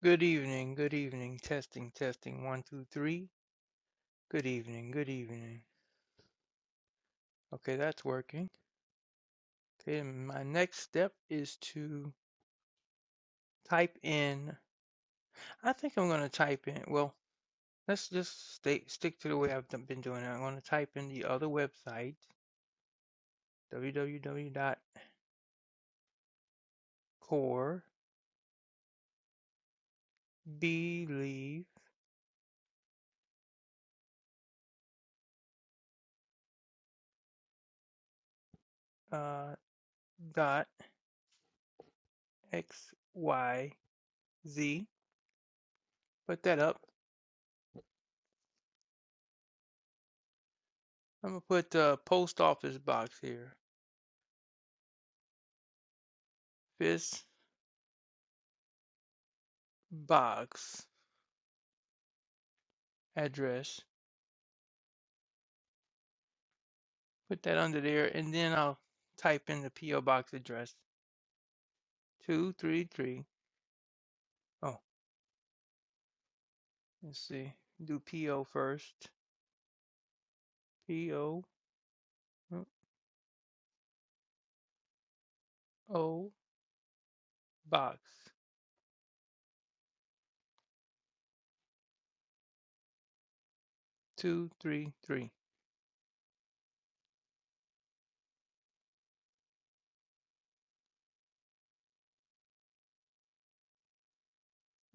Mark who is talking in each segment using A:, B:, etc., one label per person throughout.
A: Good evening, good evening. Testing, testing. One, two, three. Good evening, good evening. Okay, that's working. Okay, my next step is to type in. I think I'm going to type in. Well, let's just stay, stick to the way I've been doing it. I'm going to type in the other website, w w w dot core believe dot x y z. Put that up. I'm going to put the post office box here. This box. address, put that under there, and then I'll type in the PO box address. Two three three. Oh, let's see. Do PO first. PO uh, O O box two three three.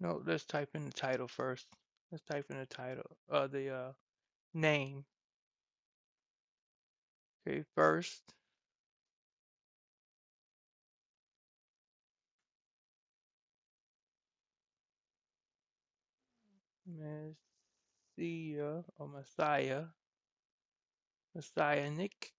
A: No, let's type in the title first. Let's type in the title. Uh, the uh name. Okay, first Messiah or Messiah. Messiah Nick.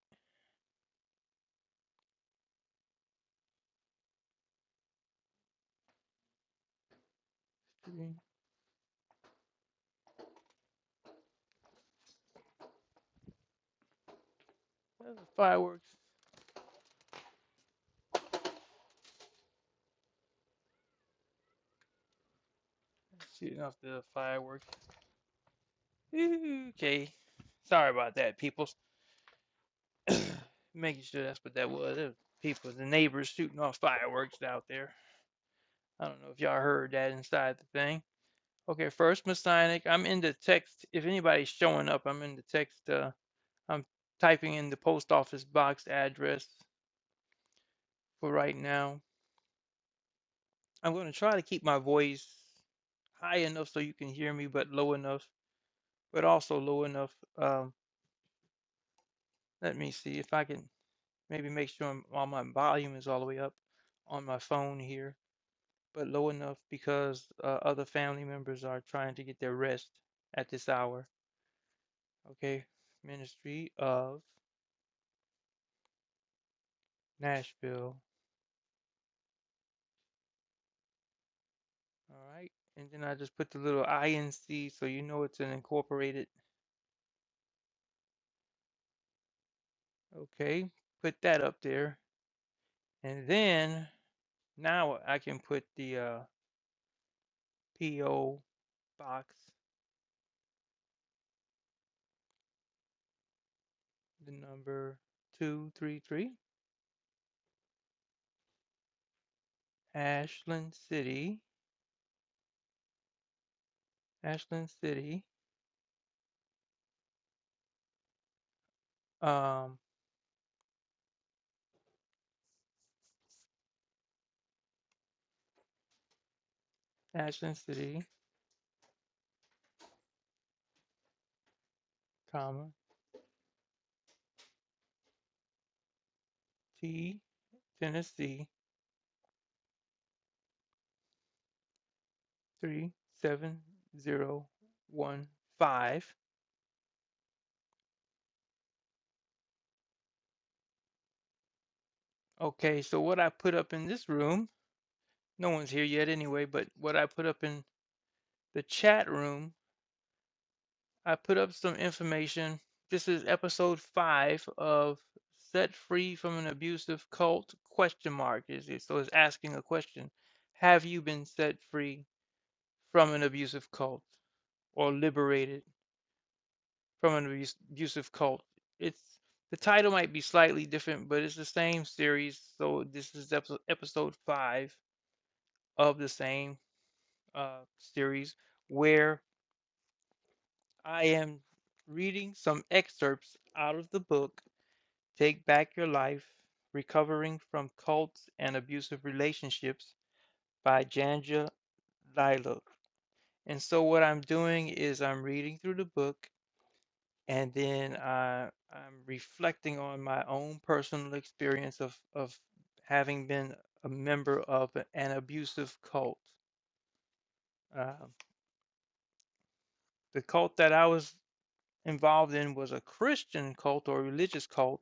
A: Fireworks. Shooting off the fireworks. Okay. Sorry about that, peoples. Making sure that's what that was. It was people, the neighbors shooting off fireworks out there. I don't know if y'all heard that inside the thing. Okay, first Masonic. I'm in the text. If anybody's showing up, I'm in the text. Uh, I'm typing in the post office box address for right now. I'm going to try to keep my voice high enough so you can hear me, but low enough, but also low enough. Um, let me see if I can. Maybe make sure m- all my volume is all the way up on my phone here, but low enough because uh, other family members are trying to get their rest at this hour. Okay. Ministry of Nashville. All right. And then I just put the little INC so you know it's an incorporated. Okay. Put that up there. And then now I can put the uh, PO box, the number 233, Ashland City. Ashland City, um, Ashland City, comma, T, Tennessee, 37015. Okay, so what I put up in this room, no one's here yet anyway, but what I put up in the chat room, I put up some information. This is episode five of Set Free from an Abusive Cult question mark. Is it so it's asking a question. Have you been set free from an abusive cult? or liberated from an abus- abusive cult. It's the title might be slightly different, but it's the same series. So this is episode, episode five of the same uh, series, where I am reading some excerpts out of the book "Take Back Your Life: Recovering from Cults and Abusive Relationships" by Janja Lilo. And so what I'm doing is I'm reading through the book and then I, I'm reflecting on my own personal experience of of having been a member of an abusive cult. Uh, the cult that I was involved in was a Christian cult or religious cult,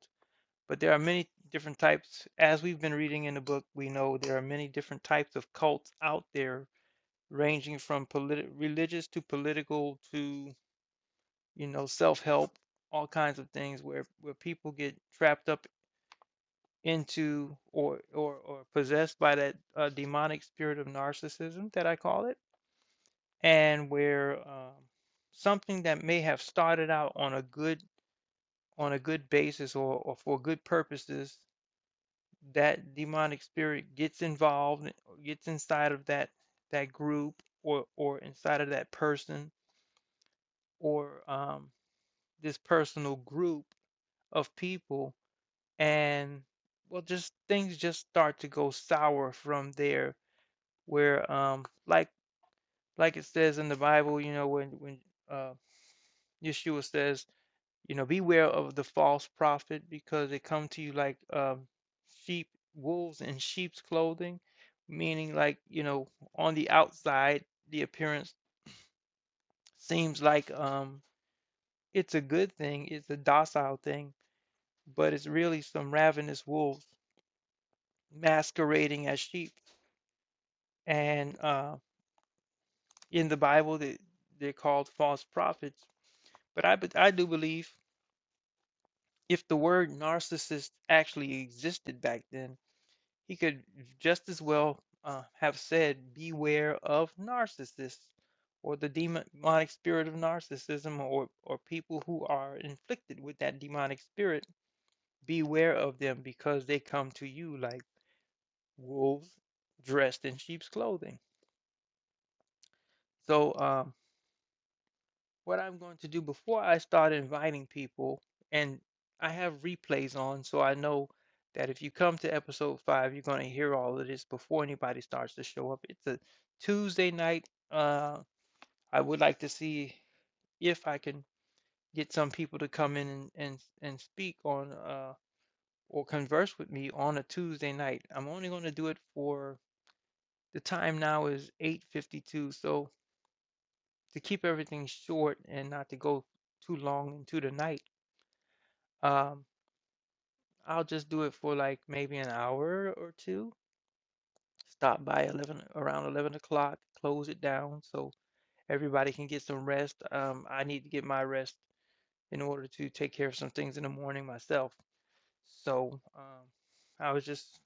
A: but there are many different types. As we've been reading in the book, we know there are many different types of cults out there, ranging from politi- religious to political to you know self-help, all kinds of things where where people get trapped up into or or or possessed by that uh, demonic spirit of narcissism that I call it, and where um, something that may have started out on a good on a good basis or, or for good purposes, that demonic spirit gets involved, gets inside of that that group or or inside of that person or um, this personal group of people, and well, just things just start to go sour from there where um like like it says in the Bible, you know, when when uh Yeshua says, you know, beware of the false prophet because they come to you like um sheep, wolves in sheep's clothing, meaning like, you know, on the outside, the appearance seems like um it's a good thing, it's a docile thing, but it's really some ravenous wolves masquerading as sheep. And uh in the Bible they they're called false prophets But I, but I do believe if the word narcissist actually existed back then, he could just as well uh, have said, Beware of narcissists or the demonic spirit of narcissism or, or people who are inflicted with that demonic spirit. Beware of them because they come to you like wolves dressed in sheep's clothing. So, um, what I'm going to do before I start inviting people, and I have replays on, so I know that if you come to episode five, you're going to hear all of this before anybody starts to show up. It's a Tuesday night. Uh, I would like to see if I can get some people to come in and and, and speak on uh, or converse with me on a Tuesday night. I'm only going to do it for the time now is 8:52, so to keep everything short and not to go too long into the night. Um, I'll just do it for like maybe an hour or two. Stop by 11 around 11 o'clock, close it down so everybody can get some rest. Um, I need to get my rest in order to take care of some things in the morning myself. So, um, I was just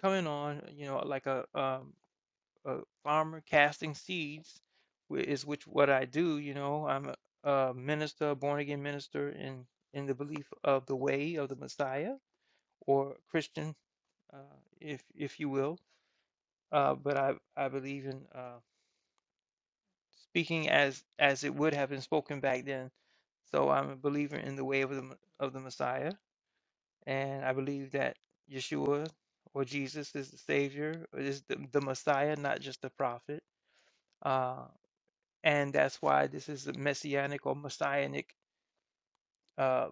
A: coming on, you know, like a um a farmer casting seeds whi- is which what I do, you know. I'm a, a minister, born again minister in in the belief of the way of the Messiah or Christian uh, if if you will. Uh, but I I believe in uh, speaking as as it would have been spoken back then. So I'm a believer in the way of the of the Messiah, and I believe that Yeshua or Jesus is the Savior, is the, the Messiah, not just a prophet. Uh, and that's why this is a messianic or messianic, uh,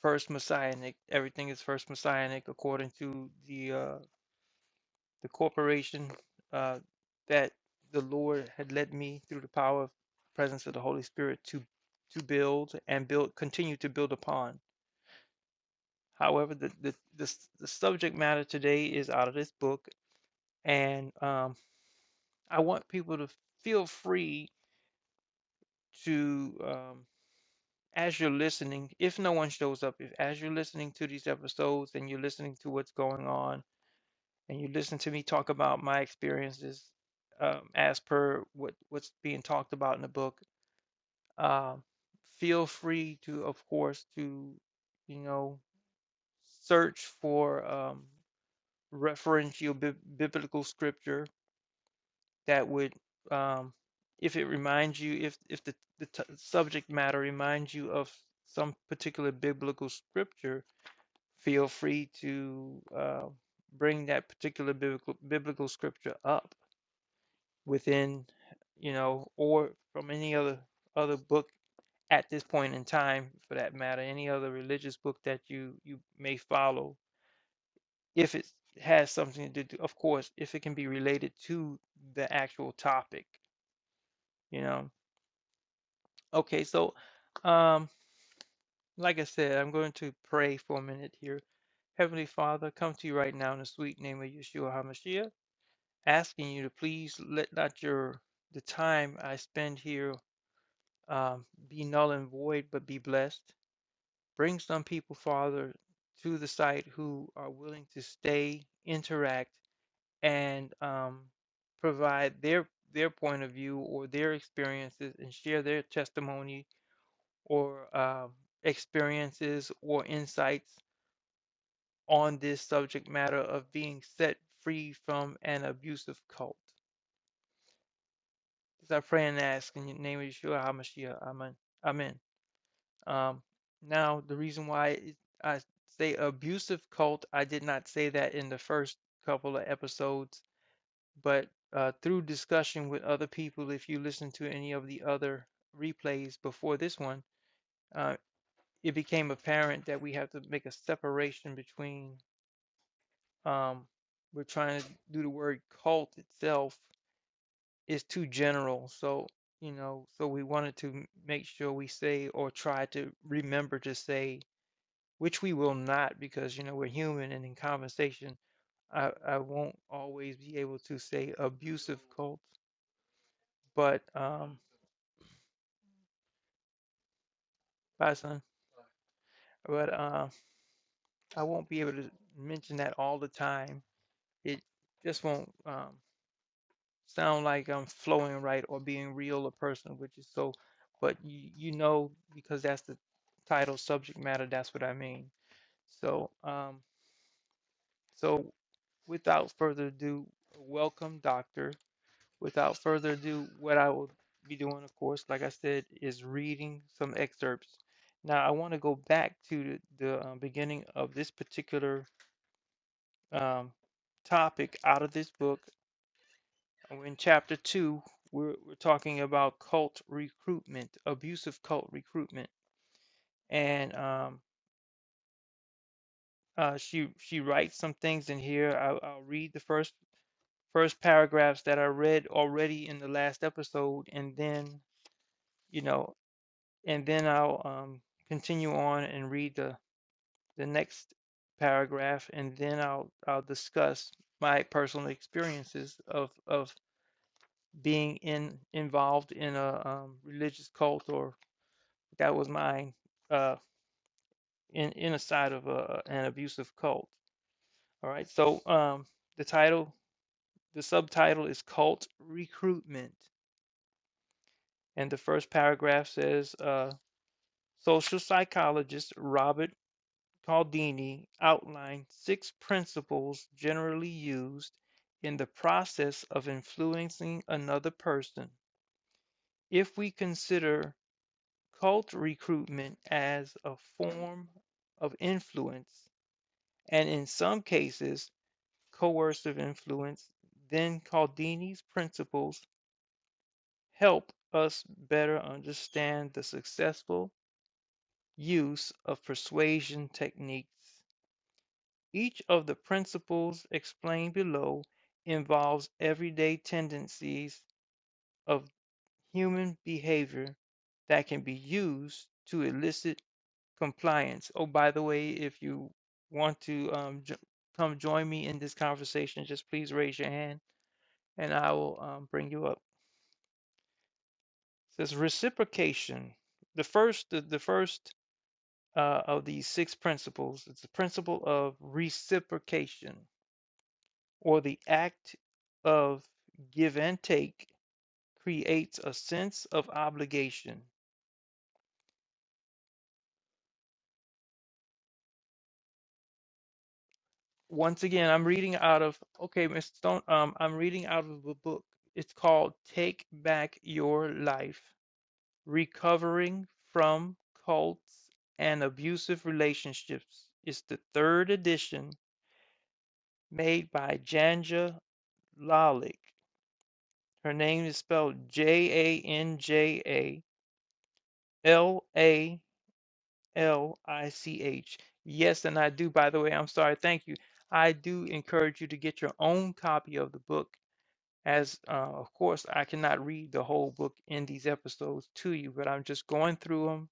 A: first messianic. Everything is first messianic according to the uh, the corporation uh, that the Lord had led me through the power of the presence of the Holy Spirit to to build and build continue to build upon. However, the the the, the subject matter today is out of this book, and um, I want people to feel free to um, as you're listening. If no one shows up, if as you're listening to these episodes and you're listening to what's going on and you listen to me talk about my experiences um, as per what what's being talked about in the book, um, feel free to, of course, to you know search for um, referential bib biblical scripture that would, um, if it reminds you, if if the the t subject matter reminds you of some particular biblical scripture, feel free to uh, bring that particular biblical biblical scripture up within, you know, or from any other other book at this point in time, for that matter, any other religious book that you you may follow, if it has something to do, of course, if it can be related to the actual topic, you know. Okay, so um, like I said, I'm going to pray for a minute here. Heavenly Father, I come to you right now in the sweet name of Yeshua HaMashiach, asking you to please let not your the time I spend here um, be null and void, but be blessed. Bring some people, Father, to the site who are willing to stay, interact, and um, provide their their point of view or their experiences and share their testimony or um, experiences or insights on this subject matter of being set free from an abusive cult. As I pray and ask in the name of Yeshua HaMashiach, Amen. Amen. Um, now, the reason why it- I say abusive cult, I did not say that in the first couple of episodes, but uh, through discussion with other people, if you listen to any of the other replays before this one, uh, it became apparent that we have to make a separation between, um, we're trying to do the word cult itself is too general. So, you know, so we wanted to m- make sure we say or try to remember to say which we will not because you know we're human and in conversation i i won't always be able to say abusive cults but um bye son but um i won't be able to mention that all the time it just won't um sound like i'm flowing right or being real or personal which is so but you, you know because that's the title subject matter that's what i mean so um so without further ado welcome doctor Without further ado, what I will be doing, of course, like I said, is reading some excerpts. Now, I want to go back to the, the uh, beginning of this particular um, topic out of this book. in chapter two. We're, we're talking about cult recruitment, abusive cult recruitment, and um, uh, she she writes some things in here. I'll, I'll read the first first paragraphs that I read already in the last episode, and then you know and then I'll um, continue on and read the, the next paragraph, and then I'll I'll discuss my personal experiences of of being in involved in a um, religious cult, or that was mine, uh, in in a side of a, an abusive cult. All right, so um, the title, the subtitle is Cult Recruitment, and the first paragraph says. Uh, Social psychologist Robert Cialdini outlined six principles generally used in the process of influencing another person. If we consider cult recruitment as a form of influence, and in some cases, coercive influence, then Cialdini's principles help us better understand the successful use of persuasion techniques. Each of the principles explained below involves everyday tendencies of human behavior that can be used to elicit compliance. Oh, by the way, if you want to um, jo- come join me in this conversation, just please raise your hand and I will um, bring you up. It says reciprocation. The first, the, the first uh, of these six principles it's the principle of reciprocation or the act of give and take creates a sense of obligation. Once again, I'm reading out of okay, Mr. Stone. Um, I'm reading out of a book. It's called "Take Back Your Life: Recovering from Cults and Abusive Relationships." It's the third edition made by Janja Lalick. Her name is spelled J A N J A L A. L I C H. Yes, and I do. By the way, I'm sorry. Thank you. I do encourage you to get your own copy of the book. As uh, of course, I cannot read the whole book in these episodes to you, but I'm just going through them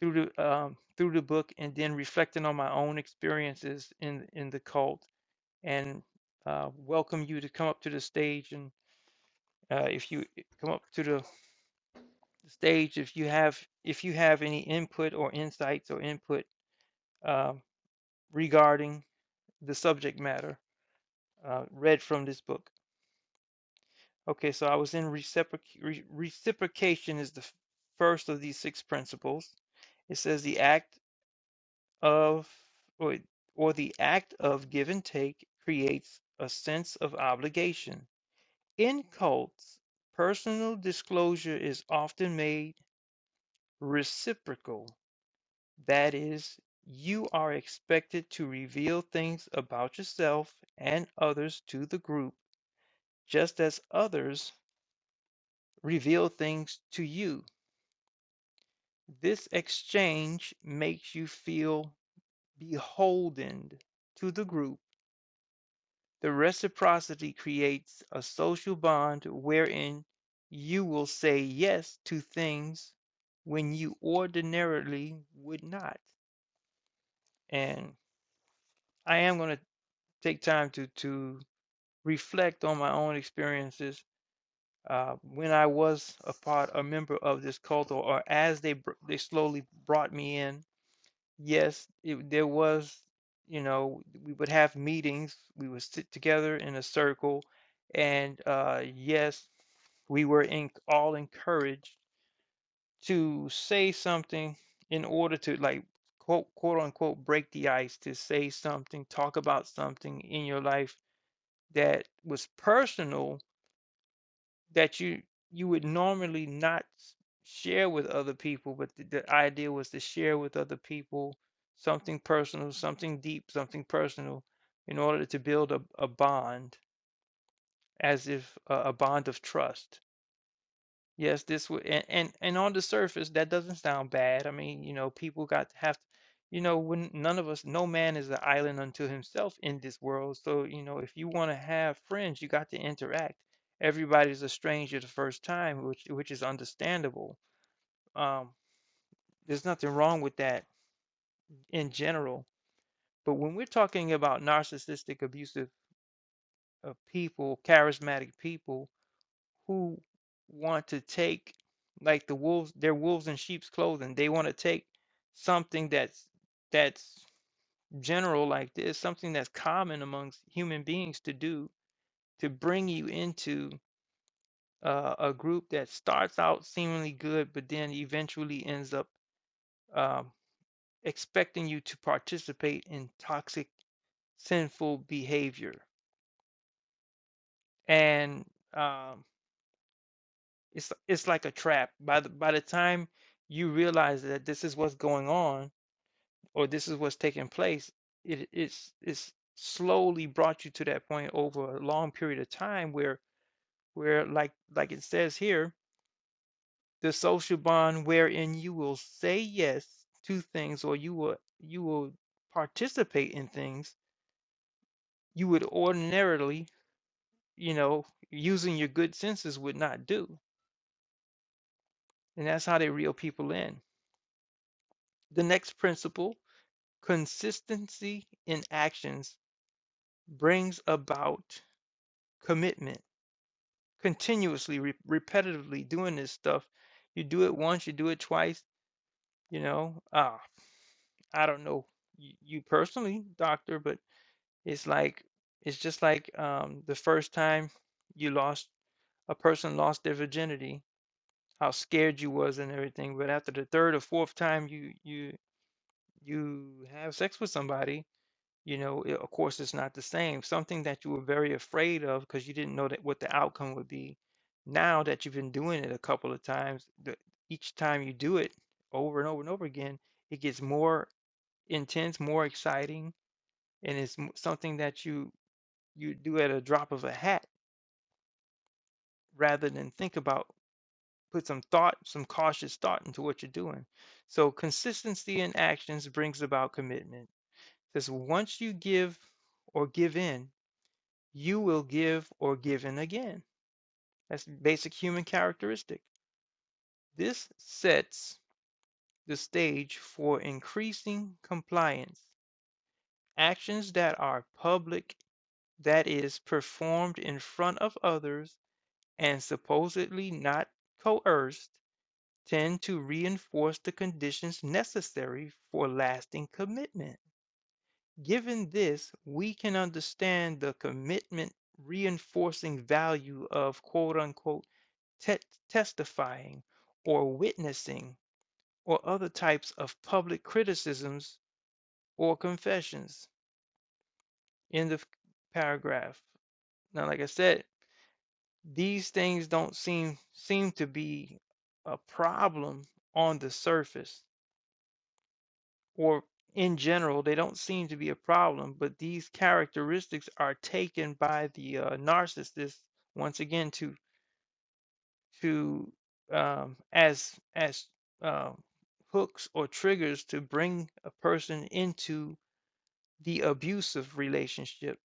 A: through the um, through the book and then reflecting on my own experiences in in the cult. And uh, welcome you to come up to the stage and uh, if you eh, come up to the stage, if you have if you have any input or insights or input um, regarding the subject matter uh, read from this book. Okay, so I was in reciproc- re- reciprocation is the first of these six principles. It says the act of or, or the act of give and take creates a sense of obligation. In cults, personal disclosure is often made reciprocal. That is, you are expected to reveal things about yourself and others to the group just as others reveal things to you. This exchange makes you feel beholden to the group. The reciprocity creates a social bond wherein you will say yes to things when you ordinarily would not. And I am going to take time to to reflect on my own experiences uh, when I was a part, a member of this cult, or, or as they br- they slowly brought me in, yes, it, there was, you know, we would have meetings. We would sit together in a circle, and uh, yes, we were in, all encouraged to say something in order to like quote quote unquote break the ice, to say something, talk about something in your life that was personal that you you would normally not s- share with other people, but the, the idea was to share with other people something personal, something deep, something personal, in order to build a, a bond, as if uh, a bond of trust. Yes, this would and, and and on the surface that doesn't sound bad. I mean, you know, people got to have, you know, when none of us, no man is an island unto himself in this world. So, you know, if you want to have friends, you got to interact. Everybody's a stranger the first time, which which is understandable. Um, there's nothing wrong with that in general. But when we're talking about narcissistic, abusive uh, people, charismatic people, who want to take like the wolves they're wolves in sheep's clothing they want to take something that's that's general like this something that's common amongst human beings to do to bring you into uh, a group that starts out seemingly good but then eventually ends up um, expecting you to participate in toxic sinful behavior and um, It's it's like a trap. By the by the time you realize that this is what's going on or this is what's taking place, it it's it's slowly brought you to that point over a long period of time where where like like it says here, the social bond wherein you will say yes to things or you will you will participate in things you would ordinarily, you know, using your good senses would not do. And that's how they reel people in. The next principle Consistency in actions brings about commitment. Continuously, re- repetitively doing this stuff. You do it once, you do it twice, you know. Uh, I don't know y- you personally, doctor, but it's like it's just like um, the first time you lost a person lost their virginity, how scared you was and everything. But after the third or fourth time you you you have sex with somebody, You know, it, of course, it's not the same. Something that you were very afraid of because you didn't know that what the outcome would be. Now that you've been doing it a couple of times, the, each time you do it over and over and over again, it gets more intense, more exciting, and it's m- something that you you do at a drop of a hat rather than think about put some thought, some cautious thought into what you're doing. So consistency in actions brings about commitment. Because once you give or give in, you will give or given again. That's basic human characteristic. This sets the stage for increasing compliance. Actions that are public, that is, performed in front of others and supposedly not coerced, tend to reinforce the conditions necessary for lasting commitment. Given this, we can understand the commitment reinforcing value of quote unquote te- testifying, or witnessing, or other types of public criticisms or confessions. End of paragraph. Now, like I said, these things don't seem seem to be a problem on the surface, or in general, they don't seem to be a problem. But these characteristics are taken by the uh, narcissist once again to to um, as as um, hooks or triggers to bring a person into the abusive relationship.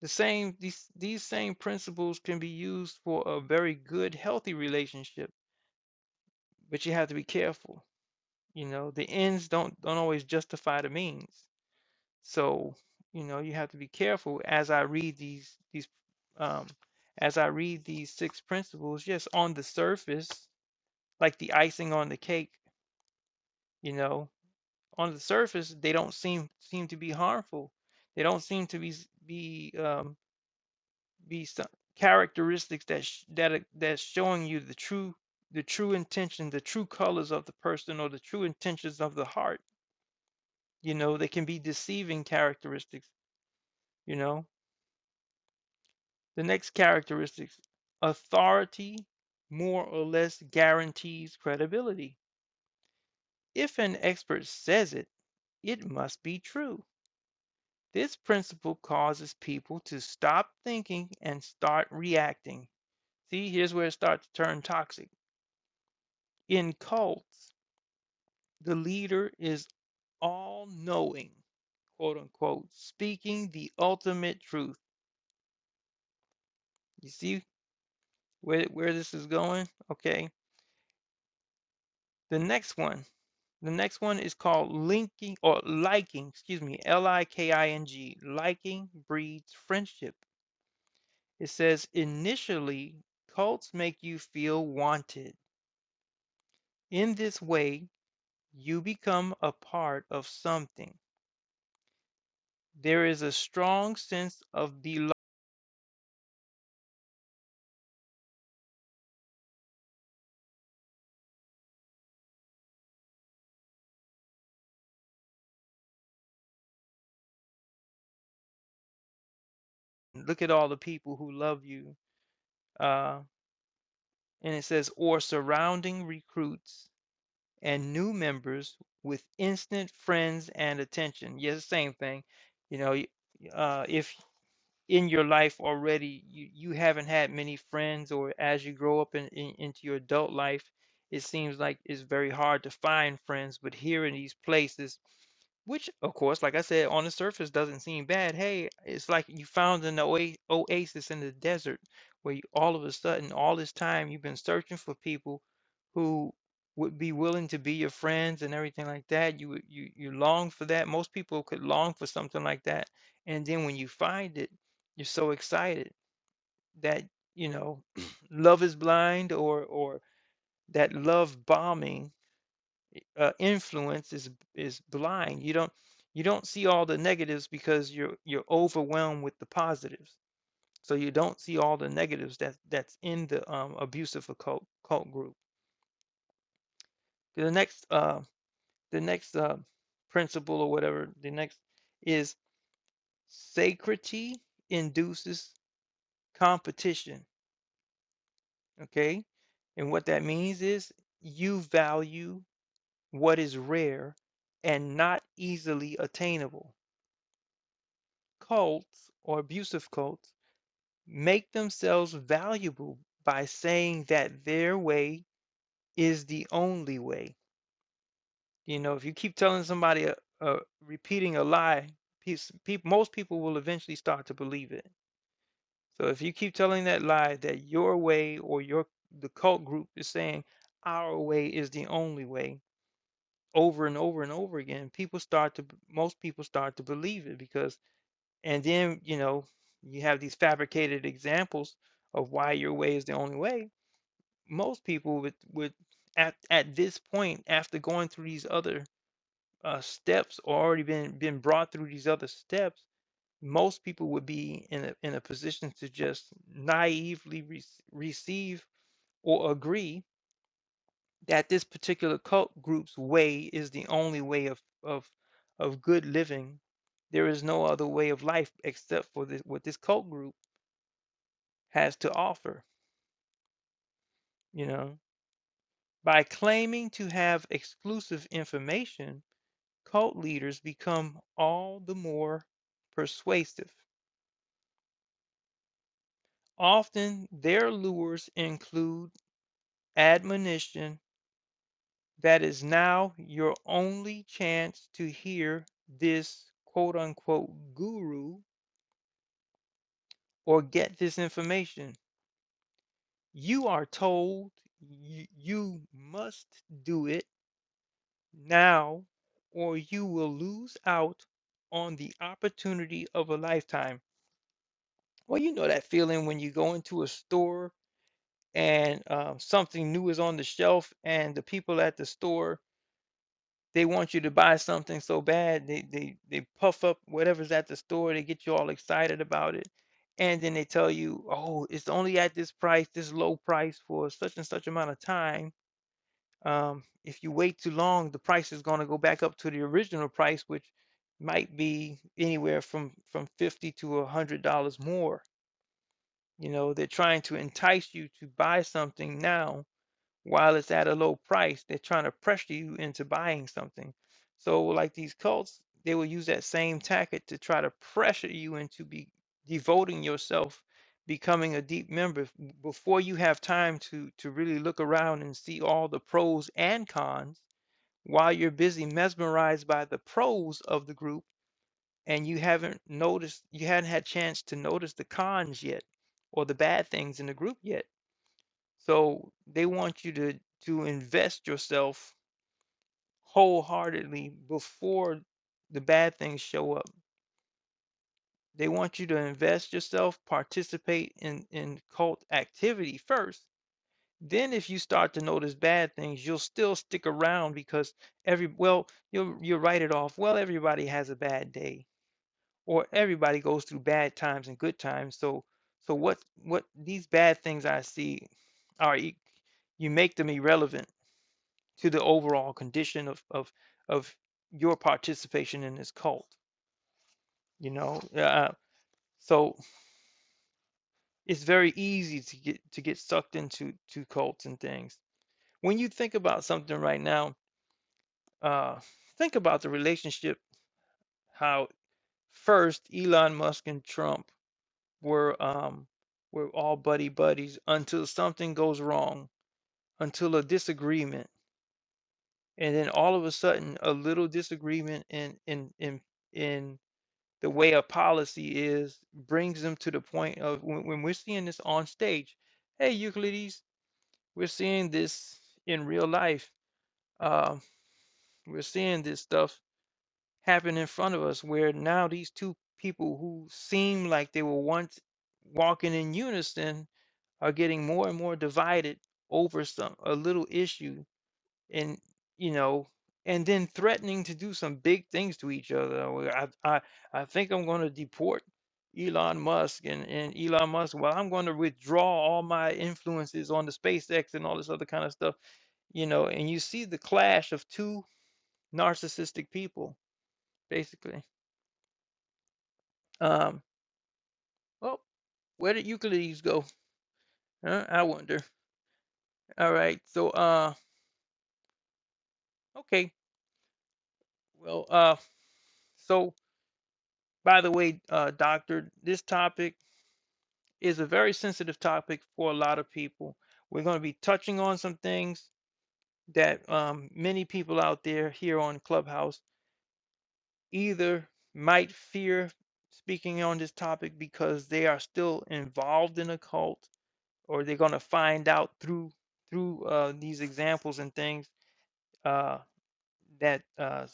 A: The same these these same principles can be used for a very good, healthy relationship, but you have to be careful. You know, the ends don't don't always justify the means. So, you know, you have to be careful as I read these these um as I read these six principles, yes, on the surface, like the icing on the cake You know, on the surface, they don't seem seem to be harmful. They don't seem to be s- be um, be some characteristics that sh- that are- that's showing you the true the true intention, the true colors of the person, or the true intentions of the heart. You know, they can be deceiving characteristics. You know, the next characteristics, authority, more or less guarantees credibility. If an expert says it, it must be true. This principle causes people to stop thinking and start reacting. See, here's where it starts to turn toxic. In cults, the leader is all knowing, quote unquote, speaking the ultimate truth. You see where, where this is going? Okay. The next one. The next one is called linking or liking, excuse me, L I K I N G. Liking breeds friendship. It says initially, cults make you feel wanted In this way, you become a part of something. There is a strong sense of belonging. Look at all the people who love you. Uh, and it says, or surrounding recruits and new members with instant friends and attention. Yes, yeah, same thing. You know, uh, if in your life already you, you haven't had many friends or as you grow up in, in, into your adult life it seems like it's very hard to find friends but here in these places which of course like i said on the surface doesn't seem bad hey it's like you found an oa- oasis in the desert where you, all of a sudden all this time you've been searching for people who would be willing to be your friends and everything like that you would- you you long for that most people could long for something like that and then when you find it you're so excited that, you know, Love is Blind or or that love bombing uh, influence is is blind. You don't you don't see all the negatives because you're you're overwhelmed with the positives. So you don't see all the negatives that that's in the um, abusive occult cult group. The next uh, the next uh, principle or whatever the next is sacrity induces competition Okay? And what that means is you value what is rare and not easily attainable. Cults or abusive cults make themselves valuable by saying that their way is the only way. You know, if you keep telling somebody a, a repeating a lie, peop peop- most people will eventually start to believe it. So if you keep telling that lie that your way or your the cult group is saying our way is the only way, over and over and over again, people start to most people start to believe it because and then, you know, you have these fabricated examples of why your way is the only way. Most people would would at at this point after going through these other uh, steps or already been been brought through these other steps, most people would be in a in a position to just naively re- receive or agree that this particular cult group's way is the only way of of of good living. There is no other way of life except for this, what this cult group has to offer. You know, by claiming to have exclusive information, cult leaders become all the more persuasive. Often, their lures include admonition that is now your only chance to hear this quote unquote guru or get this information. You are told you, you must do it now, or you will lose out on the opportunity of a lifetime. Well, you know that feeling when you go into a store and uh, something new is on the shelf, and the people at the store They want you to buy something so bad, they they they puff up whatever's at the store, they get you all excited about it, and then they tell you, "Oh, it's only at this price, this low price for such and such amount of time. Um, if you wait too long, the price is going to go back up to the original price, which might be anywhere from from 50 to a $100 more." You know, they're trying to entice you to buy something now while it's at a low price, they're trying to pressure you into buying something. So, like these cults, they will use that same tactic to try to pressure you into be devoting yourself, becoming a deep member f- before you have time to to really look around and see all the pros and cons. While you're busy mesmerized by the pros of the group, and you haven't noticed, you hadn't had chance to notice the cons yet, or the bad things in the group yet. So they want you to to invest yourself wholeheartedly before the bad things show up. They want you to invest yourself, participate in in cult activity first. Then if you start to notice bad things, you'll still stick around because every well, you'll you'll write it off. Well, everybody has a bad day or everybody goes through bad times and good times. So so what what these bad things I see are e- you make them irrelevant to the overall condition of of of your participation in this cult you know uh, so it's very easy to get to get sucked into to cults and things when you think about something right now uh think about the relationship how first Elon Musk and Trump were um were all buddy buddies until something goes wrong until a disagreement and then all of a sudden a little disagreement in in in in the way a policy is brings them to the point of when, when we're seeing this on stage hey euclides we're seeing this in real life uh, we're seeing this stuff happen in front of us where now these two people who seem like they were once walking in unison are getting more and more divided over some a little issue and you know and then threatening to do some big things to each other Well, i i, I think i'm going to deport elon musk and, and elon musk well i'm going to withdraw all my influences on the spacex and all this other kind of stuff you know and you see the clash of two narcissistic people basically um well where did euclides go huh? i wonder all right so uh okay well uh so by the way uh doctor this topic is a very sensitive topic for a lot of people. We're going to be touching on some things that um, many people out there here on Clubhouse either might fear speaking on this topic because they are still involved in a cult, or they're going to find out through through uh, these examples and things uh, that uh,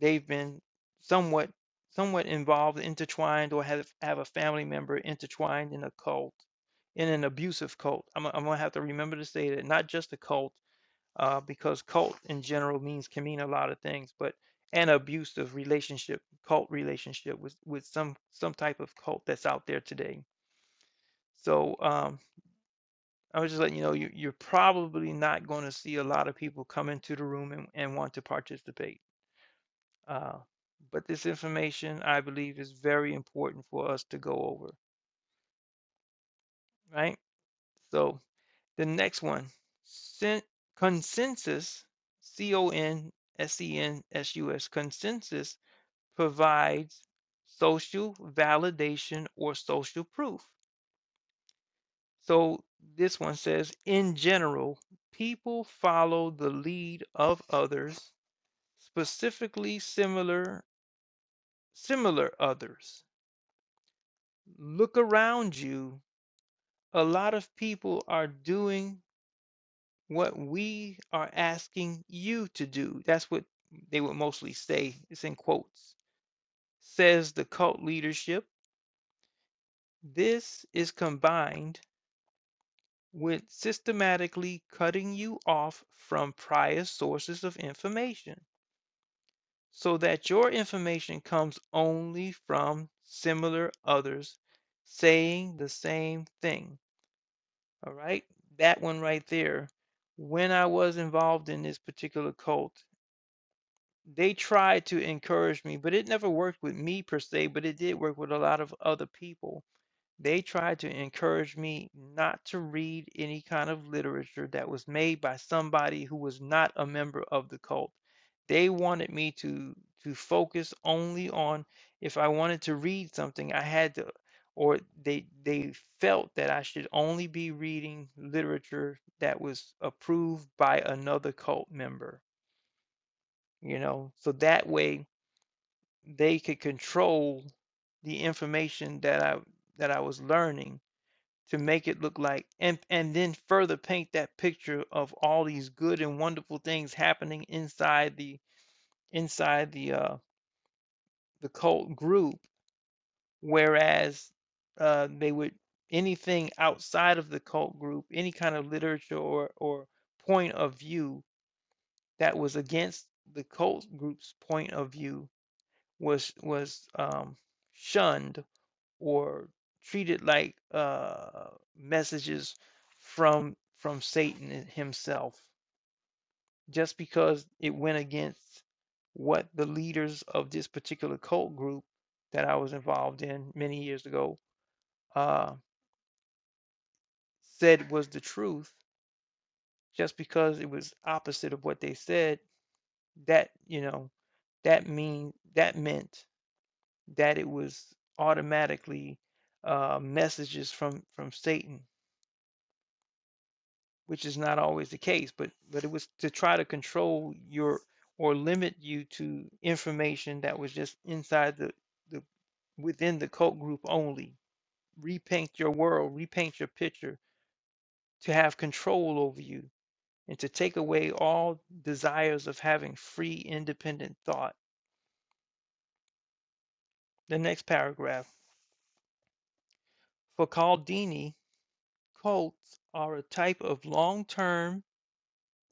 A: they've been somewhat somewhat involved, intertwined, or have have a family member intertwined in a cult, in an abusive cult. I'm, gonna- I'm gonna have to remember to say that not just a cult, uh, because cult in general means can mean a lot of things, but an abusive relationship, cult relationship with with some some type of cult that's out there today. So um, I was just letting you know you, you're probably not going to see a lot of people come into the room and, and want to participate. Uh, but this information, I believe, is very important for us to go over, right? So the next one, consensus, C O N S E N S U S, consensus provides social validation or social proof. So this one says, in general, people follow the lead of others, specifically similar similar others. Look around you a lot of people are doing what we are asking you to do. That's what they would mostly say. It's in quotes. Says the cult leadership. This is combined with systematically cutting you off from prior sources of information so that your information comes only from similar others saying the same thing. All right, that one right there. When I was involved in this particular cult, they tried to encourage me, but it never worked with me per se, but it did work with a lot of other people. They tried to encourage me not to read any kind of literature that was made by somebody who was not a member of the cult. They wanted me to to focus only on if I wanted to read something, I had to, or they they felt that I should only be reading literature that was approved by another cult member, you know, so that way they could control the information that I that I was learning to make it look like and and then further paint that picture of all these good and wonderful things happening inside the inside the uh the cult group whereas uh they would anything outside of the cult group any kind of literature or or point of view that was against the cult group's point of view was was um shunned or treated like uh, messages from from Satan i- himself, just because it went against what the leaders of this particular cult group that I was involved in many years ago uh, said was the truth. Just because it was opposite of what they said, that you know, that mean that meant that it was automatically uh, messages from from Satan which is not always the case, but but it was to try to control your or limit you to information that was just inside the the within the cult group only. Repaint your world, repaint your picture to have control over you and to take away all desires of having free independent thought. The next paragraph. For Caldini, cults are a type of long-term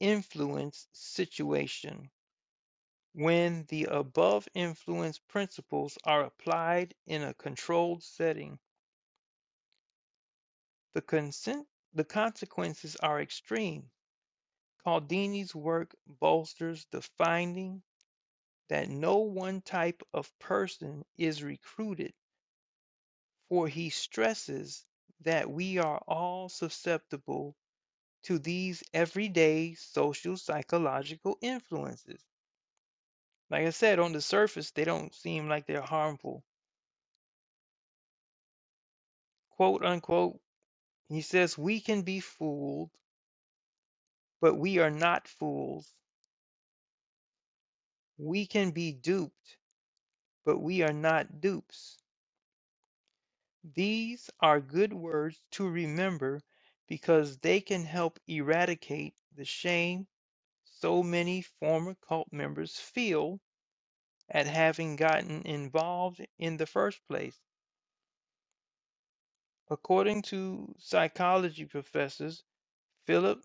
A: influence situation When the above influence principles are applied in a controlled setting, the, consent, the consequences are extreme. Cialdini's work bolsters the finding that no one type of person is recruited, for he stresses that we are all susceptible to these everyday social psychological influences. Like I said, on the surface, they don't seem like they're harmful quote unquote He says, We can be fooled, but we are not fools. We can be duped, but we are not dupes. These are good words to remember because they can help eradicate the shame so many former cult members feel at having gotten involved in the first place. According to psychology professors Philip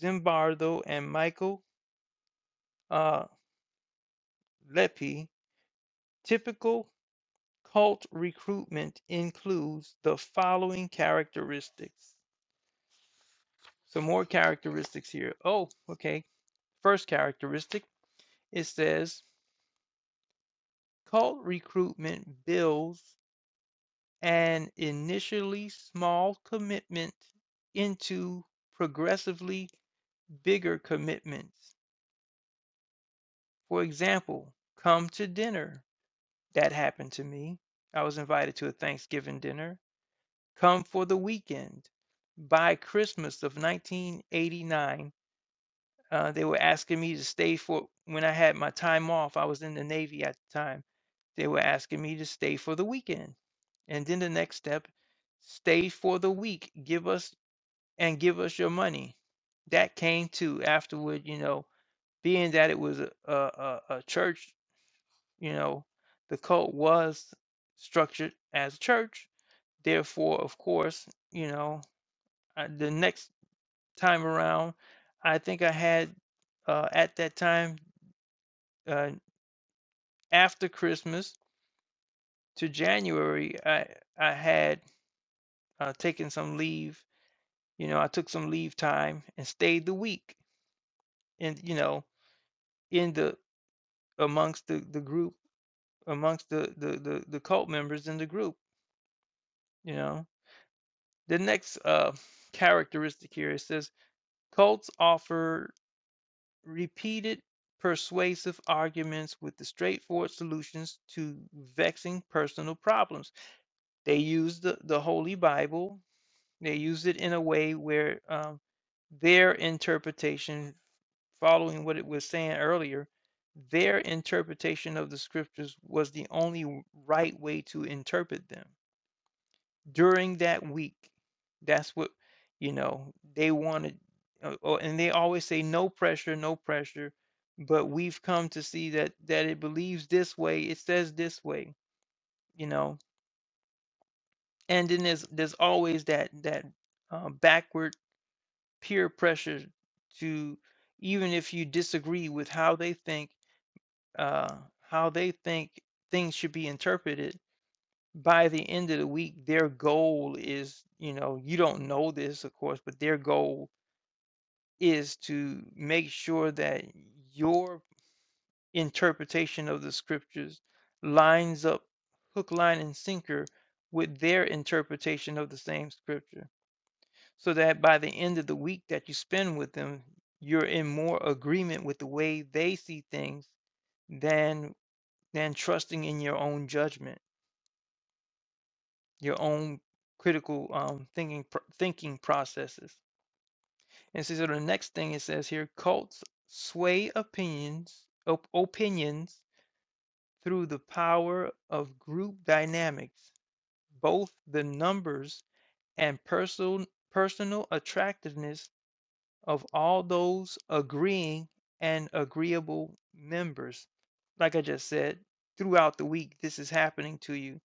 A: Zimbardo and Michael uh, Lepi, typical Cult recruitment includes the following characteristics. Some more characteristics here. Oh, okay. First characteristic it says cult recruitment builds an initially small commitment into progressively bigger commitments. For example, come to dinner. That happened to me. I was invited to a Thanksgiving dinner. Come for the Weekend. By Christmas of 1989, uh, they were asking me to stay for when I had my time off. I was in the Navy at the time. They were asking me to stay for the weekend. And then the next step, stay for the week, give us and give us your money. That came to afterward, you know, being that it was a, a, a a church, you know, the cult was structured as a church. Therefore, of course, you know. Uh, the next time around, I think I had uh, at that time uh, after Christmas to January, I I had uh, taken some leave. You know, I took some leave time and stayed the week, and you know, in the amongst the the group, amongst the the the, the cult members in the group. You know, the next uh, characteristic here it says cults offer repeated persuasive arguments with the straightforward solutions to vexing personal problems. They use the, the Holy Bible, they use it in a way where um, their interpretation, following what it was saying earlier, their interpretation of the scriptures was the only right way to interpret them during that week. That's what, you know, they wanted. uh, Oh, and they always say no pressure, no pressure. But we've come to see that that it believes this way, it says this way, you know. And then there's there's always that that uh, backward peer pressure to even if you disagree with how they think uh, how they think things should be interpreted by the end of the week, their goal is, you know, you don't know this, of course, but their goal is to make sure that your interpretation of the scriptures lines up hook, line, and sinker with their interpretation of the same scripture. So that by the end of the week that you spend with them, you're in more agreement with the way they see things than than trusting in your own judgment. your own critical um, thinking pr- thinking processes. And so, so the next thing it says here, cults sway opinions op- opinions through the power of group dynamics, both the numbers and personal personal attractiveness of all those agreeing and agreeable members. Like I just said, throughout the week, this is happening to you,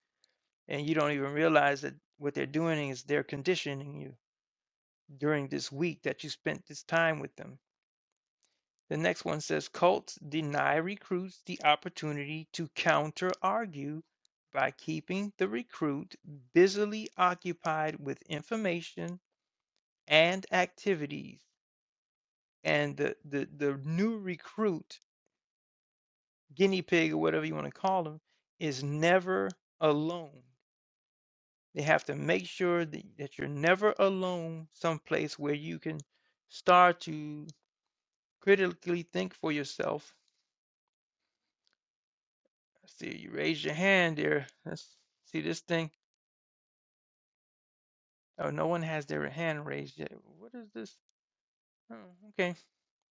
A: and you don't even realize that what they're doing is they're conditioning you during this week that you spent this time with them. The next one says cults deny recruits the opportunity to counter argue by keeping the recruit busily occupied with information and activities. And the, the, the new recruit, guinea pig, or whatever you want to call them, is never alone. They have to make sure that, that you're never alone someplace where you can start to critically think for yourself Let's See, you raised your hand there. Let's see this thing. Oh, no one has their hand raised yet. What is this? Oh, okay,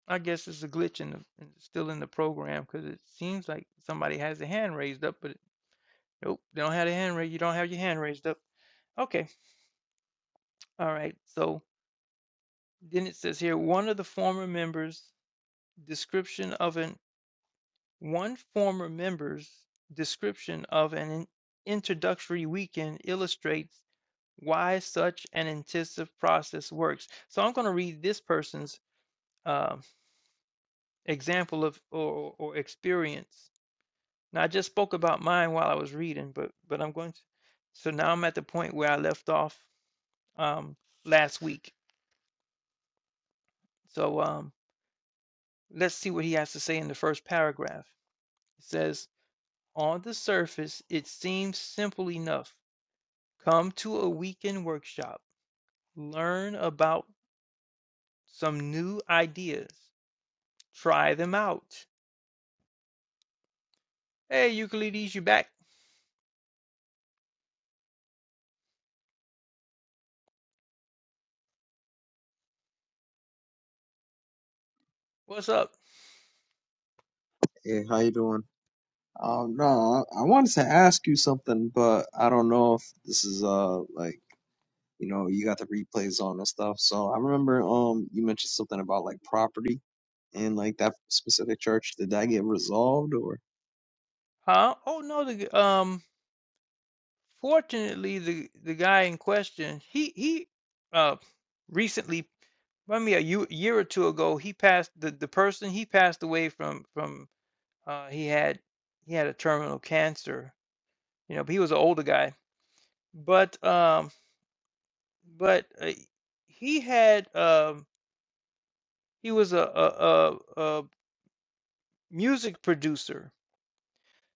A: I guess it's a glitch in the in- still in the program because it seems like somebody has a hand raised up, but it- nope, they don't have a hand raised. You don't have your hand raised up. Okay, all right. So then it says here one of the former members description of an one former member's description of an introductory weekend illustrates why such an intensive process works. So I'm going to read this person's um example of or, or or experience. Now I just spoke about mine while I was reading, but but I'm going to. So now I'm at the point where I left off um, last week. So um, let's see what he has to say in the first paragraph. It says, "On the surface, it seems simple enough. Come to a weekend workshop, learn about some new ideas, try them out." Hey, Euclides, you back? What's up?
B: Hey, how you doing? Um, no, I I wanted to ask you something, but I don't know if this is uh like you know you got the replays on and stuff. So I remember um you mentioned something about like property and like that specific church. Did that get resolved or
A: Huh? Oh no, the g- um, fortunately, the the guy in question, he he, uh, recently, I mean, a year, year or two ago, he passed the the person he passed away from from uh he had he had a terminal cancer, you know, but he was an older guy, but um, but uh, he had um he was a a a, a music producer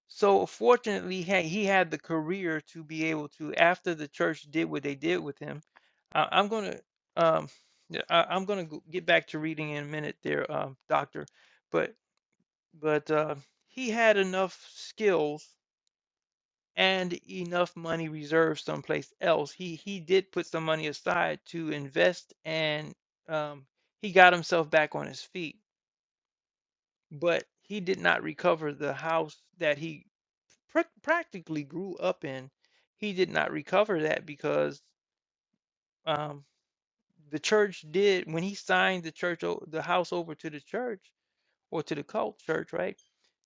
A: So fortunately, he had, he had the career to be able to, after the church did what they did with him. I, I'm gonna, um, yeah, I, I'm gonna go- get back to reading in a minute there, um, doctor. But but uh, he had enough skills and enough money reserved someplace else. He he did put some money aside to invest, and um, he got himself back on his feet. But he did not recover the house that he prac practically grew up in. He did not recover that because um, the church did when he signed the church o- the house over to the church or to the cult church, right?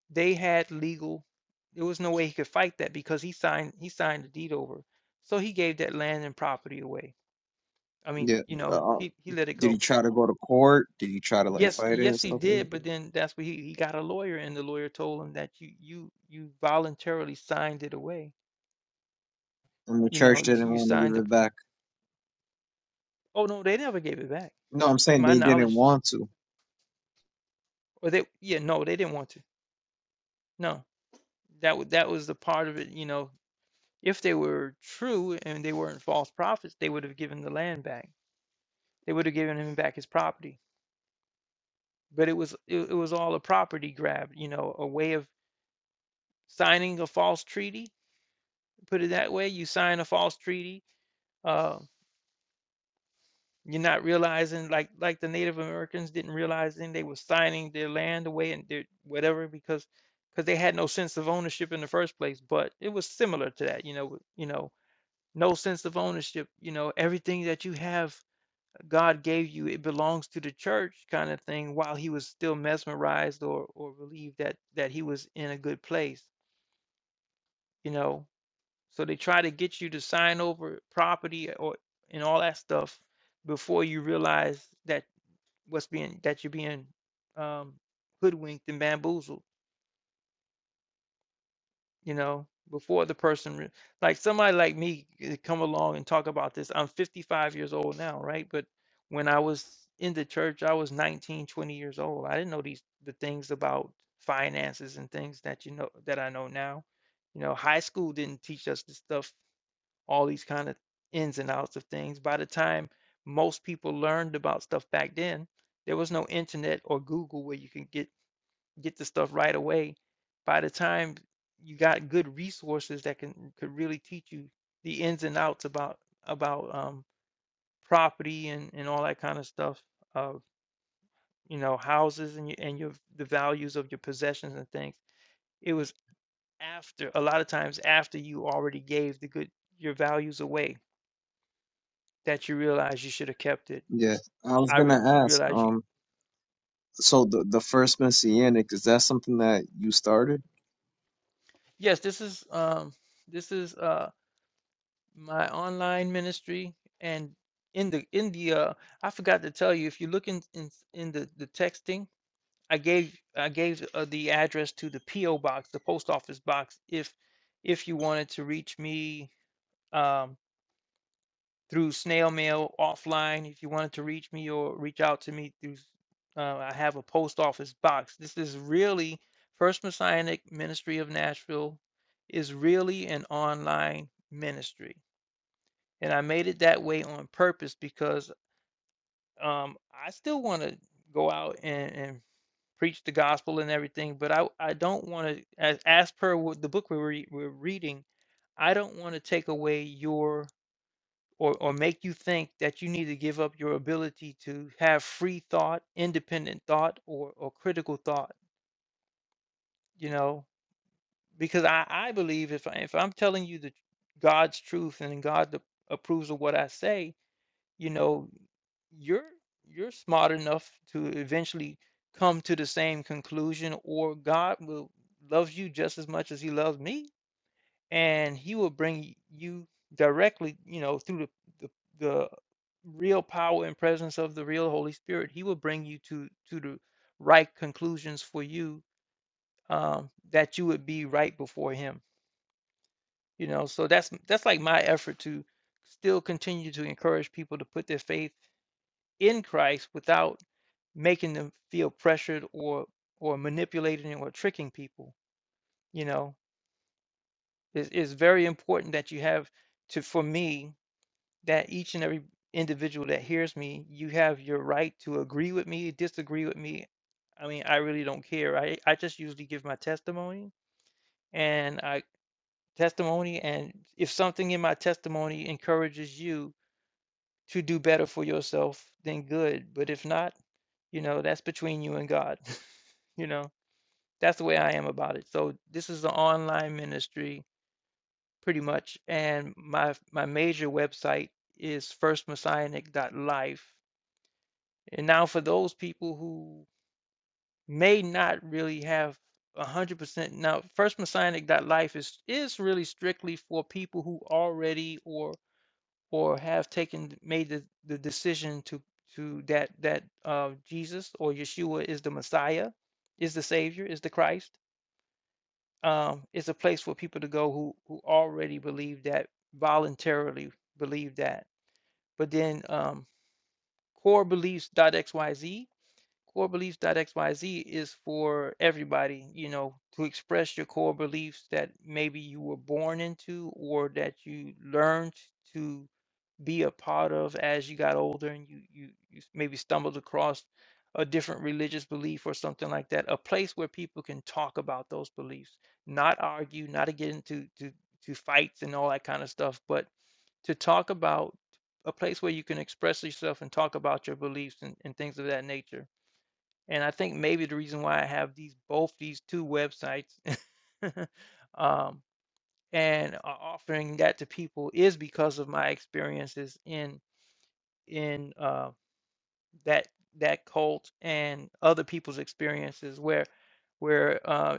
A: They had legal. There was no way he could fight that because he signed he signed the deed over. So he gave that land and property away. I mean,
B: yeah?
A: you know,
B: Uh,
A: he he let it
B: did he
A: go.
B: try to go to court? Did he try to like
A: Yes,
B: fight it and
A: yes, he
B: stuff like
A: did. But then that's what he he got a lawyer, and the lawyer told him that you you you voluntarily signed it away.
B: that? And the
A: You
B: church
A: know, you,
B: didn't
A: you
B: want to give
A: signed up.
B: it back.
A: Oh, no, they never gave it back.
B: No, I'm
A: To
B: saying
A: my
B: they didn't
A: knowledge,
B: want to.
A: or they, yeah, no, they didn't want to. No, that was that was the part of it, you know. If they were true and they weren't false prophets, they would have given the land back. They would have given him back his property. But it was it, it was all a property grab, you know, a way of signing a false treaty. Put it that way, you sign a false treaty. Uh, You're not realizing like like the Native Americans didn't realize then they were signing their land away and their whatever because because they had no sense of ownership in the first place. But it was similar to that, you know, with- you know, no sense of ownership, you know, everything that you have God gave you, it belongs to the church kind of thing while he was still mesmerized or or relieved that that he was in a good place, you know. So they try to get you to sign over property or and all that stuff before you realize that what's being that you're being um, hoodwinked and bamboozled, you know, before the person re- like somebody like me could come along and talk about this. I'm 55 years old now, right? But when I was in the church, I was 19, 20 years old. I didn't know these the things about finances and things that you know that I know now. You know, high school didn't teach us this stuff, all these kind of ins and outs of things. By the time most people learned about stuff back then, there was no internet or Google where you can get get the stuff right away. By the time you got good resources that can could really teach you the ins and outs about about um, property and, and all that kind of stuff of you know houses and your, and your the values of your possessions and things. It was after a lot of times after you already gave the good your values away that you realize you should have kept it.
B: Yeah, I was
A: I
B: gonna
A: re, you
B: ask.
A: realize you
B: Um, so the the first messianic is that something that you started?
A: yes this is um this is uh, my online ministry and in the in the uh I forgot to tell you if you look in in, in the the texting I gave I gave uh, the address to the PO box the post office box if if you wanted to reach me um through snail mail offline if you wanted to reach me or reach out to me through uh, I have a post office box this is really First Messianic Ministry of Nashville is really an online ministry and I made it that way on purpose because um, I still want to go out and, and preach the gospel and everything, but I I don't want to as as per what the book we we're re- we're reading. I don't want to take away your or or make you think that you need to give up your ability to have free thought, independent thought, or or critical thought. You know, because I I believe if I, if I'm telling you the God's truth and God the, approves of what I say, you know you're you're smart enough to eventually come to the same conclusion or God will loves you just as much as he loves me and he will bring you directly you know through the the, the real power and presence of the real Holy Spirit he will bring you to to the right conclusions for you um that you would be right before him you know so that's that's like my effort to still continue to encourage people to put their faith in Christ without making them feel pressured or or manipulating or tricking people you know it's, it's very important that you have to for me that each and every individual that hears me you have your right to agree with me disagree with me i mean i really don't care i i just usually give my testimony and i testimony and if something in my testimony encourages you to do better for yourself then good but if not you know that's between you and god you know That's the way I am about it. So this is an online ministry pretty much, and my my major website is first messianic dot Life. And now for those people who may not really have 100% now first messianic dot Life is is really strictly for people who already or or have taken made the, the decision to to that that uh, Jesus or Yeshua is the Messiah, is the Savior, is the Christ um, is a place for people to go who who already believe that voluntarily believe that. But then um, core beliefs.xyz, core beliefs dot x y z is for everybody, you know, to express your core beliefs that maybe you were born into or that you learned to be a part of as you got older and you you you maybe stumbled across a different religious belief or something like that a place where people can talk about those beliefs not argue not to get into to, to fights and all that kind of stuff but to talk about a place where you can express yourself and talk about your beliefs and, and things of that nature and i think maybe the reason why i have these both these two websites um, and are offering that to people is because of my experiences in in uh, that that cult and other people's experiences where where uh,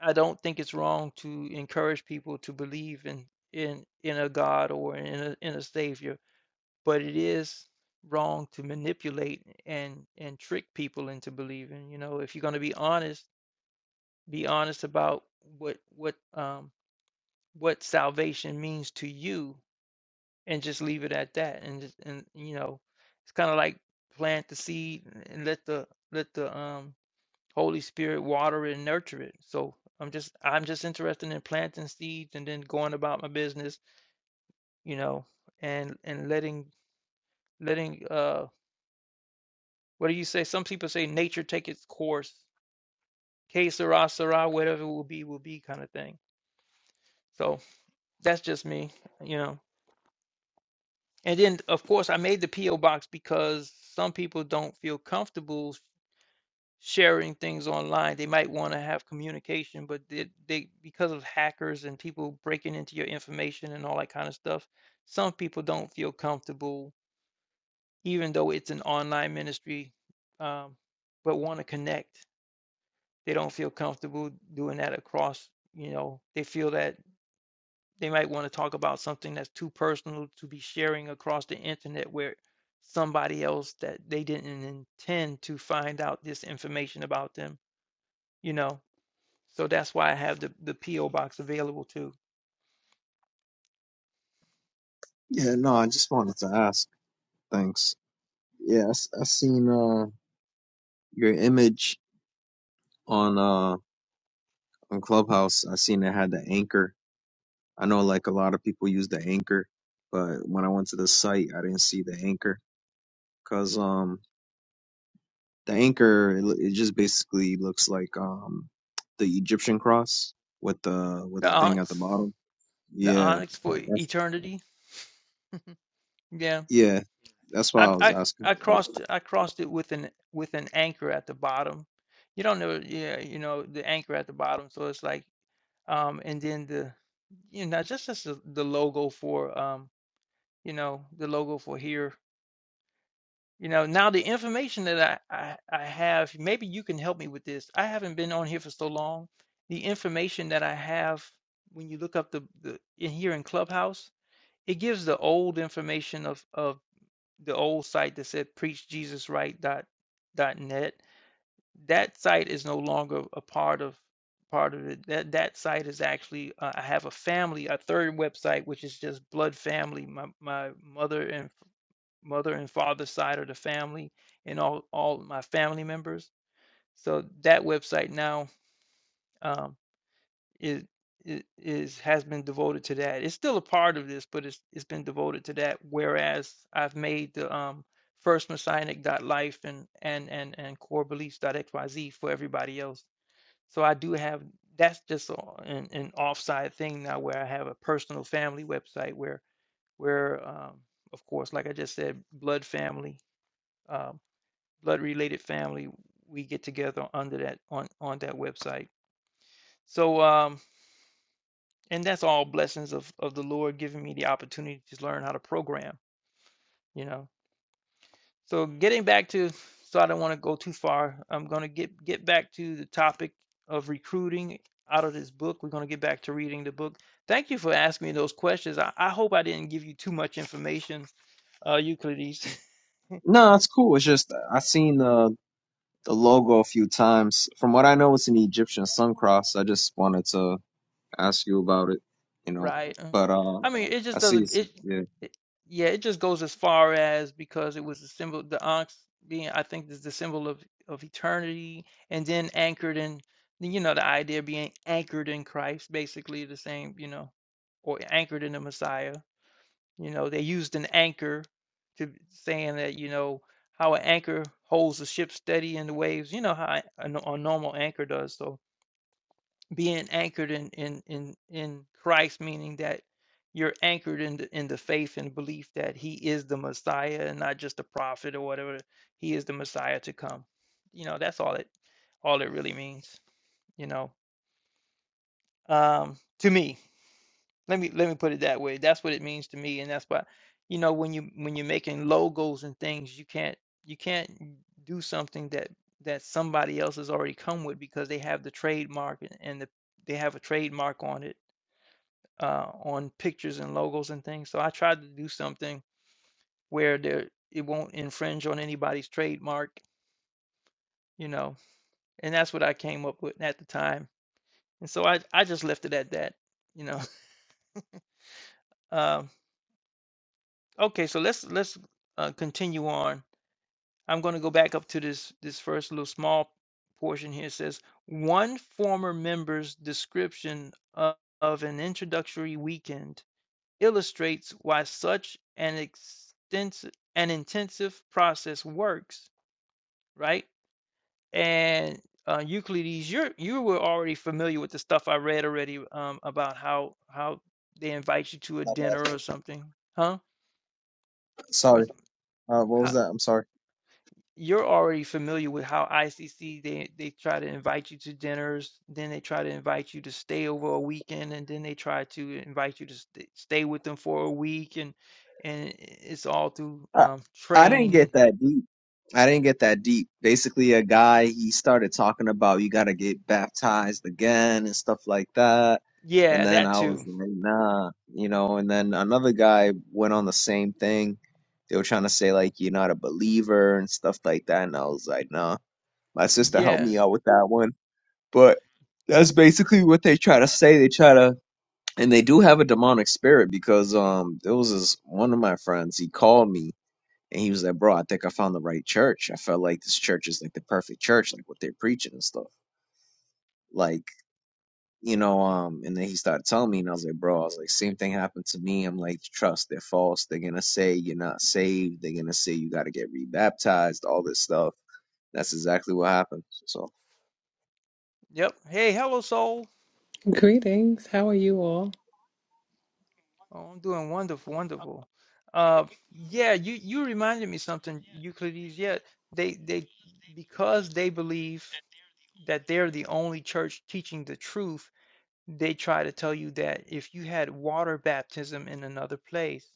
A: I don't think it's wrong to encourage people to believe in in in a God or in a, in a savior, but it is wrong to manipulate and and trick people into believing. You know, if you're going to be honest, be honest about what what um, what salvation means to you and just leave it at that and just, and you know it's kind of like plant the seed and let the let the um holy spirit water it and nurture it so i'm just i'm just interested in planting seeds and then going about my business you know and and letting letting uh what do you say some people say nature take its course que sera sera whatever it will be will be kind of thing so that's just me you know and then, of course, I made the P.O. box because some people don't feel comfortable sharing things online. They might want to have communication, but they, they because of hackers and people breaking into your information and all that kind of stuff, some people don't feel comfortable, even though it's an online ministry, um, but want to connect. They don't feel comfortable doing that across, you know, they feel that they might want to talk about something that's too personal to be sharing across the internet where somebody else that they didn't intend to find out this information about them, you know So that's why I have the, the P.O. box available too.
B: Yeah, no, I just wanted to ask. Thanks. Yeah, I, s- I seen uh your image on uh on Clubhouse. I seen it had the anchor. I know like a lot of people use the anchor, but when I went to the site, I didn't see the anchor because um the anchor it, lo- it just basically looks like um the Egyptian cross with the with
A: The
B: the thing at the
A: Onyx,
B: bottom.
A: the
B: Yeah,
A: Onyx for
B: that's
A: eternity. Yeah.
B: yeah, that's why
A: I,
B: I was
A: I,
B: asking.
A: I crossed I crossed it with an with an anchor at the bottom. You don't know yeah, you know, the anchor at the bottom. So it's like um and then the you know, just as the, the logo for um, you know, the logo for here You know, now the information that I, I, I have, maybe you can help me with this. I haven't been on here for so long. The information that I have when you look up the, the in here in Clubhouse, it gives the old information of of the old site that said preachjesusright dot dot net. That site is no longer a part of part of it. That that site is actually uh, I have a family, a third website which is just blood family. My my mother and mother and father side of the family and all all my family members. So that website now um, is, is is has been devoted to that. It's still a part of this, but it's it's been devoted to that. Whereas I've made the um, first messianic.life and and and and core beliefs dot x y z for everybody else. So I do have that's just a- an, an offside thing now where I have a personal family website where where um, of course like I just said blood family um, blood related family we get together under that on on that website so um and that's all blessings of of the lord giving me the opportunity to learn how to program you know so getting back to so i don't want to go too far i'm going to get get back to the topic of recruiting out of this book we're going to get back to reading the book thank you for asking me those questions i, I hope i didn't give you too much information uh euclides
B: No, it's cool. It's just I seen uh, the logo a few times. From what I know, it's an Egyptian sun cross. I just wanted to ask you about it, you know.
A: Right. uh,
B: But uh,
A: I mean, it
B: I
A: just
B: see.
A: doesn't
B: It's,
A: it,
B: yeah.
A: it yeah, it just goes as far as because it was a symbol the ox being I think is the symbol of of eternity and then anchored in you know the idea of being anchored in Christ basically the same, you know, or anchored in the Messiah. You know, they used an anchor to saying that, you know, how an anchor holds the ship steady in the waves, you know how a, a normal anchor does. So being anchored in in in in Christ, meaning that you're anchored in the in the faith and belief that He is the Messiah and not just a prophet or whatever. He is the Messiah to come. You know, that's all it all it really means. You know, um, to me, let me let me put it that way. That's what it means to me, and that's why, you know, when you when you're making logos and things, you can't you can't do something that that somebody else has already come with because they have the trademark and and the, they have a trademark on it uh, on pictures and logos and things. So I tried to do something where there it won't infringe on anybody's trademark, you know. And that's what I came up with at the time. And so I I just left it at that, you know. Um, okay, so let's let's uh, continue on. I'm going to go back up to this this first little small portion here. It says one former member's description of, of an introductory weekend illustrates why such an extensive an intensive process works, right? And uh, Euclides, you're you were already familiar with the stuff I read already um, about how how they invite you to a dinner or something, huh?
B: Sorry.
A: What?
B: Uh, what was that? I'm sorry.
A: you're already familiar with how ICC they they try to invite you to dinners, then they try to invite you to stay over a weekend, and then they try to invite you to st stay with them for a week, and and it's all through
B: I,
A: um,
B: I didn't
A: training and
B: get that deep. I didn't get that deep. Basically, a guy he started talking about you got to get baptized again and stuff like that. And
A: yeah,
B: then
A: that
B: I was
A: too.
B: like, nah, you know. And then another guy went on the same thing. They were trying to say like you're not a believer and stuff like that. And I was like, no. My sister helped
A: Yeah,
B: me out with that one. But that's basically what they try to say. They try to and they do have a demonic spirit because um there was this one of my friends, he called me and he was like, Bro, I think I found the right church. I felt like this church is like the perfect church, like what they're preaching and stuff. Like, you know, um, and then he started telling me and I was like, Bro, I was like, same thing happened to me. I'm like, trust, they're false, they're gonna say you're not saved, they're gonna say you gotta get rebaptized, all this stuff. That's exactly what happened. So
A: yep. Hey, hello, soul.
C: Greetings. How are you all?
A: Oh, I'm doing wonderful, wonderful. Uh, yeah, you you reminded me something, Euclides. Yeah, they they because they believe that they're the only church teaching the truth they try to tell you that if you had water baptism in another place,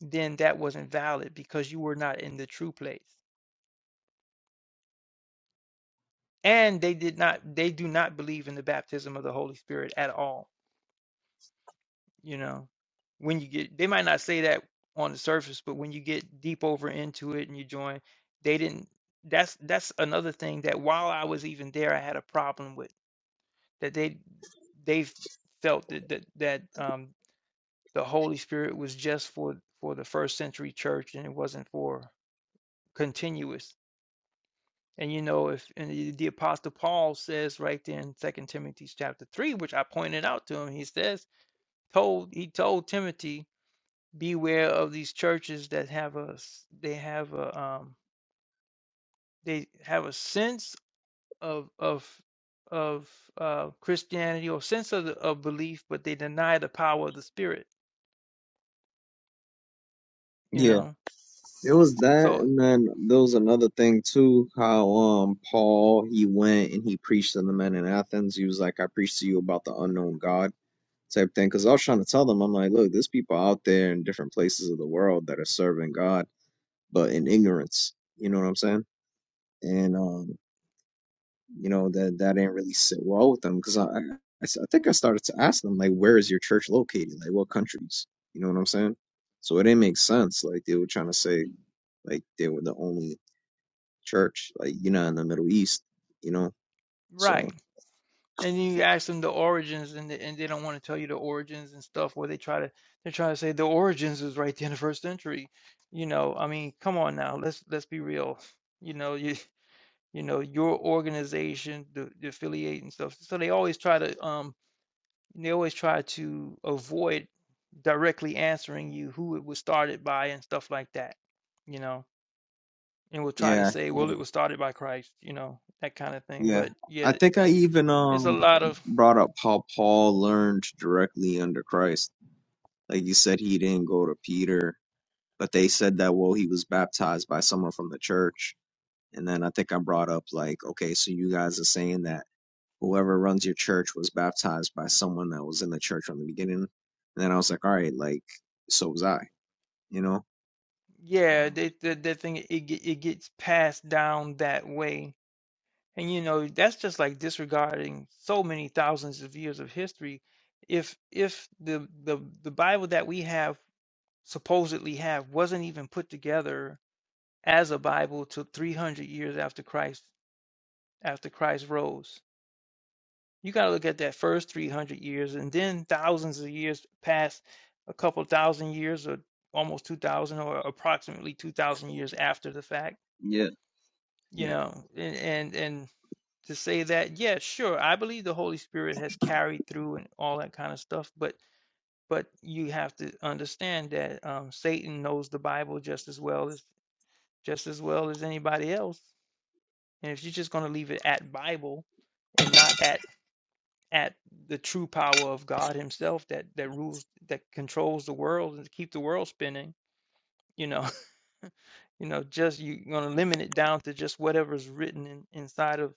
A: then that wasn't valid because you were not in the true place. And they did not they do not believe in the baptism of the Holy Spirit at all, you know. When you get they might not say that on the surface, but when you get deep over into it and you join, they didn't that's that's another thing that while I was even there I had a problem with that they they've felt that that, that um The Holy Spirit was just for for the first century church, and it wasn't for continuous. And you know, if and the, the Apostle Paul says right there in Second Timothy chapter three, which I pointed out to him, he says told he told Timothy beware of these churches that have a they have a um they have a sense of of of uh, Christianity or sense of, of belief, but they deny the power of the Spirit. You
B: yeah.
A: know,
B: It was that,
A: so
B: and then there was another thing too. How um Paul he went and he preached to the men in Athens. He was like, "I preached to you about the unknown God" type thing. Because I was trying to tell them, I'm like, "Look, there's people out there in different places of the world that are serving God, but in ignorance." You know what I'm saying? And um, you know that that didn't really sit well with them because I, I I s- I think I started to ask them like, "Where is your church located? Like, what countries?" You know what I'm saying? So it didn't make sense. Like they were trying to say like they were the only church, like you know, in the Middle East, you know.
A: right.
B: So
A: And you ask them the origins, and they, and they don't want to tell you the origins and stuff. Where they try to they try to say the origins is right there in the first century. You know, I mean, come on now. Let's let's be real. You know, you you know your organization, the, the affiliate and stuff. So they always try to um they always try to avoid directly answering you who it was started by and stuff like that. You know, and will try to
B: yeah,
A: say, well, it was started by Christ. You know, that kind of thing.
B: yeah.
A: But
B: I
A: yeah,
B: think I even
A: it's a
B: um
A: lot of
B: brought up how Paul learned directly under Christ. Like you said, he didn't go to Peter, but they said that well, he was baptized by someone from the church. And then I think I brought up like, okay, so you guys are saying that whoever runs your church was baptized by someone that was in the church from the beginning. And then I was like, all right, like so was I, you know.
A: Yeah,
B: Um,
A: they, the the thing it ge- it gets passed down that way, and you know that's just like disregarding so many thousands of years of history. If if the the the Bible that we have supposedly have wasn't even put together as a Bible till 300 years after Christ after Christ rose, you got to look at that first 300 years, and then thousands of years past, a couple thousand years or almost 2,000 or approximately 2,000 years after the fact you Yeah. know and and and to say that yeah sure i believe the holy spirit has carried through and all that kind of stuff but but you have to understand that um satan knows the bible just as well as just as well as anybody else and if you're just going to leave it at bible and not at at the true power of god himself that that rules that controls the world and keep the world spinning you know you know just you're going to limit it down to just whatever's written in, inside of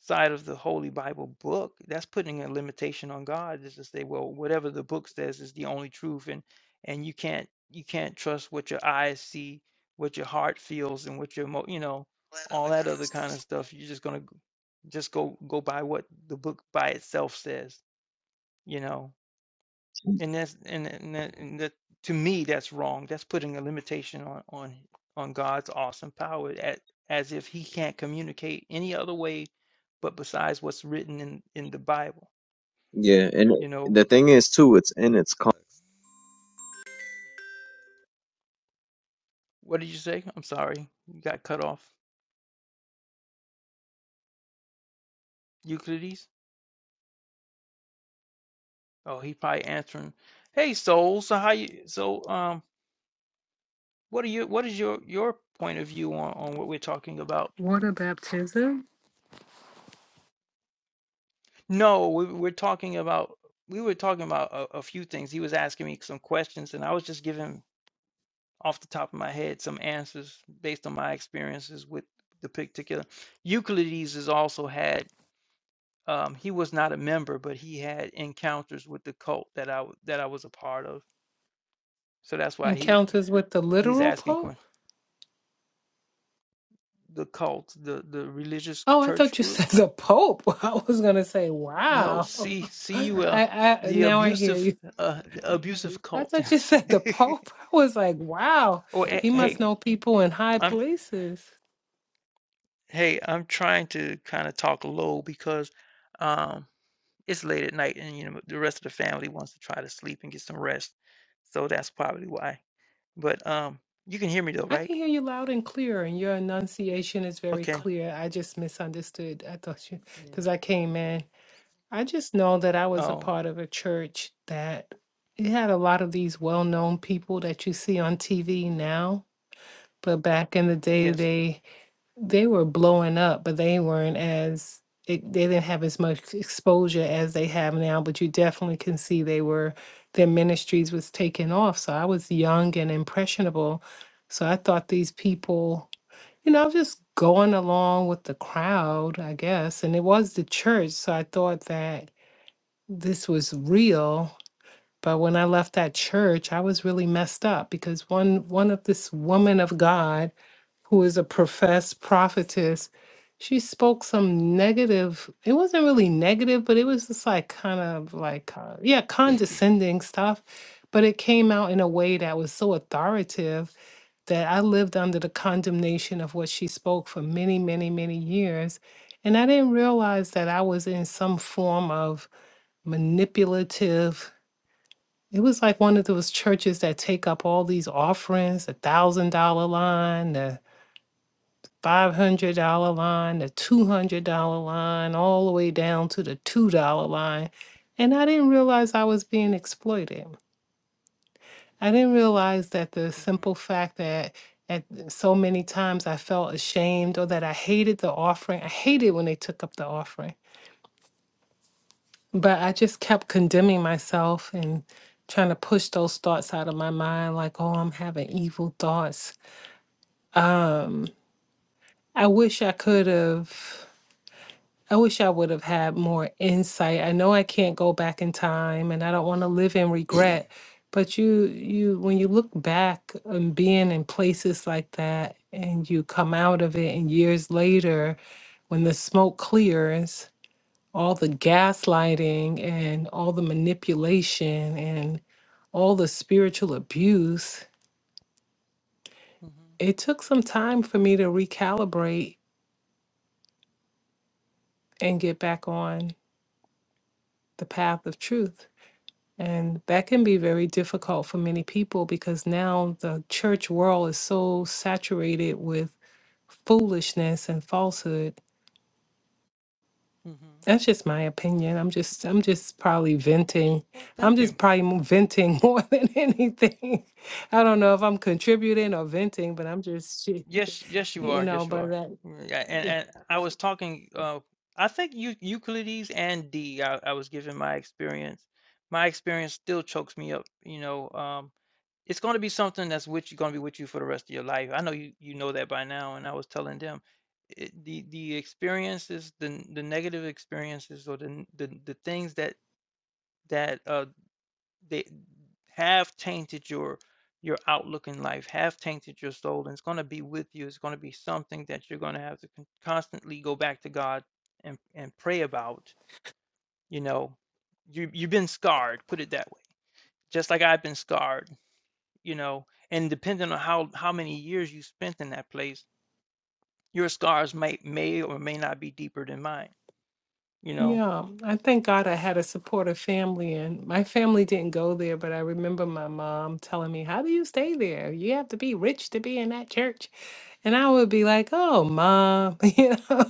A: side of the Holy Bible book, that's putting a limitation on God is to say, well, whatever the book says is the only truth, and and you can't you can't trust what your eyes see, what your heart feels, and what your mo you know all that other kind of stuff. You're just gonna g- just go go by what the book by itself says, you know and that's and and that, and that to me that's wrong that's putting a limitation on on on god's awesome power at, as if he can't communicate any other way but besides what's written in in the bible
B: Yeah, and
A: you know
B: the thing is too, it's in its con.
A: what did you say i'm sorry you got cut off euclides oh he probably answering hey soul so how you so um what are you what is your your point of view on on what we're talking about
C: Water baptism?
A: No, we were talking about we were talking about a, a few things. He was asking me some questions, and I was just giving off the top of my head some answers based on my experiences with the particular. Euclides has also had um, he was not a member, but he had encounters with the cult that I w- that I was a part of. So that's why he
C: Encounters with the
A: he's
C: literal
A: asking que-
C: Pope?
A: the cult, the the religious
C: Oh, I
A: church
C: thought you said
A: group.
C: the Pope. I was going to say,
A: No,
C: wow.
A: C C
C: I,
A: U L,
C: I
A: the
C: Now I hear
A: abusive
C: you.
A: uh, the abusive
C: I
A: cult.
C: thought you said the Pope. I was like, wow.
A: Or a-
C: He
A: hey,
C: must know people in high
A: I'm
C: places.
A: hey, I'm trying to kind of talk low because um it's late at night and you know the rest of the family wants to try to sleep and get some rest. So that's probably why. But um you can hear me though,
C: I
A: right?
C: can hear you loud and clear, and your enunciation is very
A: Okay.
C: clear. I just misunderstood. I thought you,
A: Yeah.
C: because I came in. I just know that I was a
A: Oh,
C: part of a church that it had a lot of these well-known people that you see on TV now, but back in the day
A: yes.
C: they they were blowing up, but they weren't as it, they didn't have as much exposure as they have now, but you definitely can see they were their ministries was taking off. So I was young and impressionable. So I thought these people, you know, I was just going along with the crowd, I guess. And it was the church. So I thought that this was real but when i left that church i was really messed up because one one of this woman of god who is a professed prophetess she spoke some negative it wasn't really negative but it was just like kind of like uh, yeah condescending stuff but it came out in a way that was so authoritative that i lived under the condemnation of what she spoke for many many many years and i didn't realize that i was in some form of manipulative. It was like one of those churches that take up all these offerings, the thousand dollar line, the five hundred dollar line, the two hundred dollar line, all the way down to the two dollar line. And I didn't realize I was being exploited. I didn't realize that the
A: Mm-hmm.
C: simple fact that at so many times I felt ashamed or that I hated the offering. I hated when they took up the offering. But I just kept condemning myself and trying to push those thoughts out of my mind, like, oh, I'm having evil thoughts. I wish I could have, I wish I would have had more insight. I know I can't go back in time and I don't want to live in regret. But you, you, when you look back and being in places like that and you come out of it and years later, when the smoke clears, all the gaslighting and all the manipulation and all the spiritual abuse,
A: Mm-hmm.
C: it took some time for me to recalibrate and get back on the path of truth. And that can be very difficult for many people because now the church world is so saturated with foolishness and falsehood
A: Mm-hmm.
C: That's just my opinion. I'm just I'm just probably venting.
A: Well,
C: I'm
A: thank you.
C: just probably mo- venting more than anything. I don't know if I'm contributing or venting, but I'm just shit,
A: Yes, yes you
C: you
A: are.
C: know,
A: Yes you
C: but
A: are.
C: that
A: Yeah, and
C: yeah.
A: and I was talking uh I think you Euclides and D I, I was giving my experience. My experience still chokes me up, you know. it's going to be something that's with you going to be with you for the rest of your life. I know you you know that by now, and I was telling them it, the the experiences, the the negative experiences, or the the, the things that that uh they have tainted your your outlook in life, have tainted your soul, and it's going to be with you. It's going to be something that you're going to have to con- constantly go back to God and and pray about. You know, you you've been scarred. Put it that way. Just like I've been scarred you know and depending on how how many years you spent in that place your scars may may or may not be deeper than mine you know
C: Yeah, I thank God I had a supportive family and my family didn't go there, but I remember my mom telling me, "How do you stay there? You have to be rich to be in that church." And I would be like, "Oh, mom, you know."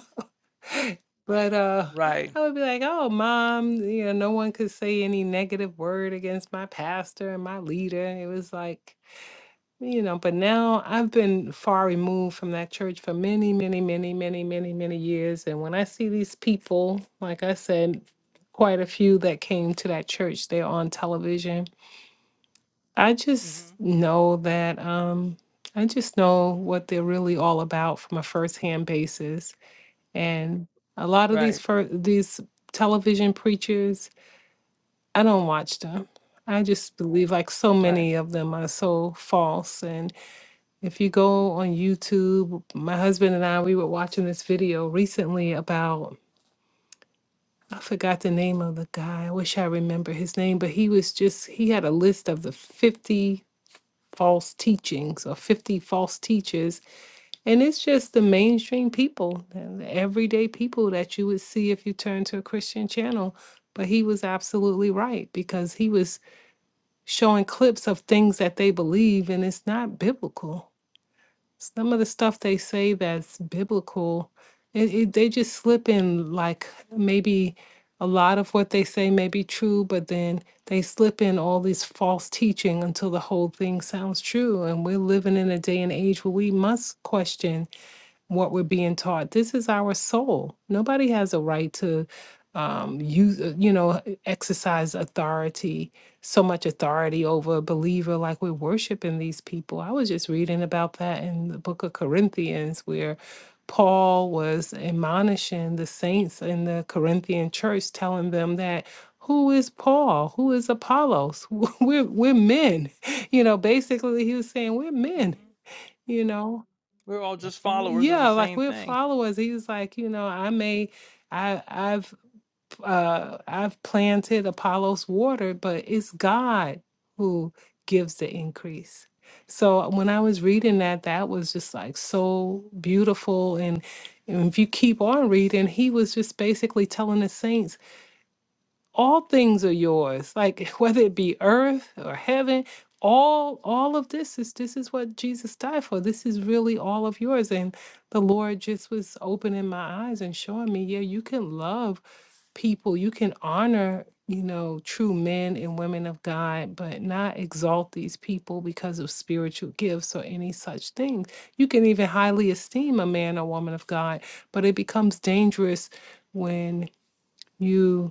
C: But uh,
A: right
C: I would be like, oh, mom, you know, no one could say any negative word against my pastor and my leader. It was like, you know, but now I've been far removed from that church for many, many, many, many, many, many years. And when I see these people, like I said, quite a few that came to that church, they're on television. I just
A: mhm
C: know that, um, I just know what they're really all about from a firsthand basis and a lot of these
A: right
C: fir- these television preachers, I don't watch them. I just believe like so
A: right
C: many of them are so false. And if you go on YouTube, my husband and I, we were watching this video recently about I forgot the name of the guy. I wish I remember his name, but he was just he had a list of the 50 false teachings or 50 false teachers And it's just the mainstream people, the the everyday people that you would see if you turn to a Christian channel. But he was absolutely right because he was showing clips of things that they believe, and it's not biblical. Some of the stuff they say that's biblical, it, it, they just slip in like maybe a lot of what they say may be true, but then they slip in all this false teaching until the whole thing sounds true. And we're living in a day and age where we must question what we're being taught. This is our soul. Nobody has a right to um, use, uh, you know, exercise authority, so much authority over a believer like we're worshiping these people. I was just reading about that in the book of Corinthians where Paul was admonishing the saints in the Corinthian church, telling them that. Who is Paul? Who is Apollos? We're we're men, you know. Basically, he was saying we're men,
A: mhm
C: you know.
A: we're all just hmm followers of the
C: Yeah, like
A: same
C: we're
A: thing
C: followers. He was like, you know, I may, I, I've, uh, I've planted Apollo's water, but it's God who gives the increase. So uh, when I was reading
A: mhm
C: that, that was just like so beautiful. And, and if you keep on reading, he was just basically telling the saints all things are yours like whether it be earth or heaven all all of this is this is what jesus died for this is really all of yours and the lord just was opening my eyes and showing me yeah you can love people you can honor you know true men and women of god but not exalt these people because of spiritual gifts or any such things you can even highly esteem a man or woman of god but it becomes dangerous when you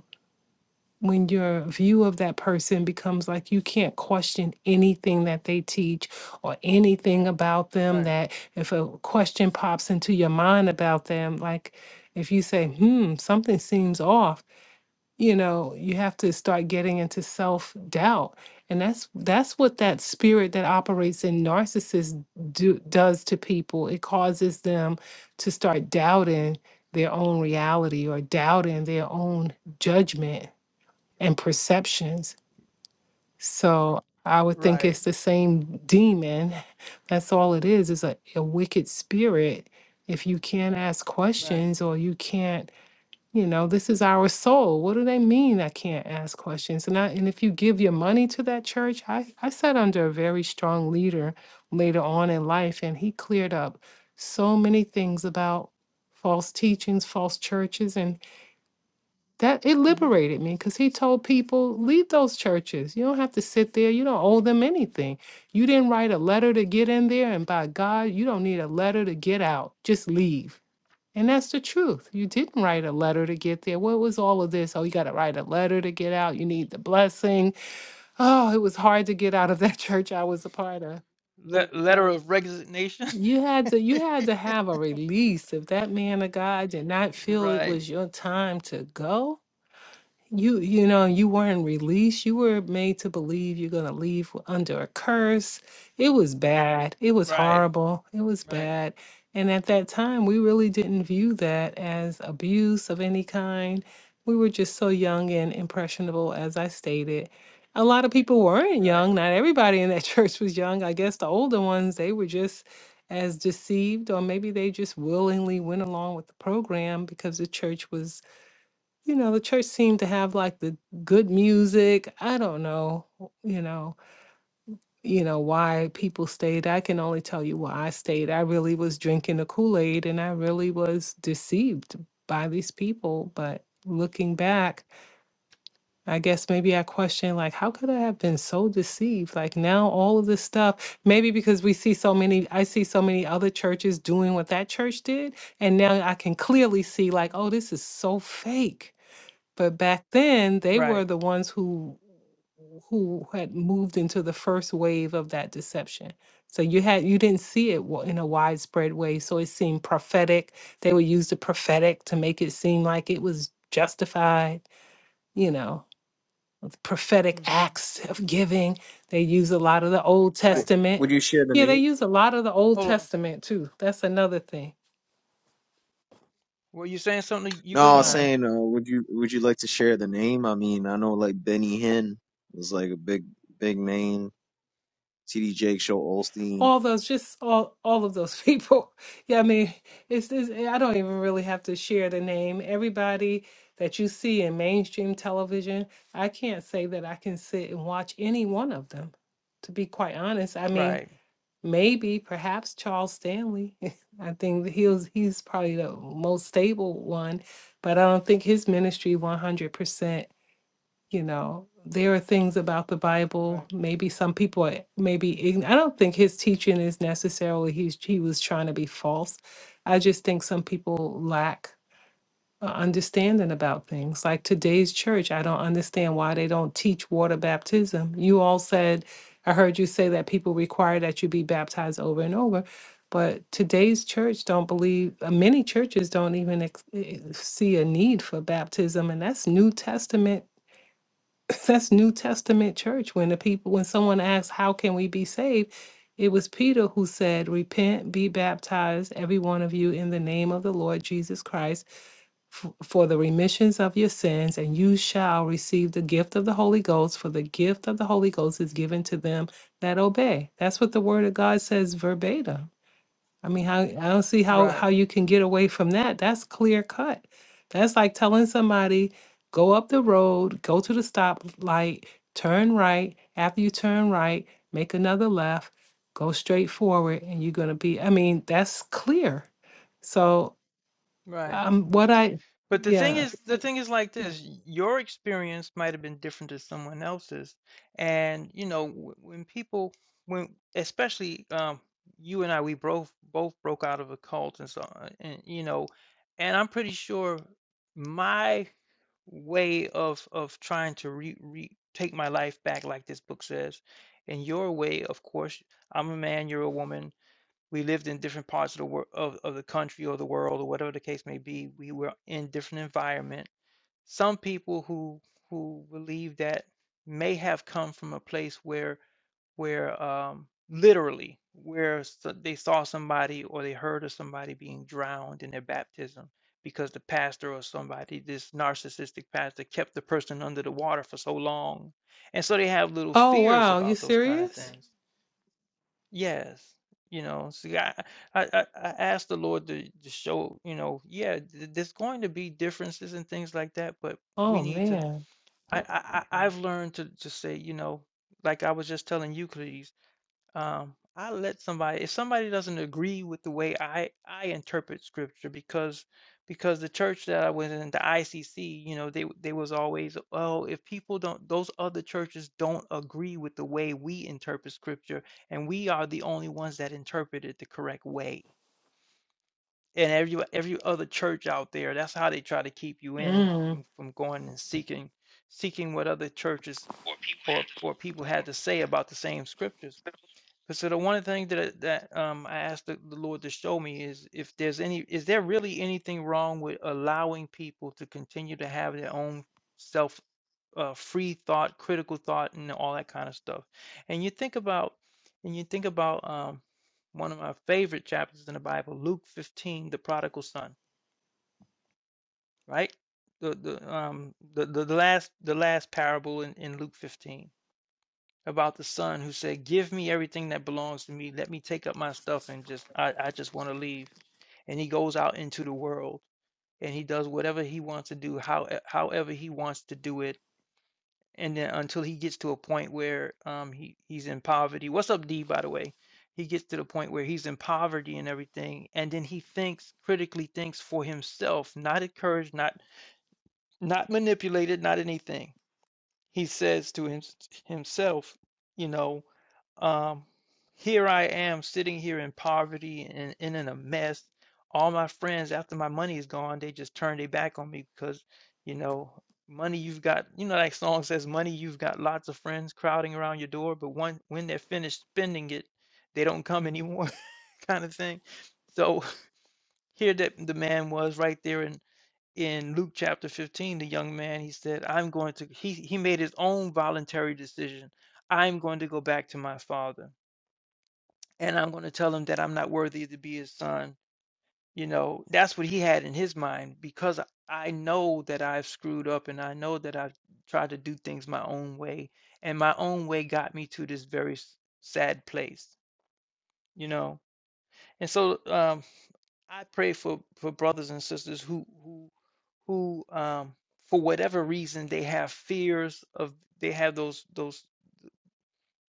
C: when your view of that person becomes like you can't question anything that they teach or anything about them
A: right
C: that if a question pops into your mind about them like if you say hmm something seems off you know you have to start getting into self doubt and that's that's what that spirit that operates in narcissists do, does to people it causes them to start doubting their own reality or doubting their own judgment and perceptions. So I would think
A: right
C: it's the same demon. That's all it is, It's a, a wicked spirit. If you can't ask
A: right
C: questions or you can't, you know, this is our soul. What do they mean I can't ask questions? And I, and if you give your money to that church, I, I sat under a very strong leader later on in life and he cleared up so many things about false teachings, false churches, that it
A: mhm
C: liberated me because he told people leave those churches you don't have to sit there you don't owe them anything you didn't write a letter to get in there and by god you don't need a letter to get out just leave and that's the truth you didn't write
A: uh,
C: a letter to get there what was all of this oh you got to write a letter to get out you need the blessing oh it was hard to get out of that church i was a part of
A: le- letter of resignation
C: you had to you had to have a release if that man of god did not feel it
A: right
C: was your time to go You you know, you weren't released. You were made to believe you're gonna leave w- under a curse. It was bad. It was
A: right
C: horrible. It was
A: right
C: bad. And at that time, we really didn't view that as abuse of any kind. We were just so young and impressionable, as I stated. A lot of people weren't
A: right
C: young. Not everybody in that church was young. I guess the older ones, they were just as deceived, or maybe they just willingly went along with the program because the church was you know, the church seemed to have like the good music. I don't know, you know, you know why people stayed. I can only tell you why I stayed. I really was drinking the Kool-Aid and I really was deceived by these people, but looking back, I guess maybe I question like how could I have been so deceived? Like now all of this stuff, maybe because we see so many I see so many other churches doing what that church did, and now I can clearly see like
A: mhm
C: oh this is so fake but back then, they were
A: right
C: the ones who who had moved into the first wave of that deception. So you had you didn't see it wa- in a widespread way. So it seemed prophetic. They would use the prophetic to make it seem like it was justified. You know, with prophetic
A: mhm
C: acts of giving. They use a lot of the Old
A: right
B: W-
C: Testament.
B: Would you share the
C: Yeah, they
B: name?
C: use a lot of the Old
A: hold on
C: Testament too. That's another thing.
A: were you saying something to
B: No, I was
A: euclides
C: Sorry.
B: saying, uh, would you would you like to share the name? I mean, I know like Benny Hinn was like a big big name. T.D. Jake, Joe Olstein.
C: all those just all all of those people yeah i mean it's this i don't even really have to share the name everybody that you see in mainstream television i can't say that i can sit and watch any one of them to be quite honest i mean
A: right
C: maybe perhaps charles stanley i think that he's he's probably the most stable one but i don't think his ministry 100% you know there are things about the bible
A: right
C: maybe some people are maybe ign- i don't think his teaching is necessarily he's he was trying to be false i just think some people lack a understanding about things like today's church i don't understand why they don't teach water baptism you all said i heard you say that people require that you be baptized over and over but today's church don't believe uh, many churches don't even ex- eh, see a need for baptism and that's new testament that's New Testament church. When the people, when someone asks, "How can we be saved?" It was Peter who said, "Repent, be baptized, every one of you, in the name of the Lord Jesus Christ, f- for the remissions of your sins, and you shall receive the gift of the Holy Ghost. For the gift of the Holy Ghost is given to them that obey." That's what the Word of God says verbatim. I mean, how I don't see how
A: right
C: how you can get away from that. That's clear cut. That's like telling somebody, go up the road, go to the stoplight, turn right. After you turn right, make another left, go straight forward, and you're gonna be. I mean, that's clear. So,
A: right
C: um, what I,
A: But the thing
C: yeah.
A: is the thing is like this, your experience might have been different to someone else's, and, you know, w when people when especially, um, you and I, we both both broke out of a cult and so on, and, you know, and I'm pretty sure my way of of trying to re re take my life back like this book says, and your way, of course I'm a man, you're a woman, we lived in different parts of the world of, of the country or the world or whatever the case may be we were in different environment some people who who believe that may have come from a place where where um literally where so- they saw somebody or they heard of somebody being drowned in their baptism because the pastor or somebody this narcissistic pastor kept the person under the water for so long and so they have little
C: Oh
A: fears
C: wow, you
A: about those kind of
C: serious?
A: things Yes. You know, see, I, I, I I asked the Lord to, to show, you know, yeah, th- there's going to be differences and things like that, but we
C: Oh
A: need to,
C: man.
A: I, I, I- I've learned to, to say, you know, like I was just telling you, um, I let somebody if somebody doesn't agree with the way I I interpret scripture because because the church that I was in the ICC you know they they was always oh if people don't those other churches don't agree with the way we interpret scripture and we are the only ones that interpret it the correct way and every every other church out there that's how they try to keep you in
C: Mm.
A: from from going and seeking seeking what other churches or or people had to say about the same scriptures 'Cause so the one thing that that, um, I asked the the Lord to show me is if there's any is there really anything wrong with allowing people to continue to have their own self, uh, free thought, critical thought, and all that kind of stuff. And you think about and you think about, um, one of my favorite chapters in the Bible, Luke 15, the prodigal son, right? The the um the the, the last the last parable in, in Luke 15 about the son who said, Give me everything that belongs to me. Let me take up my stuff and just, I, I just want to leave. And he goes out into the world and he does whatever he wants to do, how, however he wants to do it. And then until he gets to a point where um, he, he's in poverty. What's up, D, by the way? He gets to the point where he's in poverty and everything. And then he thinks, critically thinks for himself, not encouraged, not, not manipulated, not anything he says to him, himself, you know, um, here I am sitting here in poverty and, and in a mess. All my friends, after my money is gone, they just turn their back on me because, you know, money you've got, you know, that song says, money you've got lots of friends crowding around your door, but one, when they're finished spending it, they don't come anymore, kind of thing. So here that the man was right there in in Luke chapter 15, the young man, he said, I'm going to, he, he made his own voluntary decision. I'm going to go back to my father and I'm going to tell him that I'm not worthy to be his son. You know, that's what he had in his mind because I know that I've screwed up and I know that I've tried to do things my own way. And my own way got me to this very sad place, you know. And so um, I pray for for brothers and sisters who who who um for whatever reason they have fears of they have those those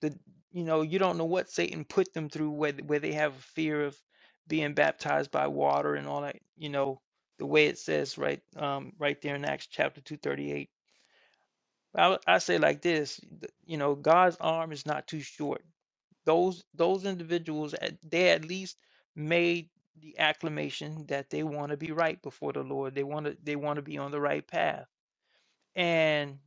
A: the you know you don't know what Satan put them through where where they have a fear of being baptized by water and all that you know the way it says right um right there in Acts chapter 238 I, I say like this th- you know God's arm is not too short those those individuals at, they at least made the acclamation that they want to be right before the lord they want to they want to be on the right path and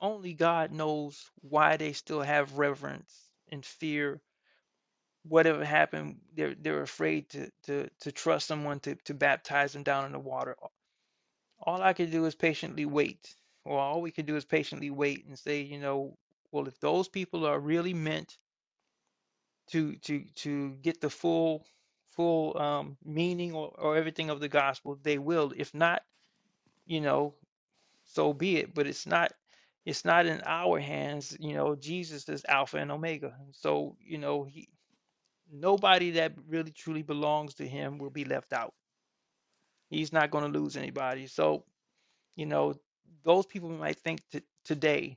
A: only god knows why they still have reverence and fear whatever happened they're they're afraid to to to trust someone to to baptize them down in the water all i can do is patiently wait or all we can do is patiently wait and say you know well if those people are really meant to to to get the full full um, meaning or, or everything of the gospel, they will. If not, you know, so be it. But it's not it's not in our hands. You know, Jesus is Alpha and Omega. So you know, he nobody that really truly belongs to Him will be left out. He's not going to lose anybody. So you know, those people might think t- today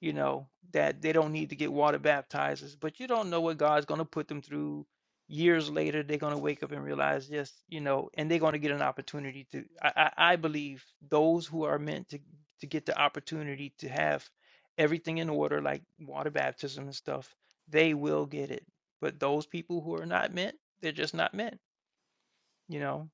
A: you know, that they don't need to get water baptized, but you don't know what God's going to put them through. Years later, they're going to wake up and realize, yes, you know, and they're going to get an opportunity to. I, I, I believe those who are meant to to get the opportunity to have everything in order, like water baptism and stuff, they will get it. But those people who are not meant, they're just not meant, you know.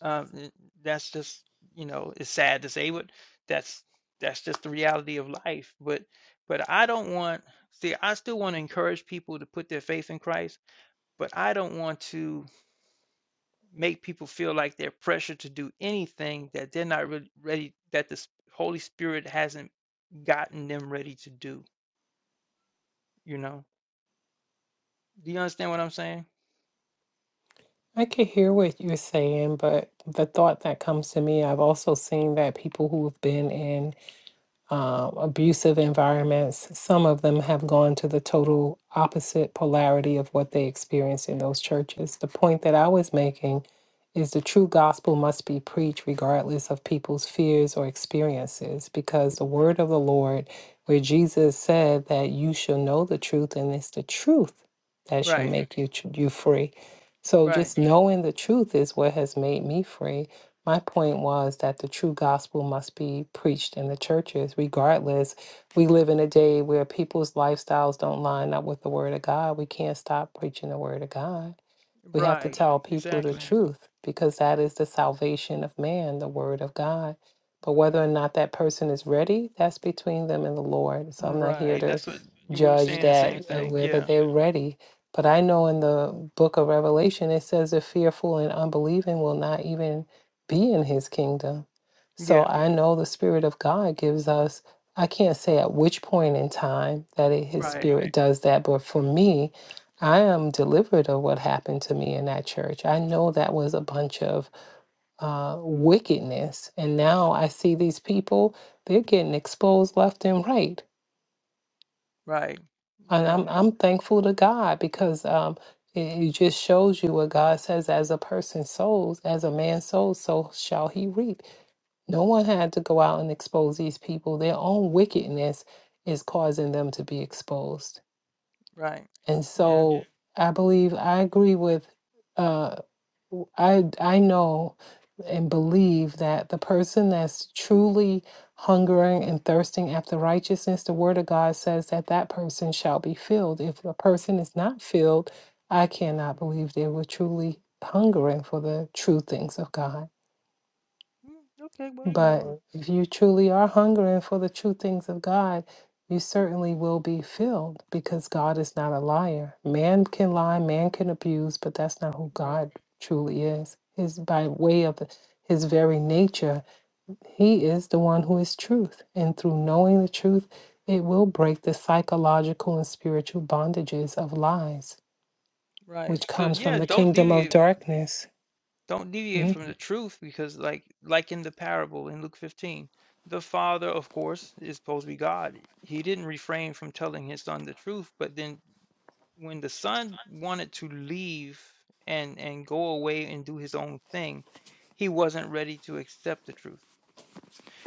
A: Um, th- that's just, you know, it's sad to say, but that's that's just the reality of life. But but I don't want, see, I still want to encourage people to put their faith in Christ, but I don't want to make people feel like they're pressured to do anything that they're not really ready, that the S- Holy Spirit hasn't gotten them ready to do, you know? Do you understand what I'm saying?
C: I can hear what you're saying, but the thought that comes to me, I've also seen that people who have been in uh, abusive environments. Some of them have gone to the total opposite polarity of what they experienced in those churches. The point that I was making is the true gospel must be preached regardless of people's fears or experiences, because the word of the Lord, where Jesus said that you shall know the truth, and it's the truth that shall
A: Right,
C: make you, tr- you free. So
A: right,
C: just knowing the truth is what has made me free. My point was that the true gospel must be preached in the churches, regardless. We live in a day where people's lifestyles don't line up with the word of God. We can't stop preaching the word of God. We have to
A: right,
C: tell people the
A: exactly.
C: truth because that is the salvation of man, the word of God. But whether or
A: Right.
C: not that person is ready, that's between them and the Lord. So I'm not here
A: Right.
C: to
A: That's what you we were
C: judge
A: saying the same
C: that uh,
A: thing.
C: whether
A: Yeah.
C: they're ready. But I know in the book of Revelation, it says the fearful and unbelieving will not even be in his kingdom. So
A: Yeah,
C: I know the Spirit of God gives us, I can't say at which point in time that it, his
A: right,
C: Spirit does that, but for me, I am delivered of what happened to me in that church. I know that was a bunch of uh, wickedness, and now I see these people; they're getting exposed left and right.
A: right. You
C: And
A: know,
C: I'm
A: the,
C: I'm thankful to God because um, it, it just shows you what God says: as a person sows, as a man sows, so shall he reap. No one had to go out and expose these people. Their own wickedness is causing them to be exposed,
A: right.
C: and
A: Yeah.
C: so I believe I agree with. uh, I I know and believe that the person that's truly hungering and thirsting after righteousness, the word of God says that that person shall be filled. If a person is not filled, I cannot believe they were truly hungering for the true things of God.
A: hmm Okay, well, you
C: But
A: know,
C: if you truly are hungering for the true things of God, you certainly will be filled because God is not a liar. Man can lie, man can abuse, but that's not who
A: right,
C: God truly is. Is by way of his very nature, he is the one who is truth. And through knowing the truth, it will break the psychological and spiritual bondages of lies,
A: right.
C: which
A: So
C: comes from
A: yeah,
C: the
A: don't
C: kingdom of
A: deviate,
C: darkness.
A: don't deviate
C: Mhm.
A: from the truth because like like in the parable in Luke 15, the father, of course, is supposed to be God. He didn't refrain from telling his son the truth, but then when the son wanted to leave and and go away and do his own thing, he wasn't ready to accept the truth.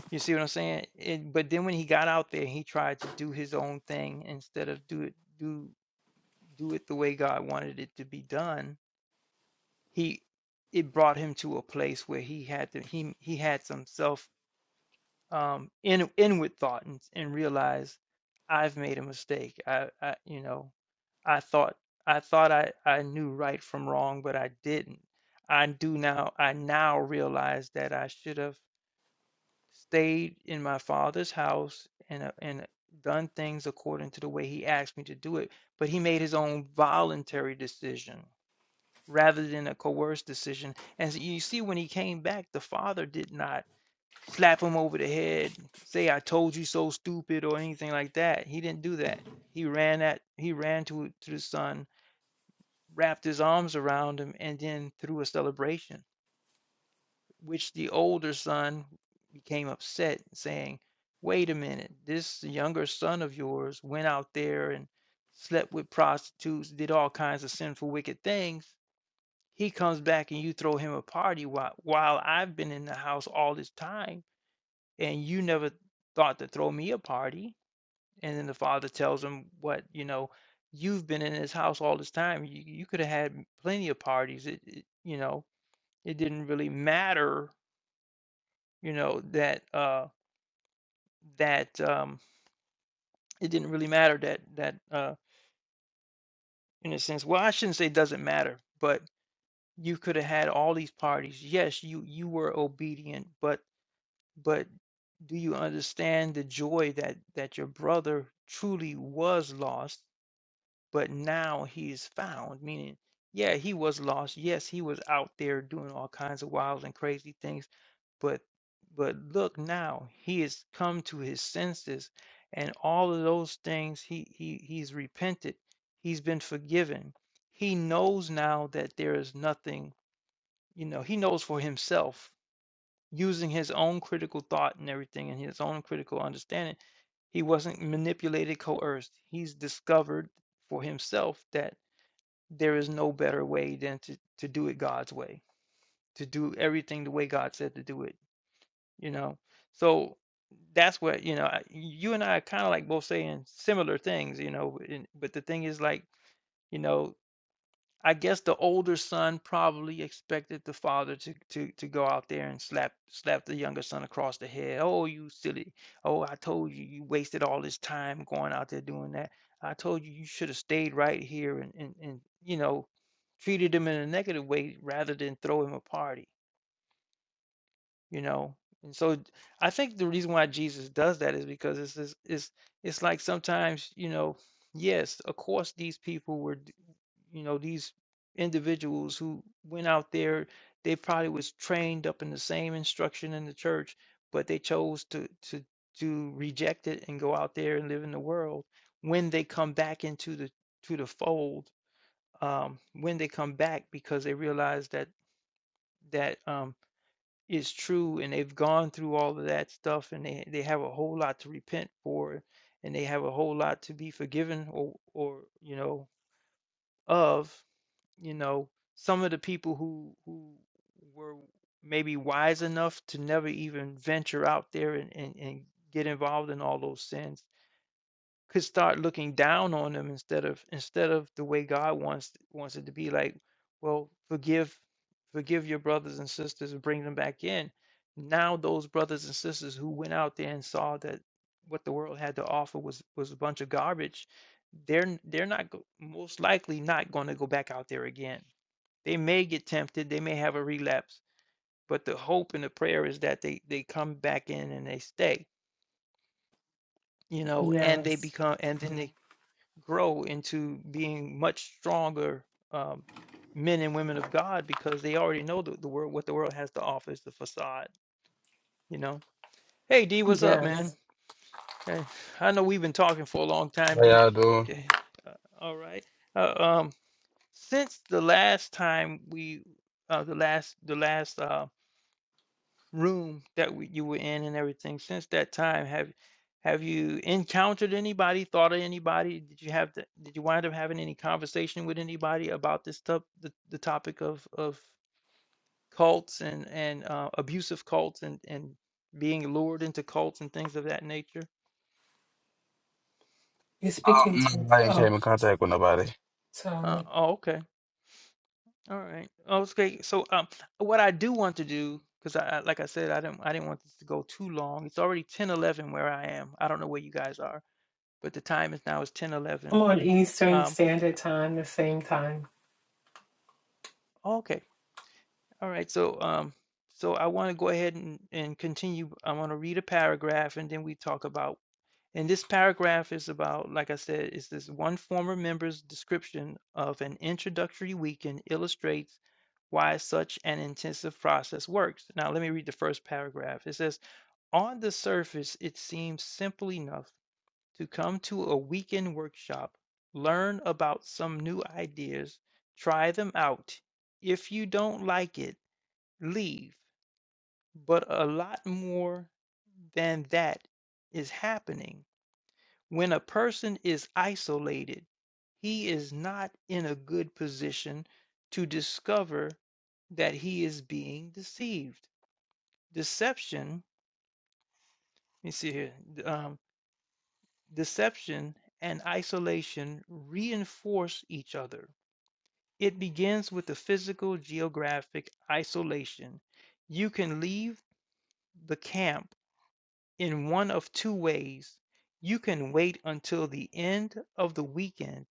A: You see what I'm saying? And but then when he got out there, he tried to do his own thing instead of do it do do it the way God wanted it to be done. He it brought him to a place where he had to he he had some self um in inward thought and, and realized I've made a mistake. I, I you know I thought I thought I I knew right from wrong, but I didn't. I do now. I now realize that I should have. stayed in my father's house and uh, and uh, done things according to the way he asked me to do it but he made his own voluntary decision rather than a coerced decision and so you see when he came back the father did not slap him over the head say i told you so stupid or anything like that he didn't do that he ran at he ran to to the son wrapped his arms around him and then threw a celebration which the older son became upset, saying, Wait a minute, this younger son of yours went out there and slept with prostitutes, did all kinds of sinful, wicked things. He comes back and you throw him a party while, while I've been in the house all this time, and you never thought to throw me a party. And then the father tells him, What, you know, you've been in his house all this time. You, you could have had plenty of parties. It, it, you know, it didn't really matter you know that uh that um it didn't really matter that that uh in a sense well i shouldn't say it doesn't matter but you could have had all these parties yes you you were obedient but but do you understand the joy that that your brother truly was lost but now he's found meaning yeah he was lost yes he was out there doing all kinds of wild and crazy things but but look now he has come to his senses and all of those things he he he's repented he's been forgiven he knows now that there is nothing you know he knows for himself using his own critical thought and everything and his own critical understanding he wasn't manipulated coerced he's discovered for himself that there is no better way than to, to do it God's way, to do everything the way God said to do it, you know. So that's what, you know, I- you and I are kind of like both saying similar things, you know, and, but the thing is like, you know, I guess the older son probably expected the father to to to go out there and slap slap the younger son across the head. Oh, you silly. Oh, I told you you wasted all this time going out there doing that. I told you you should have stayed right here and and and you know treated him in a negative way rather than throw him a party you know and so i think the reason why jesus does that is because it's it's it's, it's like sometimes you know yes of course these people were d- you know these individuals who went out there they probably was trained up in the same instruction in the church but they chose to to to reject it and go out there and live in the world when they come back into the to the fold um when they come back because they realize that that um is true and they've gone through all of that stuff and they, they have a whole lot to repent for and they have a whole lot to be forgiven or or you know of you know some of the people who who were maybe wise enough to never even venture out there and and, and get involved in all those sins could start looking down on them instead of instead of the way God wants wants it to be like, well, forgive forgive your brothers and sisters and bring them back in. Now those brothers and sisters who went out there and saw that what the world had to offer was was a bunch of garbage, they're they're not go- most likely not going to go back out there again. They may get tempted, they may have a relapse, but the hope and the prayer is that they they come back in and they stay, you know, and they
C: Yes,
A: become and then they grow into being much stronger um, men and women of God because they already know the, the world, what the world has to offer is the facade, you know. Hey, D, what's up, man?
C: yes.
A: Hey, I know we've been talking for a long time,
D: How
A: D.
D: y'all doing?
A: Yeah, uh, all right. Uh, um, since the last time we, uh, the last, the last um, room that we, you were in and everything since that time have have you encountered anybody thought of anybody did you have the, did you wind up having any conversation with anybody about this stuff the, the topic of of cults and and uh, abusive cults and and being lured into cults and things of that nature
C: You're speaking
D: Um, I ain't
C: to.
D: came in contact with nobody.
A: uh,
C: Sorry.
A: oh okay all right oh, it's great so um what i do want to do because I, I like i said i didn't i didn't want this to go too long it's already 10 11 where i am i don't know where you guys are but the time is now is 10:11.
C: I'm on Eastern
A: Um,
C: Standard Time, the same time.
A: oh, okay. All right. So, um, so I want to go ahead and, and continue. I want to read a paragraph and then we talk about, and this paragraph is about, like I said, is this one former member's description of an introductory weekend illustrates why such an intensive process works. Now, let me read the first paragraph. It says, On the surface, it seems simple enough to come to a weekend workshop, learn about some new ideas, try them out. If you don't like it, leave. But a lot more than that is happening. When a person is isolated, he is not in a good position to discover that he is being deceived. Deception, let me see here. Um. Deception and isolation reinforce each other. It begins with the physical geographic isolation. You can leave the camp in one of two ways. You can wait until the end of the weekend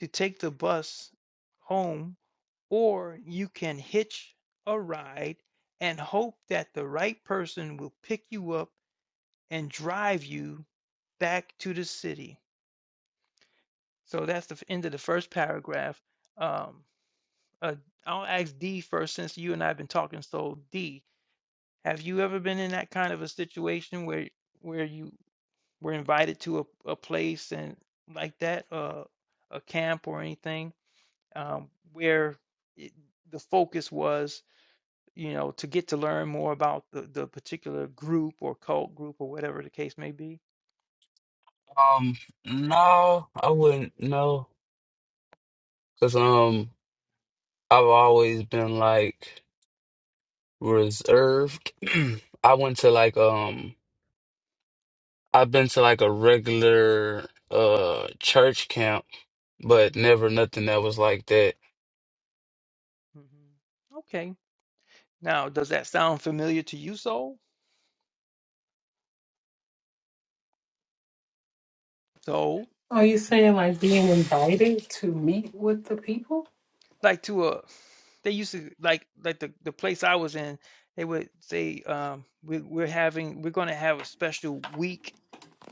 A: to take the bus home, or you can hitch a ride and hope that the right person will pick you up and drive you back to the city. So that's the f- end of the first paragraph. Um, uh, I'll ask D first, since you and I have been talking. So D, have you ever been in that kind of a situation where where you were invited to a, a place and like that, uh, a camp or anything, um, where it, the focus was, you know, to get to learn more about the, the particular group or cult group or whatever the case may be?
D: Um, no, I wouldn't know, cause um, I've always been like reserved. I went to like um, I've been to like a regular uh church camp, but never nothing that was like that.
A: hmm Okay. Now, does that sound familiar to you, Soul? Soul?
C: Are you saying like being invited to meet with the people?
A: like to a they used to like like the, the place I was in, they would say, um, we, we're having we're gonna have a special week,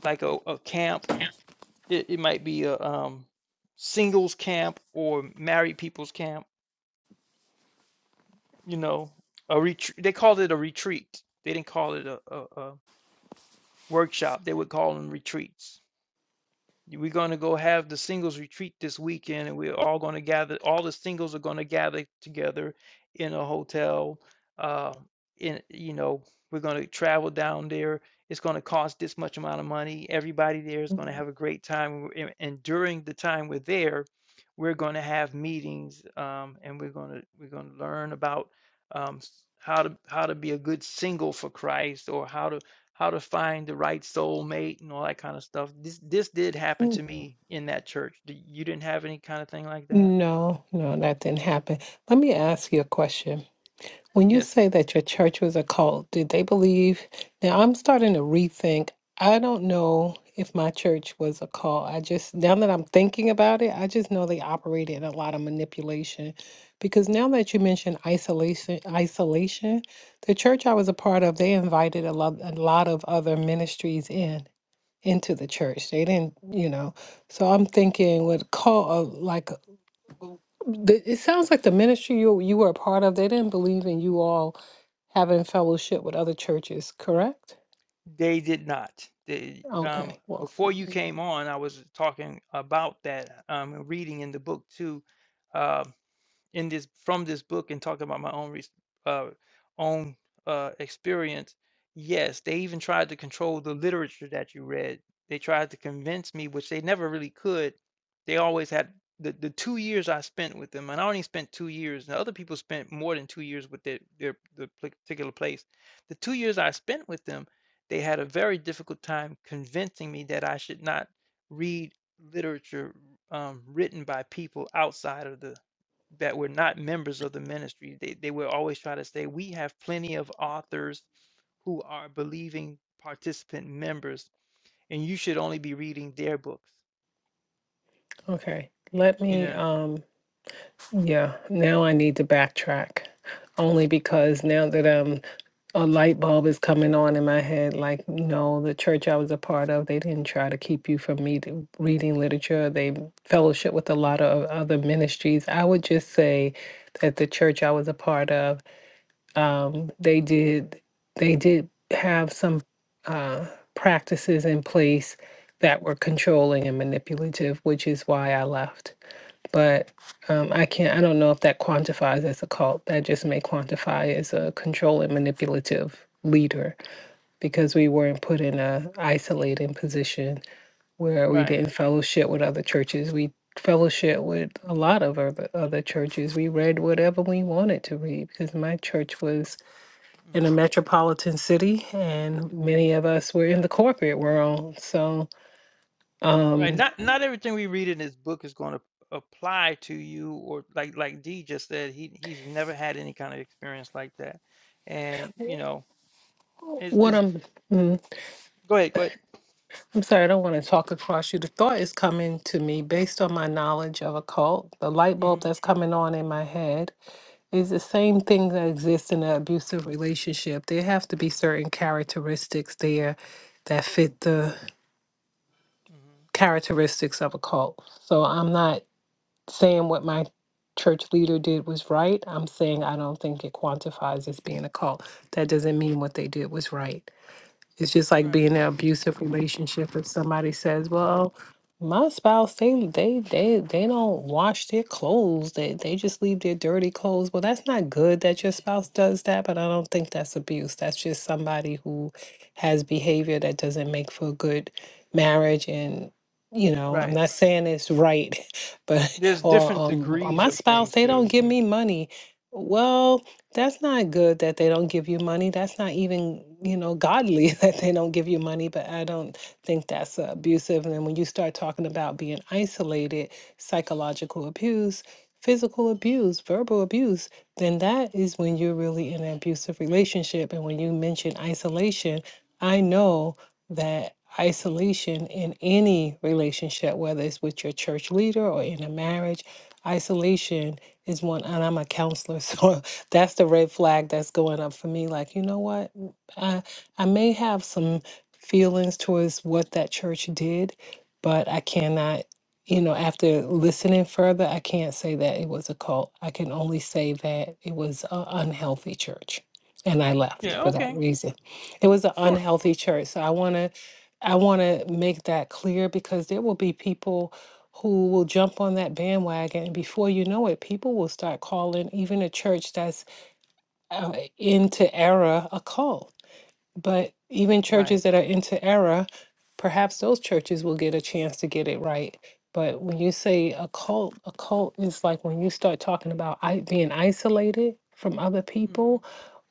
A: like a, a camp. It, it might be a um, singles camp or married people's camp, you know, a retreat. They called it a retreat. They didn't call it a, a, a workshop. They would call them retreats. We're going to go have the singles retreat this weekend, and we're all going to gather. All the singles are going to gather together in a hotel. Uh, in you know, we're going to travel down there. It's going to cost this much amount of money. Everybody there is going to
C: Mhm.
A: have a great time, and, and during the time we're there, we're going to have meetings, um, and we're going to we're going to learn about um, how to how to be a good single for Christ, or how to how to find the right soul mate and all that kind of stuff. This this did happen to me in that church. You didn't have any kind of thing like that?
C: No, no, that didn't happen. Let me ask you a question. When you
A: Yes,
C: say that your church was a cult, did they believe? Now I'm starting to rethink. I don't know if my church was a cult. I just, now that I'm thinking about it, I just know they operated in a lot of manipulation. Because now that you mention isolation, isolation, the church I was a part of, they invited a lot, a lot of other ministries in into the church. They didn't, you know. So I'm thinking, with cult, uh, like the, it sounds like the ministry you you were a part of, they didn't believe in you all having fellowship with other churches, correct?
A: they did not. They um
C: Okay, well,
A: before you came on, I was talking about that um reading in the book too. uh, in this from this book and talking about my own res- uh, own uh, experience, yes, they even tried to control the literature that you read. They tried to convince me, which they never really could. They always had the, the two years I spent with them, and I only spent two years. Now other people spent more than two years with their their the particular place. The two years I spent with them, they had a very difficult time convincing me that I should not read literature um, written by people outside of the that were not members of the ministry. They, they were always trying to say, we have plenty of authors who are believing participant members, and you should only be reading their books.
C: okay. Let
A: You
C: me,
A: know,
C: um, yeah, now I need to backtrack. Only because now that um a light bulb is coming on in my head, like no, the church I was a part of, they didn't try to keep you from me to- reading literature. They fellowship with a lot of other ministries. I would just say that the church I was a part of um, they did they did have some uh, practices in place that were controlling and manipulative, which is why I left. But um, I can't. I don't know if that quantifies as a cult. That just may quantify as a controlling, manipulative leader because we weren't put in a isolating position where we
A: right,
C: didn't fellowship with other churches. We fellowship with a lot of other other churches. We read whatever we wanted to read because my church was in a
A: hmm
C: metropolitan city, and many of us were in the corporate world. So,
A: right.
C: um,
A: Not not everything we read in this book is going to apply to you, or like like D just said, he he's never had any kind of experience like that, and you know, is
C: what
A: is
C: I'm, mm,
A: go ahead, go ahead.
C: I'm sorry, I don't want to talk across you. The thought is coming to me based on my knowledge of occult. The light
A: hmm
C: bulb that's coming on in my head is the same thing that exists in an abusive relationship. There have to be certain characteristics there that fit the
A: hmm
C: characteristics of a cult. So I'm not saying what my church leader did was right. I'm saying I don't think it quantifies as being a cult. That doesn't mean what they did was right. It's just like
A: Right,
C: being in an abusive relationship. If somebody says, "Well, my spouse, they they they they don't wash their clothes. They they just leave their dirty clothes." Well, that's not good that your spouse does that, but I don't think that's abuse. That's just somebody who has behavior that doesn't make for a good marriage and you know, I'm
A: right.
C: not saying it's right, but
A: There's
C: or
A: different
C: um or
A: degrees
C: my
A: of
C: spouse,
A: things
C: they don't
A: too.
C: give
A: Mm.
C: me money. Well, that's not good that they don't give you money. That's not even, you know, godly that they don't give you money, but I don't think that's uh, abusive. And then when you start talking about being isolated, psychological abuse, physical abuse, verbal abuse, then that is when you're really in an abusive relationship. And when you mention isolation, I know that isolation in any relationship, whether it's with your church leader or in a marriage, isolation is one, and I'm a counselor, so that's the red flag that's going up for me like you know what Mm, i i may have some feelings towards what that church did but i cannot you know after listening further i can't say that it was a cult i can only say that it was an unhealthy church and i left
A: Yeah.
C: for that
A: Okay.
C: reason it was an
A: Sure.
C: unhealthy church so i want to I want to make that clear because there will be people who will jump on that bandwagon, and before you know it, people will start calling even a church that's uh, into error a cult. But even
A: Right.
C: churches that are into error, perhaps those churches will get a chance to get it right. But when you say a cult, a cult is like when you start talking about I- being isolated from other
A: hmm
C: people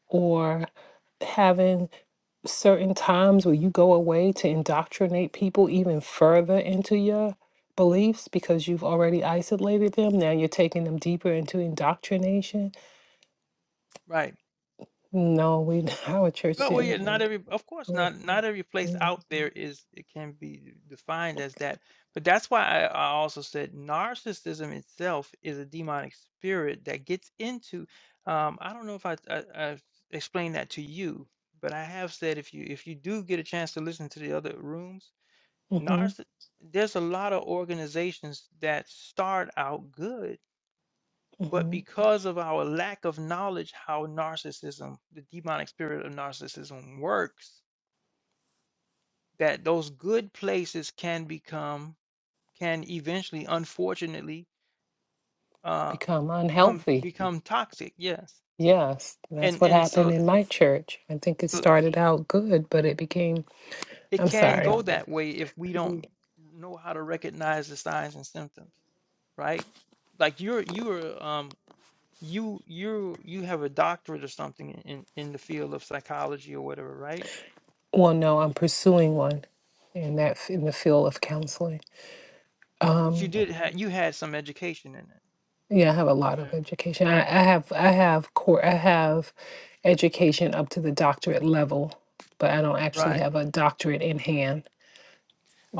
C: or having certain times where you go away to indoctrinate people even further into your beliefs because you've already isolated them. Now you're taking them deeper into indoctrination.
A: Right.
C: No, we our church
A: But well, yeah,
C: didn't.
A: not every, of course,
C: Yeah.
A: not not every place
C: Mm-hmm.
A: out there is it can be defined as that. But that's why I, I also said narcissism itself is a demonic spirit that gets into. Um, I don't know if I, I, I explained that to you, but I have said if you if you do get a chance to listen to the other rooms, narciss there's a lot of organizations that start out good But
C: hmm
A: because of our lack of knowledge how narcissism, the demonic spirit of narcissism works, that those good places can become, can eventually, unfortunately, uh,
C: Become
A: become
C: unhealthy.
A: become toxic. Yes,
C: Yes, that's
A: and
C: what
A: and
C: happened
A: so
C: in my church. I think it
A: so
C: started out good, but it became,
A: it
C: I'm
A: can
C: sorry.
A: go that way if we
C: Mhm.
A: don't know how to recognize the signs and symptoms, right? Like you're you're um you you you have a doctorate or something in in the field of psychology or whatever, right?
C: Well, no, I'm pursuing one in that f- in the field of counseling.
A: But you
C: Um,
A: Yeah. did ha you had some education in it.
C: yeah, I have a lot of education. I, I have I have core I have education up to the doctorate level, but I don't actually
A: Right. Right.
C: have a doctorate in hand.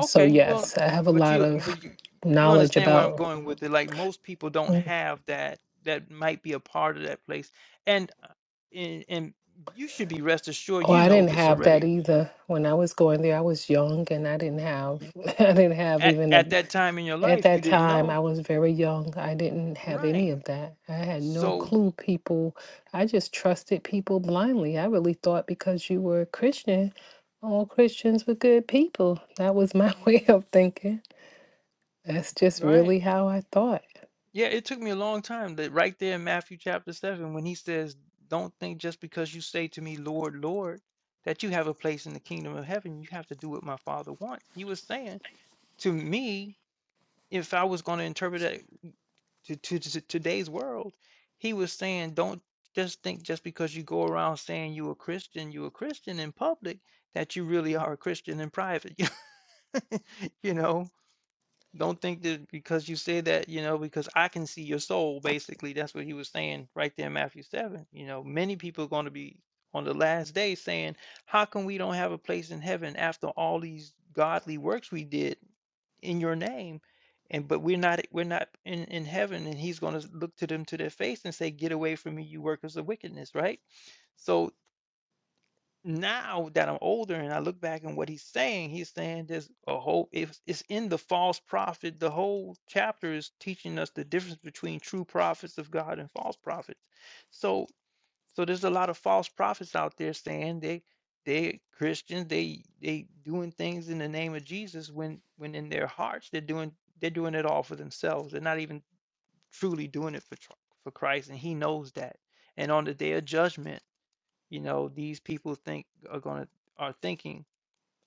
C: So
A: Yeah. well,
C: yes, I have a
A: but
C: lot
A: you
C: of
A: but you you
C: knowledge
A: understand where I'm
C: about.
A: going with it. Like most people
C: hmm,
A: don't have that that might be a part of that place. And uh, and, and you should be rest assured
C: Oh,
A: you
C: I
A: know
C: didn't
A: this
C: have
A: already.
C: that
A: Y-
C: either. When I was going there, I was young and I didn't have
A: Yeah.
C: I didn't have
A: At
C: even
A: at
C: a
A: that time in your
C: at
A: life you
C: that
A: didn't
C: time I
A: know.
C: was very young. I didn't have any
A: Right.
C: of that. I had no
A: So,
C: clue people. I just trusted people blindly. I really thought because you were a Christian, all Christians were good people. That was my way
A: mhm,
C: of thinking. That's just
A: right.
C: really how I thought.
A: Yeah, it took me a long time, That right there in Matthew chapter 7, when he says, Don't think just because you say to me, Lord, Lord, that you have a place in the kingdom of heaven. You have to do what my father wants. He was saying to me, if I was going to interpret it to, to, to today's world, he was saying, Don't just think just because you go around saying you're a Christian, you're a Christian in public, that you really are a Christian in private. you know? Don't think that because you say that, you know, because I can see your soul, basically. That's what he was saying right there in Matthew 7. You know, many people are going to be on the last day saying, How come we don't have a place in heaven after all these godly works we did in your name? And but we're not we're not in, in heaven, and he's gonna look to them to their face and say, Get away from me, you workers of wickedness, right? So now that I'm older and I look back on what he's saying, he's saying there's a whole it's, it's in the false prophet. The whole chapter is teaching us the difference between true prophets of God and false prophets. So so there's a lot of false prophets out there saying they they Christians, they they doing things in the name of Jesus when when in their hearts they're doing they're doing it all for themselves. They're not even truly doing it for tr- for Christ and he knows that. And on the day of judgment you know these people think are going to are thinking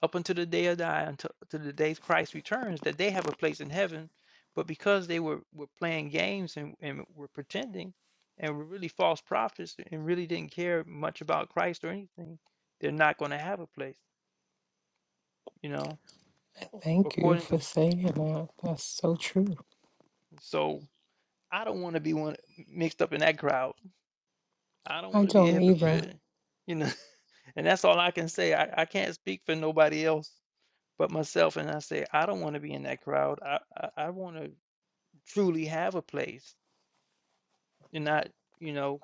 A: up until the day of die until to the day christ returns that they have a place in heaven but because they were were playing games and, and were pretending and were really false prophets and really didn't care much about christ or anything they're not going to have a place you know
C: Thank you
A: according
C: for
A: to
C: saying that. That's so true.
A: so i don't want to be one mixed up in that crowd i don't
C: I
A: want to be a
C: don't either.
A: hypocrite you know and that's all i can say i, I can't speak for nobody else but myself and I say, I don't want to be in that crowd. I I, I want to truly have a place and not, you know,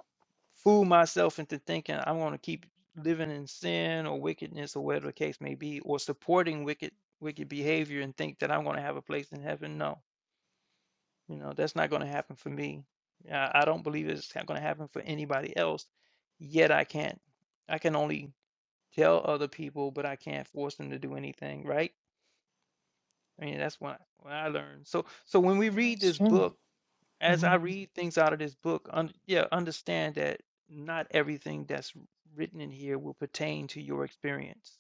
A: fool myself into thinking I want to keep living in sin or wickedness or whatever the case may be, or supporting wicked wicked behavior and think that I'm going to have a place in heaven. No, you know, that's not going to happen for me. I, I don't believe it's going to happen for anybody else. Yet I can't. I can only tell other people, but I can't force them to do anything, right? I mean, that's what what I learned. So so when we read
C: That's
A: this
C: true.
A: book, as
C: Mm-hmm.
A: I read things out of this book, un, yeah, understand that not everything that's written in here will pertain to your experience.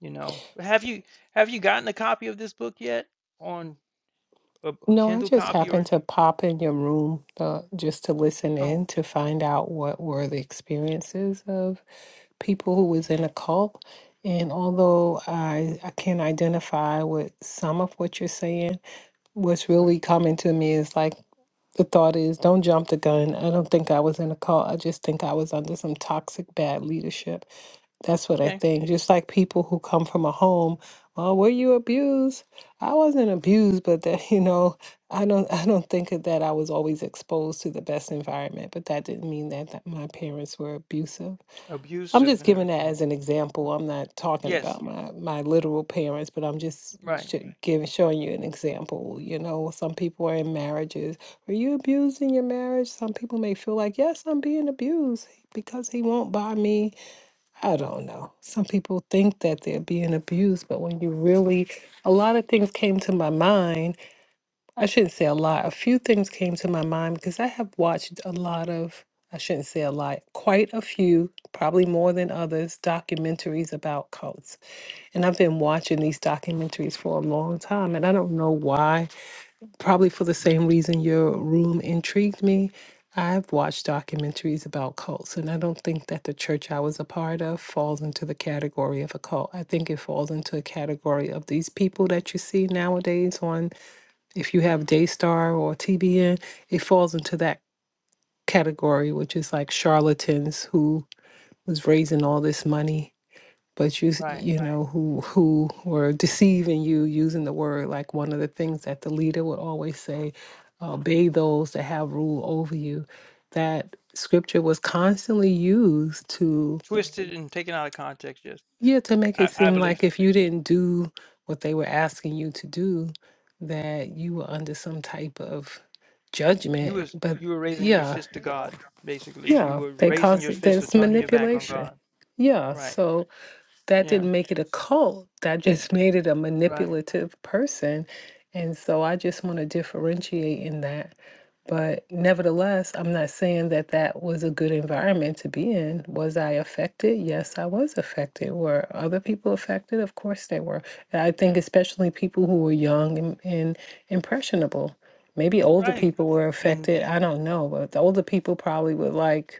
A: You know, have you have you gotten a copy of this book yet on a, a
C: No, I
A: Kindle
C: just
A: copy
C: happened
A: or?
C: to pop in your room uh, just to listen
A: Oh,
C: in to find out what were the experiences of people who was in
A: yeah,
C: a cult. And although I, I can identify with some of what you're saying, what's
A: right.
C: really coming to me is like the thought is don't jump the gun. I don't think I was in a cult. I just think I was under some toxic bad leadership. That's what I
A: Okay,
C: think. Just like people who come from a home, oh, were you abused? I wasn't abused, but that you know, I don't I don't think of that I was always exposed to the best environment, but that didn't mean that, that my parents were abusive. I'm
A: abusive
C: just
A: and
C: giving that
A: everything.
C: as an
A: Hmm.
C: example. I'm not talking
A: Yes,
C: about my my literal parents, but I'm just
A: right,
C: sh- giving showing you an example. You know, some people are in marriages. Were you abused in your marriage? Some people may feel like, yes, I'm being abused because he won't buy me I don't know. Some people think that they're being abused, but when you really, a lot of things came to my mind. I shouldn't say a lot. A few things came to my mind because I have watched a lot of, I shouldn't say a lot, quite a few, probably more than others, documentaries about cults. And I've been watching these documentaries for a long time, and I don't know why probably for the same reason your room intrigued me. I've watched documentaries about cults, and I don't think that the church I was a part of falls into the category of a cult. I think it falls into a category of these people that you see nowadays on, if you have Daystar or TBN, it falls into that category, which is like charlatans who was raising all this money but you s-
A: right.
C: you Right. know who who were deceiving you using the word like one of the things that the leader would always say uh, obey those that have rule over you that scripture was constantly used to
A: Twisted and taken out of context. Yes,
C: yeah to make it
A: I, I
C: seem
A: believe.
C: like if you didn't do what they were asking you to do that you were under some type of
A: You
C: judgment
A: was
C: but
A: you were raising your
C: yeah
A: fist to God, basically. You
C: yeah
A: were
C: they
A: raising
C: cause
A: your fist or
C: there's
A: turning your back on
C: manipulation
A: God.
C: yeah
A: Right.
C: so that
A: Yeah.
C: didn't make it a cult. That just made it a manipulative person. And so I just want to differentiate in that. But nevertheless, I'm not saying that that was a good environment to be in. Was I affected? Yes, I was affected. Were other people affected? Of course they were. And I
A: Yeah.
C: think especially people who were young and, and impressionable. Maybe older
A: Right.
C: people were
A: And
C: affected.
A: it-
C: I don't know. But the older people probably were like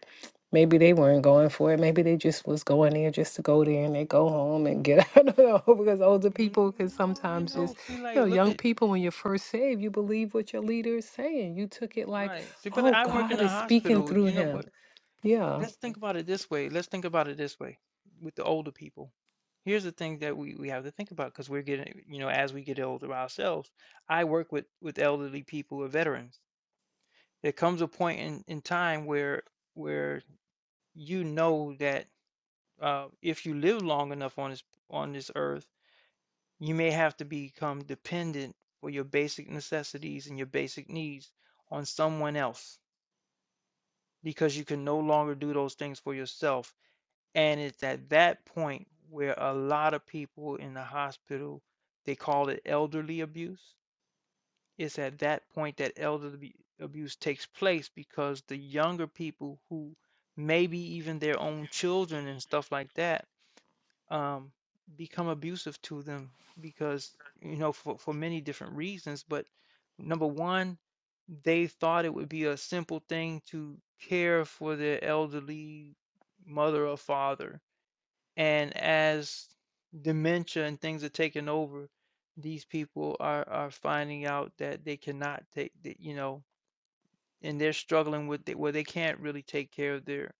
C: Maybe they weren't going for it. Maybe they just was going there just to go there and they go home and get out of know because older
A: when,
C: people can
A: well, you
C: sometimes just,
A: know, see,
C: you know,
A: like, look
C: young
A: at
C: people, when you're first saved, you believe what your leader is saying. You took it like,
A: right. See, but
C: oh,
A: I work in
C: God
A: a
C: is speaking
A: hospital.
C: through
A: You know
C: him.
A: what?
C: Yeah.
A: Let's think about it this way. Let's think about it this way. With the older people, here's the thing that we we have to think about because we're getting, you know, as we get older ourselves. I work with with elderly people or veterans. There comes a point in in time where where you know that uh, if you live long enough on this on this earth, you may have to become dependent for your basic necessities and your basic needs on someone else because you can no longer do those things for yourself. And it's at that point where a lot of people in the hospital, they call it elderly abuse. It's at that point that elderly abuse takes place because the younger people who maybe even their own children and stuff like that um, become abusive to them because you know for, for many different reasons but number one they thought it would be a simple thing to care for their elderly mother or father and as dementia and things are taking over these people are are finding out that they cannot take that you know and they're struggling with it where they can't really take care of their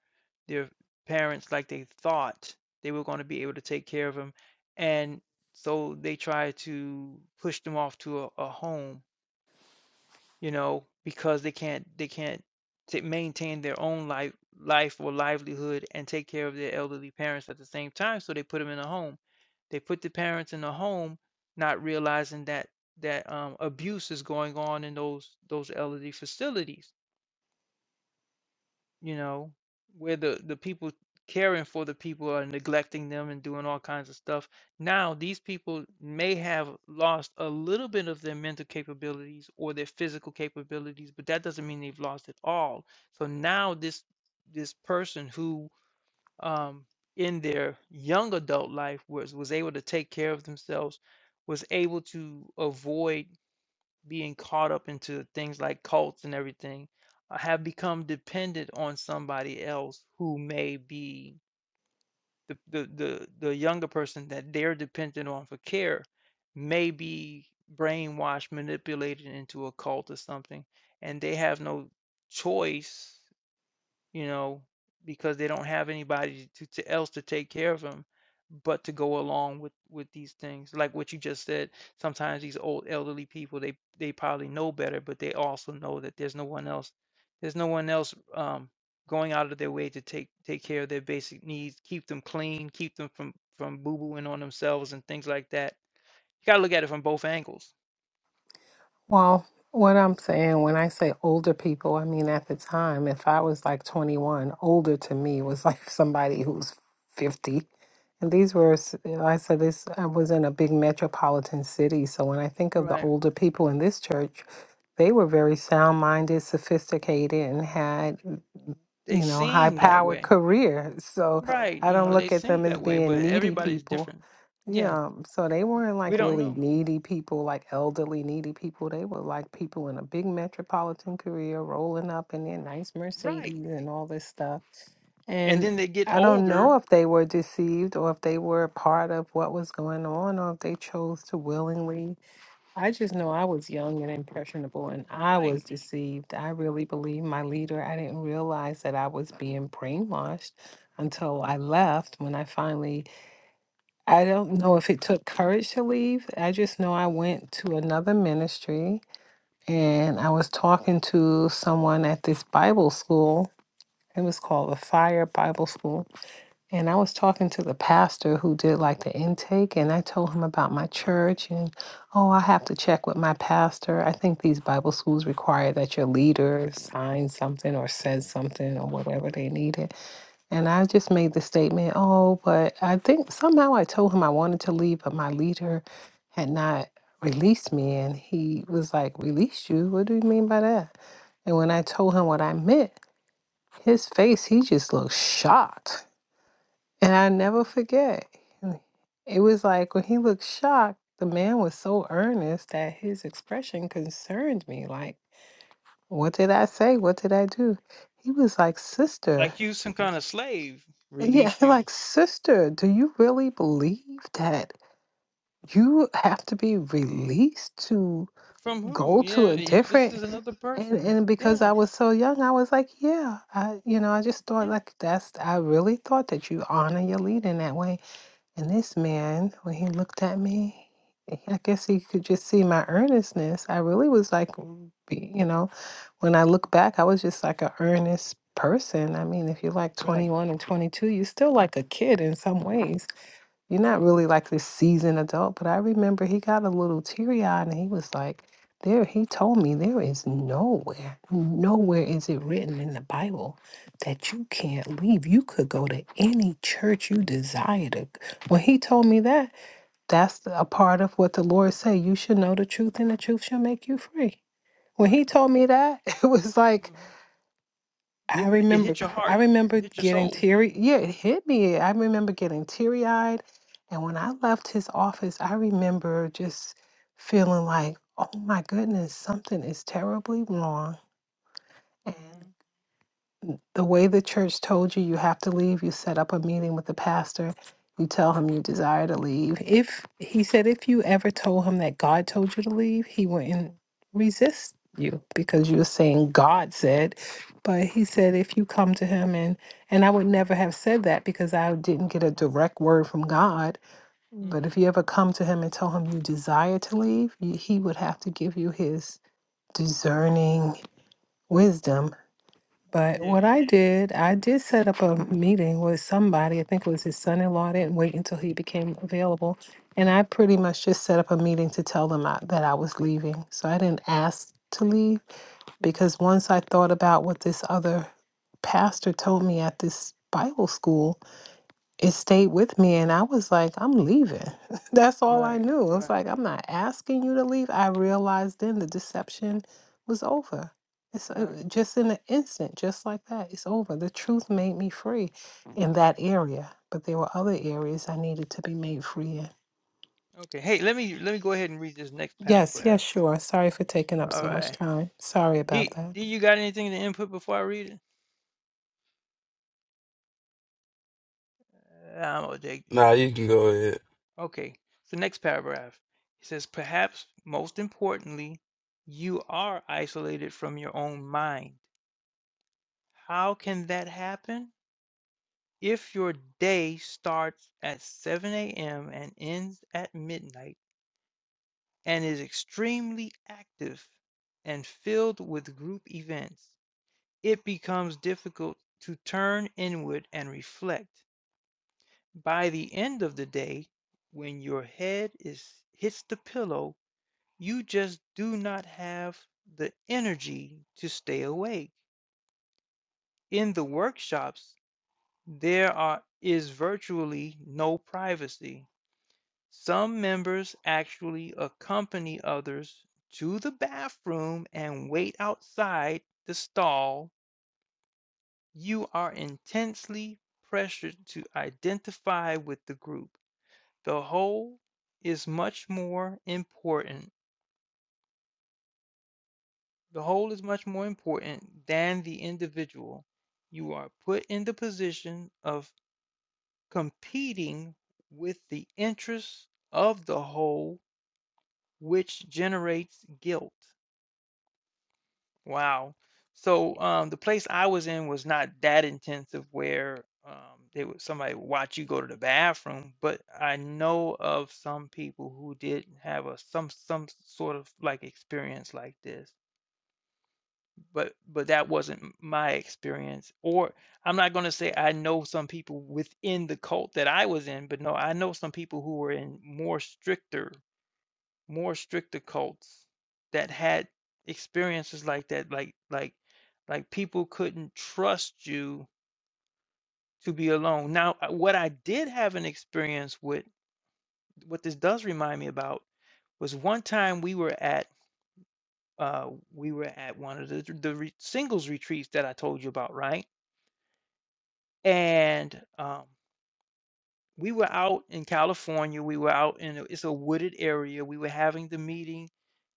A: their parents like they thought they were going to be able to take care of them and so they try to push them off to a, a home you know because they can't they can't to maintain their own life life or livelihood and take care of their elderly parents at the same time so they put them in a home they put the parents in a home not realizing that that um, abuse is going on in those those elderly facilities you know, where the the people caring for the people are neglecting them and doing all kinds of stuff. Now, these people may have lost a little bit of their mental capabilities or their physical capabilities, but that doesn't mean they've lost it all. So now this this person who um in their young adult life was was able to take care of themselves was able to avoid being caught up into things like cults and everything, I have become dependent on somebody else who may be the, the, the, the younger person that they're dependent on for care may be brainwashed, manipulated into a cult or something, and they have no choice you know, because they don't have anybody to, to else to take care of them, but to go along with with these things. Like what you just said, sometimes these old elderly people they they probably know better, but they also know that there's no one else, there's no one else um, going out of their way to take take care of their basic needs, keep them clean, keep them from from boo booing on themselves and things like that. You gotta look at it from both angles.
C: Well, what I'm saying when I say older people, I mean at the time, if I was like 21, older to me was like somebody who's 50. And these were, s- I said this, I was in a big metropolitan city. So when I think of the older people in this church, they were very sound minded, sophisticated, and had,
A: They
C: you know, high
A: seem that
C: powered
A: way,
C: careers. So
A: right?
C: I
A: You
C: don't
A: know, they
C: look at
A: seem
C: them as
A: that way, but
C: being needy
A: everybody's
C: people.
A: different. Yeah,
C: Yeah, um, so they weren't
A: we
C: like
A: don't
C: really
A: know.
C: needy people, like elderly needy people. They were like people in a big metropolitan Korea rolling up in their nice
A: Right.
C: Mercedes and all this stuff.
A: And
C: And
A: then they get
C: I don't
A: older,
C: know if they were deceived or if they were a part of what was going on or if they chose to willingly. I just know I was young and impressionable and I
A: right?
C: was deceived. I really believed my leader. I didn't realize that I was being brainwashed until I left when I finally I don't know if it took courage to leave. I just know I went to another ministry and I was talking to someone at this Bible school. It was called the Fire Bible School. And I was talking to the pastor who did like the intake, and I told him about my church. And oh, I have to check with my pastor. I think these Bible schools require that your leader signs something or says something or whatever they needed. And I just made the statement, oh, but I think somehow I told him I wanted to leave, but my leader had not released me. And he was like, "Released you? What do you mean by that? And when I told him what I meant, his face, he just looked shocked. And I never forget. And It was like when he looked shocked, the man was so earnest that his expression concerned me. Like, what did I say? What did I do? He was like, Sister.
A: Like you some kind of slave
C: Yeah,
A: release you.
C: like, sister, do you really believe that you have to be released to
A: From who?
C: go to
A: Yeah,
C: a
A: y- this
C: different
A: is another
C: and
A: person.
C: and because
A: Yeah,
C: I was so young, I was like, yeah, I you know, I just thought
A: yeah,
C: like that's I really thought that you honor your lead in that way. And this man, when he looked at me, I guess he could just see my earnestness. I really was like, mm, be- you know, when I look back, I was just like an earnest person. I mean, if you're like 21 and 22, you're still like a kid in some ways you're not really like this seasoned adult, but I remember he got a little teary eyed and he was like, there, he told me there is nowhere, nowhere is it written in the Bible that you can't leave. You could go to any church you desire to. g-" When he told me that, that's the- a part of what the Lord said. You should know the truth and the truth shall make you free. When
A: right.
C: he told me that, it was like,
A: hmm
C: I
A: It ma- it
C: remember
A: hit your
C: cr- I
A: heart. It
C: remember
A: hit your
C: getting
A: soul.
C: teary. Yeah, it hit me. I remember getting teary-eyed. And when I left his office, I remember just feeling like, "Oh my goodness, something is terribly wrong." the way the church told you you have to leave, you set up a meeting with the pastor. You tell him you desire to leave. If he said, if you ever told him that God told you to leave, he wouldn't resist you because you were saying God said. But he said, if you come to him and and I would never have said that because I didn't get a direct word from God. Mm.
A: hmm
C: But if you ever come to him and tell him you desire to leave, you, he would have to give you his discerning wisdom but
A: Yeah.
C: what I did, I did set up a meeting with somebody. I think it was his son in law. I didn't wait until he became available. And I pretty much just set up a meeting to tell them I, that I was leaving. So I didn't ask to leave because once I thought about what this other pastor told me at this Bible school, it stayed with me and I was like, I'm leaving. That's all I
A: Right,
C: knew. I was
A: right.
C: like, I'm not asking you to leave. I realized then the deception was over. It's uh, just in an instant, just like that. It's over. The truth made me free in that area, but there were other areas I needed to be made free in.
A: Okay. Hey, let me let me go ahead and read this next
C: Yes, yes,
A: paragraph.
C: sure. Sorry for taking up
A: All
C: so much
A: right.
C: time. Sorry about
A: D
C: that.
A: D you got anything to input before I read it? Uh, I'm gonna take it.
D: Nah, you can go ahead.
A: Okay, so next paragraph. It says, perhaps most importantly, you are isolated from your own mind. How can that happen? If your day starts at 7 a.m. and ends at midnight and is extremely active and filled with group events, it becomes difficult to turn inward and reflect. By the end of the day, when your head is hits the pillow, You just do not have the energy to stay awake. In the workshops, there are, is virtually no privacy. Some members actually accompany others to the bathroom and wait outside the stall. You are intensely pressured to identify with the group. The whole is much more important The whole is much more important than the individual. You are put in the position of competing with the interests of the whole, which generates guilt. Wow. So um, the place I was in was not that intensive where um, they would somebody would watch you go to the bathroom, but I know of some people who did have a some some sort of like experience like this But but that wasn't my experience, or I'm not gonna say I know some people within the cult that I was in, but no, I know some people who were in more stricter more stricter cults that had experiences like that, like like like people couldn't trust you to be alone. Now, uh, what I did have an experience with, what this does remind me about, was one time we were at uh we were at one of the the re- singles retreats that I told you about, right? and um, we were out in California. We were out in a, it's a wooded area. We were having the meeting.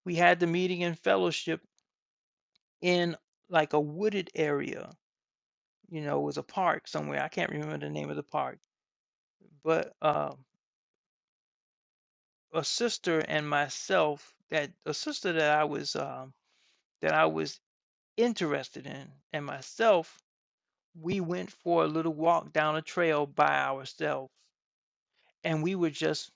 A: We had the meeting and fellowship in like a wooded area. You know, it was a park somewhere. I can't remember the name of the park, but uh, a sister and myself that a sister that I was um, that I was interested in and myself we went for a little walk down a trail by ourselves and we were just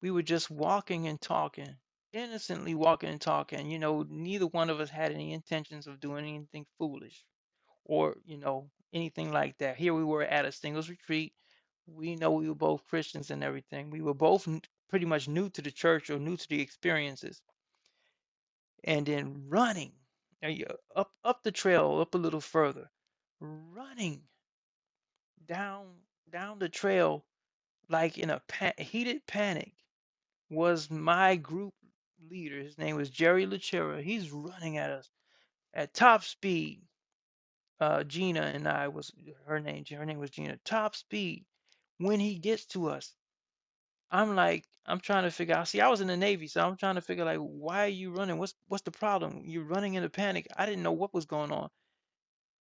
A: We were just walking and talking, innocently walking and talking. You know, neither one of us had any intentions of doing anything foolish or, you know, anything like that. Here we were at a singles retreat. We know we were both Christians and everything. We were both n- pretty much new to the church or new to the experiences. And then running uh, y- up up the trail, up a little further, running down down the trail like in a pa- heated panic was my group leader. His name was Jerry Lachera. He's running at us at top speed. Uh, Gina and I was her name. Her name was Gina. Top speed. When he gets to us, I'm like, I'm trying to figure out. See, I was in the Navy, so I'm trying to figure like, why are you running? What's what's the problem? You're running in a panic. I didn't know what was going on.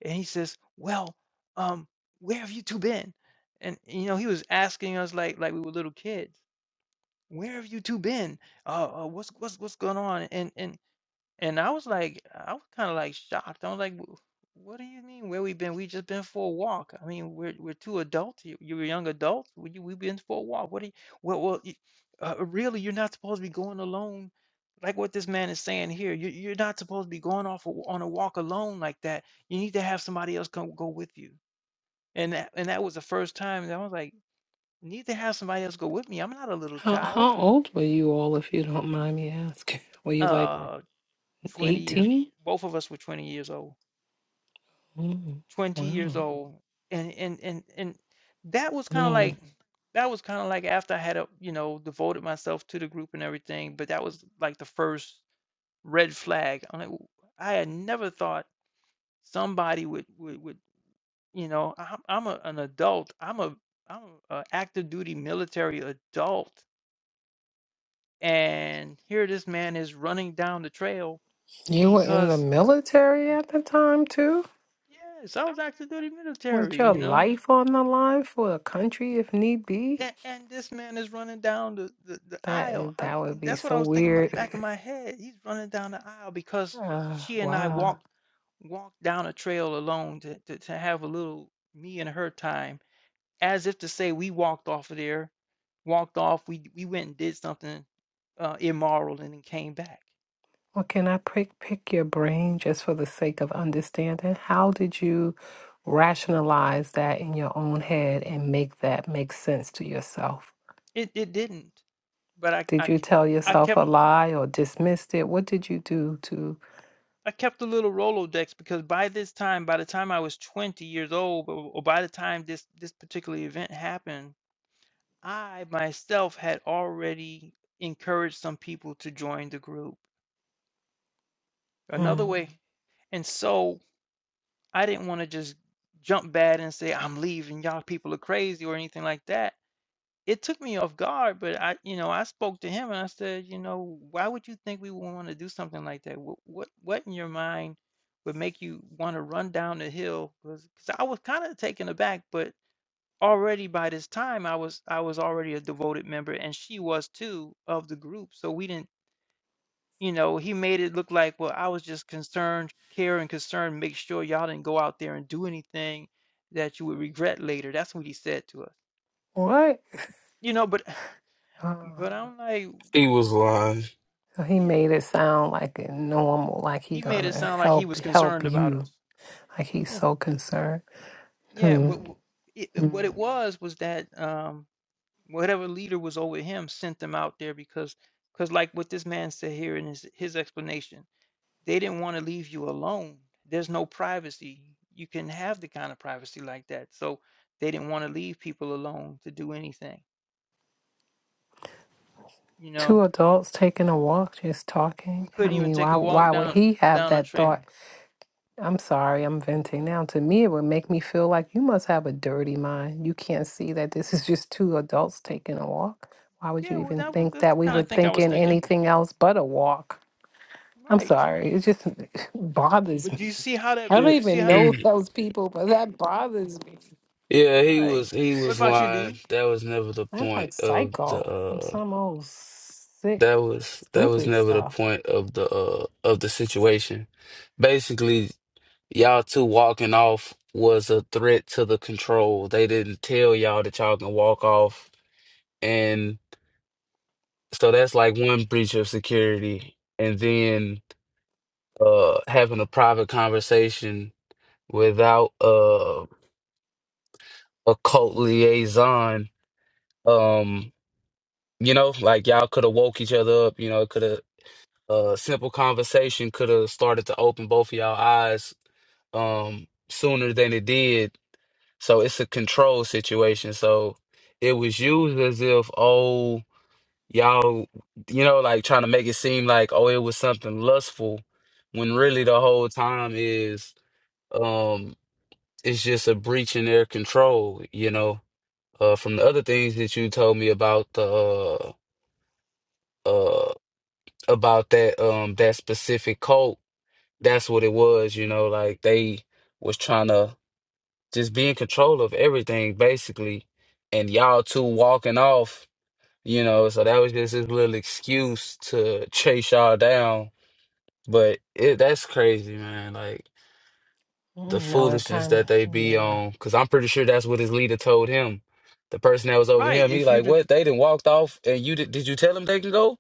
A: And he says, Well, um, where have you two been? And you know, he was asking us like like we were little kids where have you two been? Uh, uh what's what's what's going on? And and and I was like, I was kind of like shocked. I was like, "Wh- what do you mean? Where we been? We just been for a walk. I mean, we're we're two adults. You, you're young adults. We you, we been for a walk. What do you? Well, well, y- uh, really, you're not supposed to be going alone. Like what this man is saying here, you, you're not supposed to be going off a, on a walk alone like that. You need to have somebody else come go with you. And that and that was the first time that I was like, need to have somebody else go with me. I'm not a little
C: How,
A: child
C: how old were you all, if you don't mind me asking? Were you like
A: 20 years
C: 18?
A: both of us were 20 years old
C: Mm,
A: 20 years
C: wow.
A: old and and and and that was kind of like that was kind of like after i had a you know devoted myself to the group and everything but that was like the first red flag i'm like "W- i had never thought somebody would would, would you know i'm, I'm a, an adult i'm a i'm a active duty military adult and here this man is running down the trail
C: You were in the
A: because
C: military at the time too?
A: yes i was active duty
C: With
A: military
C: your
A: you know
C: life on the line for a country if need be?
A: And, and this man is running down the, the, the
C: That
A: aisle.
C: is
A: I,
C: that would be
A: that's what
C: so
A: I was thinking in my
C: weird.
A: back of my head. He's running down the aisle because
C: Uh,
A: she and I
C: wow.
A: walked walked down a trail alone to, to, to have a little me and her time, as if to say we walked off of there, walked off, we we went and did something uh, immoral and then came back.
C: Well, can I pick pick your brain just for the sake of understanding? How did you rationalize that in your own head and make that make sense to yourself?
A: It it didn't. But I I I
C: Did you tell yourself a
A: kept
C: lie or dismissed it? What did you do to
A: I kept a little Rolodex because by this time, by the time I was 20 years old, or, or by the time this this particular event happened, I myself had already encouraged some people to join the group another
C: mm,
A: way. And so I didn't want to just jump bad and say, I'm leaving, y'all people are crazy or anything like that. It took me off guard, but I, you know, I spoke to him and I said, you know, why would you think we would want to do something like that? What, what, what in your mind would make you want to run down the hill? Because I was kind of taken aback, but already by this time I was I was already a devoted member and she was too of the group. So we didn't, you know, he made it look like, well, I was just concerned, care and concern, make sure y'all didn't go out there and do anything that you would regret later. That's what he said to us.
C: what?
A: You know, but
C: Uh,
A: but I'm like,
D: He was
A: "Well,
D: lying.
C: So he
A: yeah,
C: made it sound like it normal, like he
A: he made it
C: gonna
A: sound like he
C: help
A: was
C: help
A: concerned about
C: you,
A: us.
C: like he's
A: Yeah,
C: so concerned.
A: yeah.
C: Hmm.
A: But, w- it, it-
C: hmm.
A: what it was was that um whatever leader was over him sent them out there because because like what this man said here in his, his explanation they didn't want to leave you alone there's no privacy you can have the kind of privacy like that so they didn't want to leave people alone to do anything you
C: Two
A: know
C: adults taking a walk, just
A: we
C: talking. I
A: couldn't even
C: mean,
A: take
C: why
A: a walk
C: why would
A: down
C: he have
A: down a
C: that
A: trail
C: thought? I'm sorry, I'm venting now. To me, it would make me feel like you must have a dirty mind. You can't see that this is just two adults taking a walk. Why would you
A: yeah well
C: even
A: that was
C: think
A: that's the
C: that we
A: kind
C: were
A: of thing i was
C: thinking
A: thinking
C: anything else but a walk? I'm
A: right
C: sorry, it just bothers
A: but
C: me.
A: do you see how that
C: I don't
D: Yeah,
A: you see
C: even
A: how that
C: know those people, but that bothers me.
D: yeah, he
A: right
D: was he
A: what
D: was
A: about you do
D: lying. That was never the
C: That's
D: point
C: like
D: of the
C: psycho. From
D: uh
C: some old sick,
D: That was that was
C: stupid
D: never the
C: stuff.
D: point of the uh of the situation. Basically, y'all two walking off was a threat to the control. They didn't tell y'all that y'all can walk off, and so that's like one breach of security. And then uh having a private conversation without uh a cult liaison, um, you know, like y'all could have woke each other up. You know, it could have a simple conversation could have started to open both of y'all eyes um sooner than it did. So it's a control situation. So it was used as if, oh, y'all, you know, like trying to make it seem like, oh, it was something lustful when really the whole time is um it's just a breach in their control, you know. Uh from the other things that you told me about the uh uh about that um that specific cult, that's what it was, you know, like they was trying to just be in control of everything basically and y'all two walking off you know so that was just his little excuse to chase y'all down but it that's crazy man like the
C: Mm, No, it
D: foolishness
C: kind
D: that they
C: of,
D: be
C: yeah.
D: on because i'm pretty sure that's what his leader told him the person that was over
A: right
D: him he
A: if you
D: like what they didn't walked off and you did, did you tell him they can go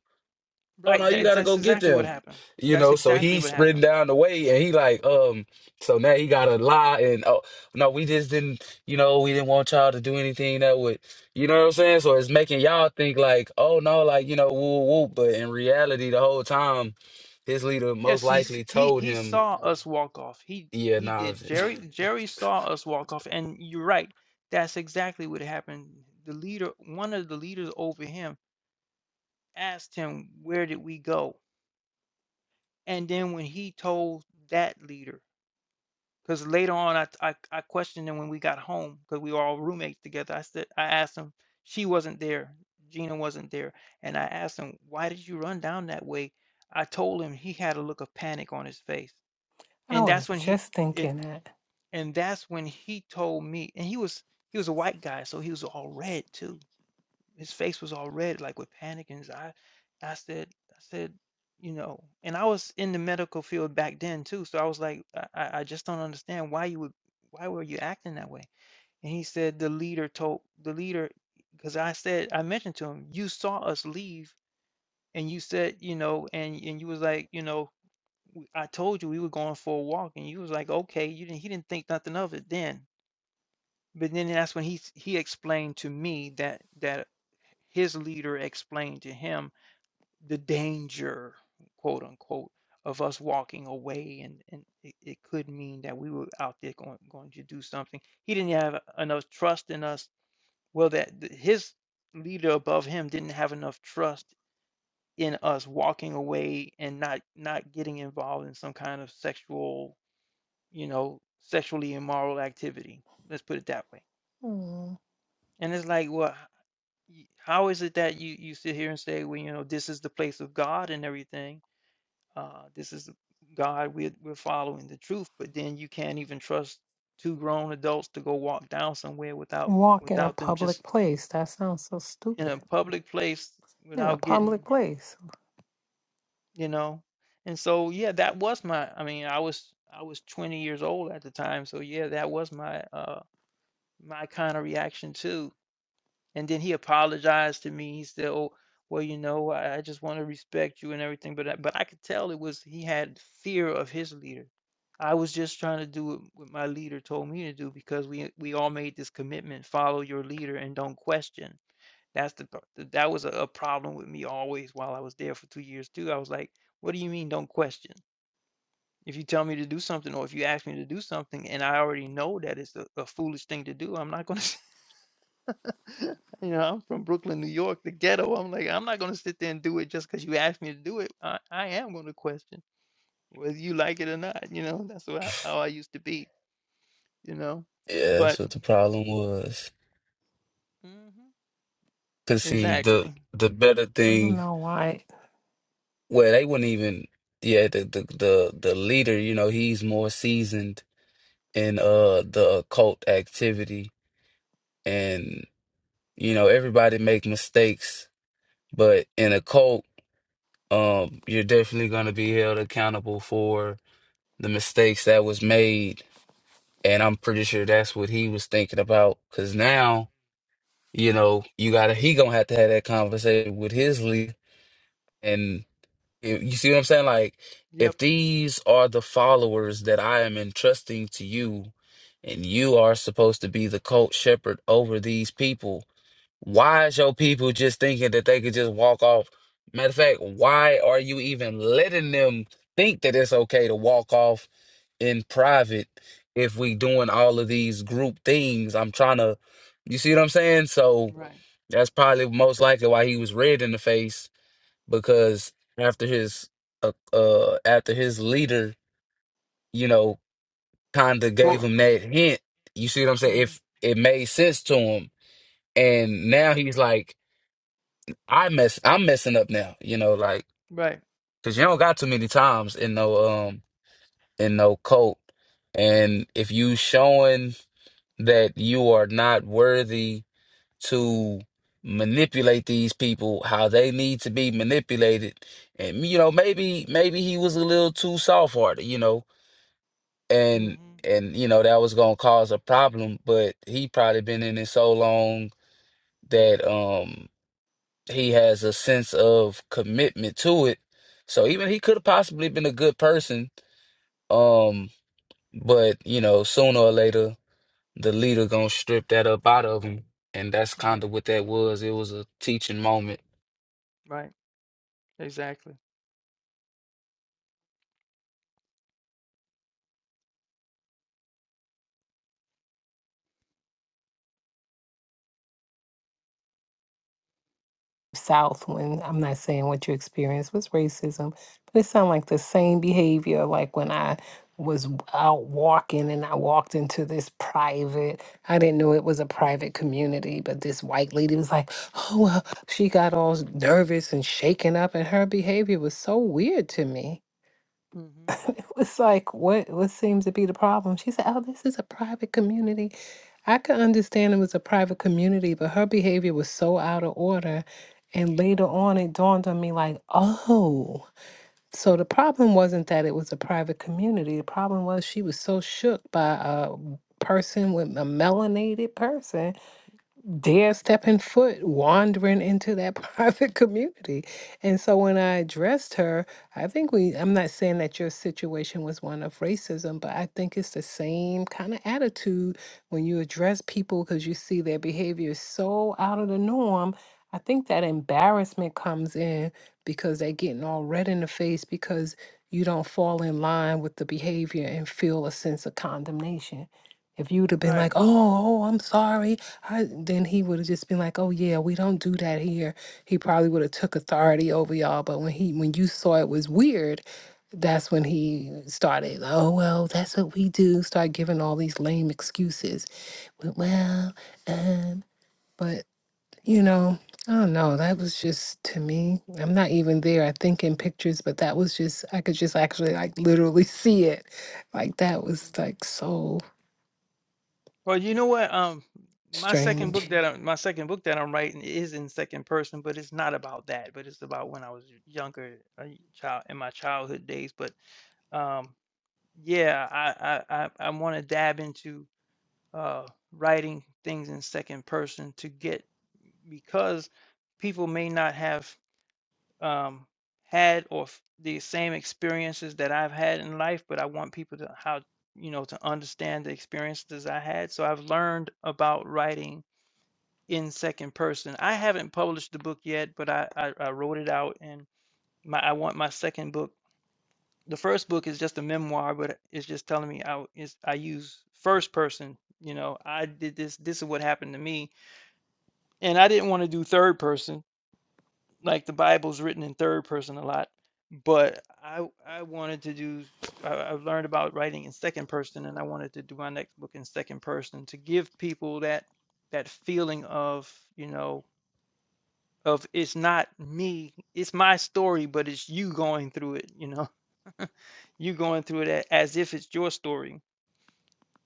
D: oh no,
A: right
D: you
A: that's,
D: gotta
A: that's
D: go get
A: exactly what
D: them.
A: happened
D: You
A: that's
D: know, so
A: exactly
D: he's
A: what
D: sprinting
A: happened
D: down the way and he like, um, so now he gotta lie and oh no, we just didn't, you know, we didn't want y'all to do anything that would you know what I'm saying? So it's making y'all think like, oh no, like, you know, woo woo, but in reality the whole time his leader most
A: Yes, And he's
D: likely
A: he
D: told
A: he yeah,
D: him,
A: saw us walk off. He
D: Yeah,
A: he
D: nah.
A: did. Jerry yeah, Jerry saw us walk off, and you're right. That's exactly what happened. The leader, one of the leaders over him, asked him, "Where did we go?" And then when he told that leader, because later on I, I I questioned him when we got home because we were all roommates together. I said I asked him, she wasn't there, Gina wasn't there, and I asked him, "Why did you run down that way?" I told him he had a look of panic on his face.
C: I
A: and that's
C: was
A: when he
C: just
A: it
C: thinking that.
A: and that's when he told me and he was he was a white guy so he was all red too his face was all red like with panic in his eye i said i said you know and i was in the medical field back then too so i was like i, I I just don't understand why you would why were you acting that way and he said the leader told the leader because i said i mentioned to him you saw us leave and you said you know and and you was like you know I told you we were going for a walk, and you was like, okay, you didn't. He didn't think nothing of it then. But then that's when he s- he explained to me that that his leader explained to him the danger, quote unquote, of us walking away, and and it, it could mean that we were out there going going to do something. He didn't have enough trust in us. Well, that th- his leader above him didn't have enough trust in us walking away and not not getting involved in some kind of sexual you know, sexually immoral activity. Let's put it that way.
C: Mm.
A: And it's like, well, h- how is it that you you sit here and say, well, you know, this is the place of God and everything. Uh, this is God. We're we're following the truth, but then you can't even trust two grown adults to go walk down somewhere without
C: Walk in a
A: without them
C: public
A: just
C: place. That sounds so
A: in
C: stupid.
A: a public place
C: In a
A: without
C: public
A: getting,
C: place.
A: you know. And so, yeah, that was my. I mean, I was I was 20 years old at the time, so yeah, that was my uh my kind of reaction too And then he apologized to me. He said, "Oh, well, you know, I, I just want to respect you and everything." But I, but I could tell it was he had fear of his leader. I was just trying to do what, what my leader told me to do because we we all made this commitment: follow your leader and don't question. That's the pro- th- that was a, a problem with me always while I was there for two years too. I was like, "What do you mean don't question?" If you tell me to do something or if you ask me to do something and I already know that it's a, a foolish thing to do, I'm not going to You know, I'm from Brooklyn, New York, the ghetto. I'm like, I'm not gonna sit there and do it just because you asked me to do it. I, I am gonna question whether you like it or not. You know, that's wha- how I used to be. You know,
D: yeah,
A: but
D: that's what the problem was.
A: hmm
D: Cause see, the
A: exactly.
D: the better
C: I don't
D: thing
C: know why
D: well, they wouldn't even yeah, the the the, the leader, you know, he's more seasoned in uh the occult activity and you know everybody make mistakes but in a cult um you're definitely going to be held accountable for the mistakes that was made and i'm pretty sure that's what he was thinking about because now you know you gotta he gonna have to have that conversation with his leader and. You you see what I'm saying? Like,
A: Yep.
D: if these are the followers that I am entrusting to you, and you are supposed to be the colt shepherd over these people, why is your people just thinking that they could just walk off? Matter of fact, why are you even letting them think that it's okay to walk off in private if we doing all of these group things? I'm trying to, you see what I'm saying? So that's probably most likely why he was red in the face because after his uh, uh after his leader, you know, kind of
A: tour,
D: gave him that hint. You see what I'm saying?
A: Mm,
D: If it made sense to him, and now he's like, I mess, I'm messing up now. You know, like
A: right.
D: because you don't got too many times in no um in no cult, and if you showing that you are not worthy to manipulate these people how they need to be manipulated and you know maybe maybe he was a little too soft-hearted you know
A: hmm
D: and and you know that was gonna cause a problem but he probably been in it so long that um he has a sense of commitment to it so even he could have possibly been a good person um but you know sooner or later the leader gonna strip that up out of him and that's kind
A: Right.
D: of what that was it was a teaching moment
A: Right. Exactly.
C: South when I'm not saying what you experienced was racism, but it sounded like the same behavior like when I was w- out walking and I walked into this private, I didn't know it was a private community, but this white lady was like, oh, well, she got all nervous and shaken up, and her behavior was so weird to me.
A: hmm
C: it was like, what what seems to be the problem? She said, Oh, this is a private community. I could understand it was a private community, but her behavior was so out of order. And later on it dawned on me like, oh, so the problem wasn't that it was a private community. The problem was she was so shook by a person with a melanated person dare stepping foot wandering into that private community. And so when I addressed her, I think we, I'm not saying that your situation was one of racism, but I think it's the same kind of attitude when you address people because you see their behavior is so out of the norm. I think that embarrassment comes in because they're getting all red in the face because you don't fall in line with the behavior and feel a sense of condemnation. If you would have been
A: Right.
C: like, oh, oh, I'm sorry, I, then he would have just been like, "Oh yeah, we don't do that here." He probably would have took authority over y'all. But when he, when you saw it was weird, that's when he started. Oh well, that's what we do. Start giving all these lame excuses. Well, well, um, but you know, I don't know. That was just to me. I'm not even there. I think in pictures, but that was just. I could just actually like literally see it. Like that was like so
A: Well, you know what? Um, my second book
C: strange.
A: that I'm, my second book that I'm writing is in second person, but it's not about that. But it's about when I was younger, a child in my childhood days. But Um, yeah, I I I, I want to dab into uh, writing things in second person to get because people may not have um, had or f- the same experiences that I've had in life, but I want people to how you know to understand the experiences I had. So I've learned about writing in second person. I haven't published the book yet, but I I, I wrote it out and my I want my second book the first book is just a memoir, but it's just telling me I is I use first person. You know, I did this. This is what happened to me, and I didn't want to do third person. Like the Bible's written in third person a lot, but I I wanted to do. i have learned about writing in second person, and I wanted to do my next book in second person to give people that that feeling of you know of it's not me, it's my story, but it's you going through it. You know, you going through it a- as if it's your story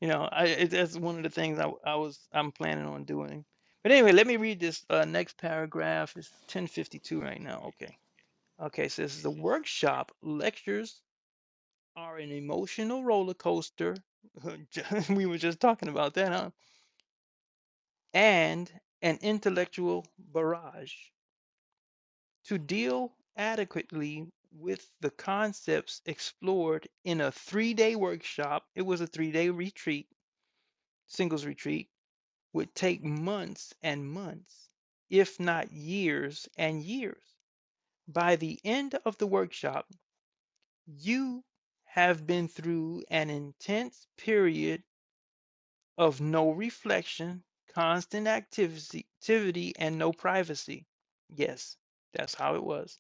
A: You know, I it, that's one of the things I I was I'm planning on doing. But anyway, let me read this uh, next paragraph. It's 10:52 right now. Okay. Okay, so this is the workshop. Lectures are an emotional roller coaster. We were just talking about that, huh? And an intellectual barrage to deal adequately with the concepts explored in a three-day workshop. It was a three-day retreat, singles retreat would take months and months, if not years and years. By the end of the workshop, you have been through an intense period of no reflection, constant activity, activity and no privacy. Yes, that's how it was.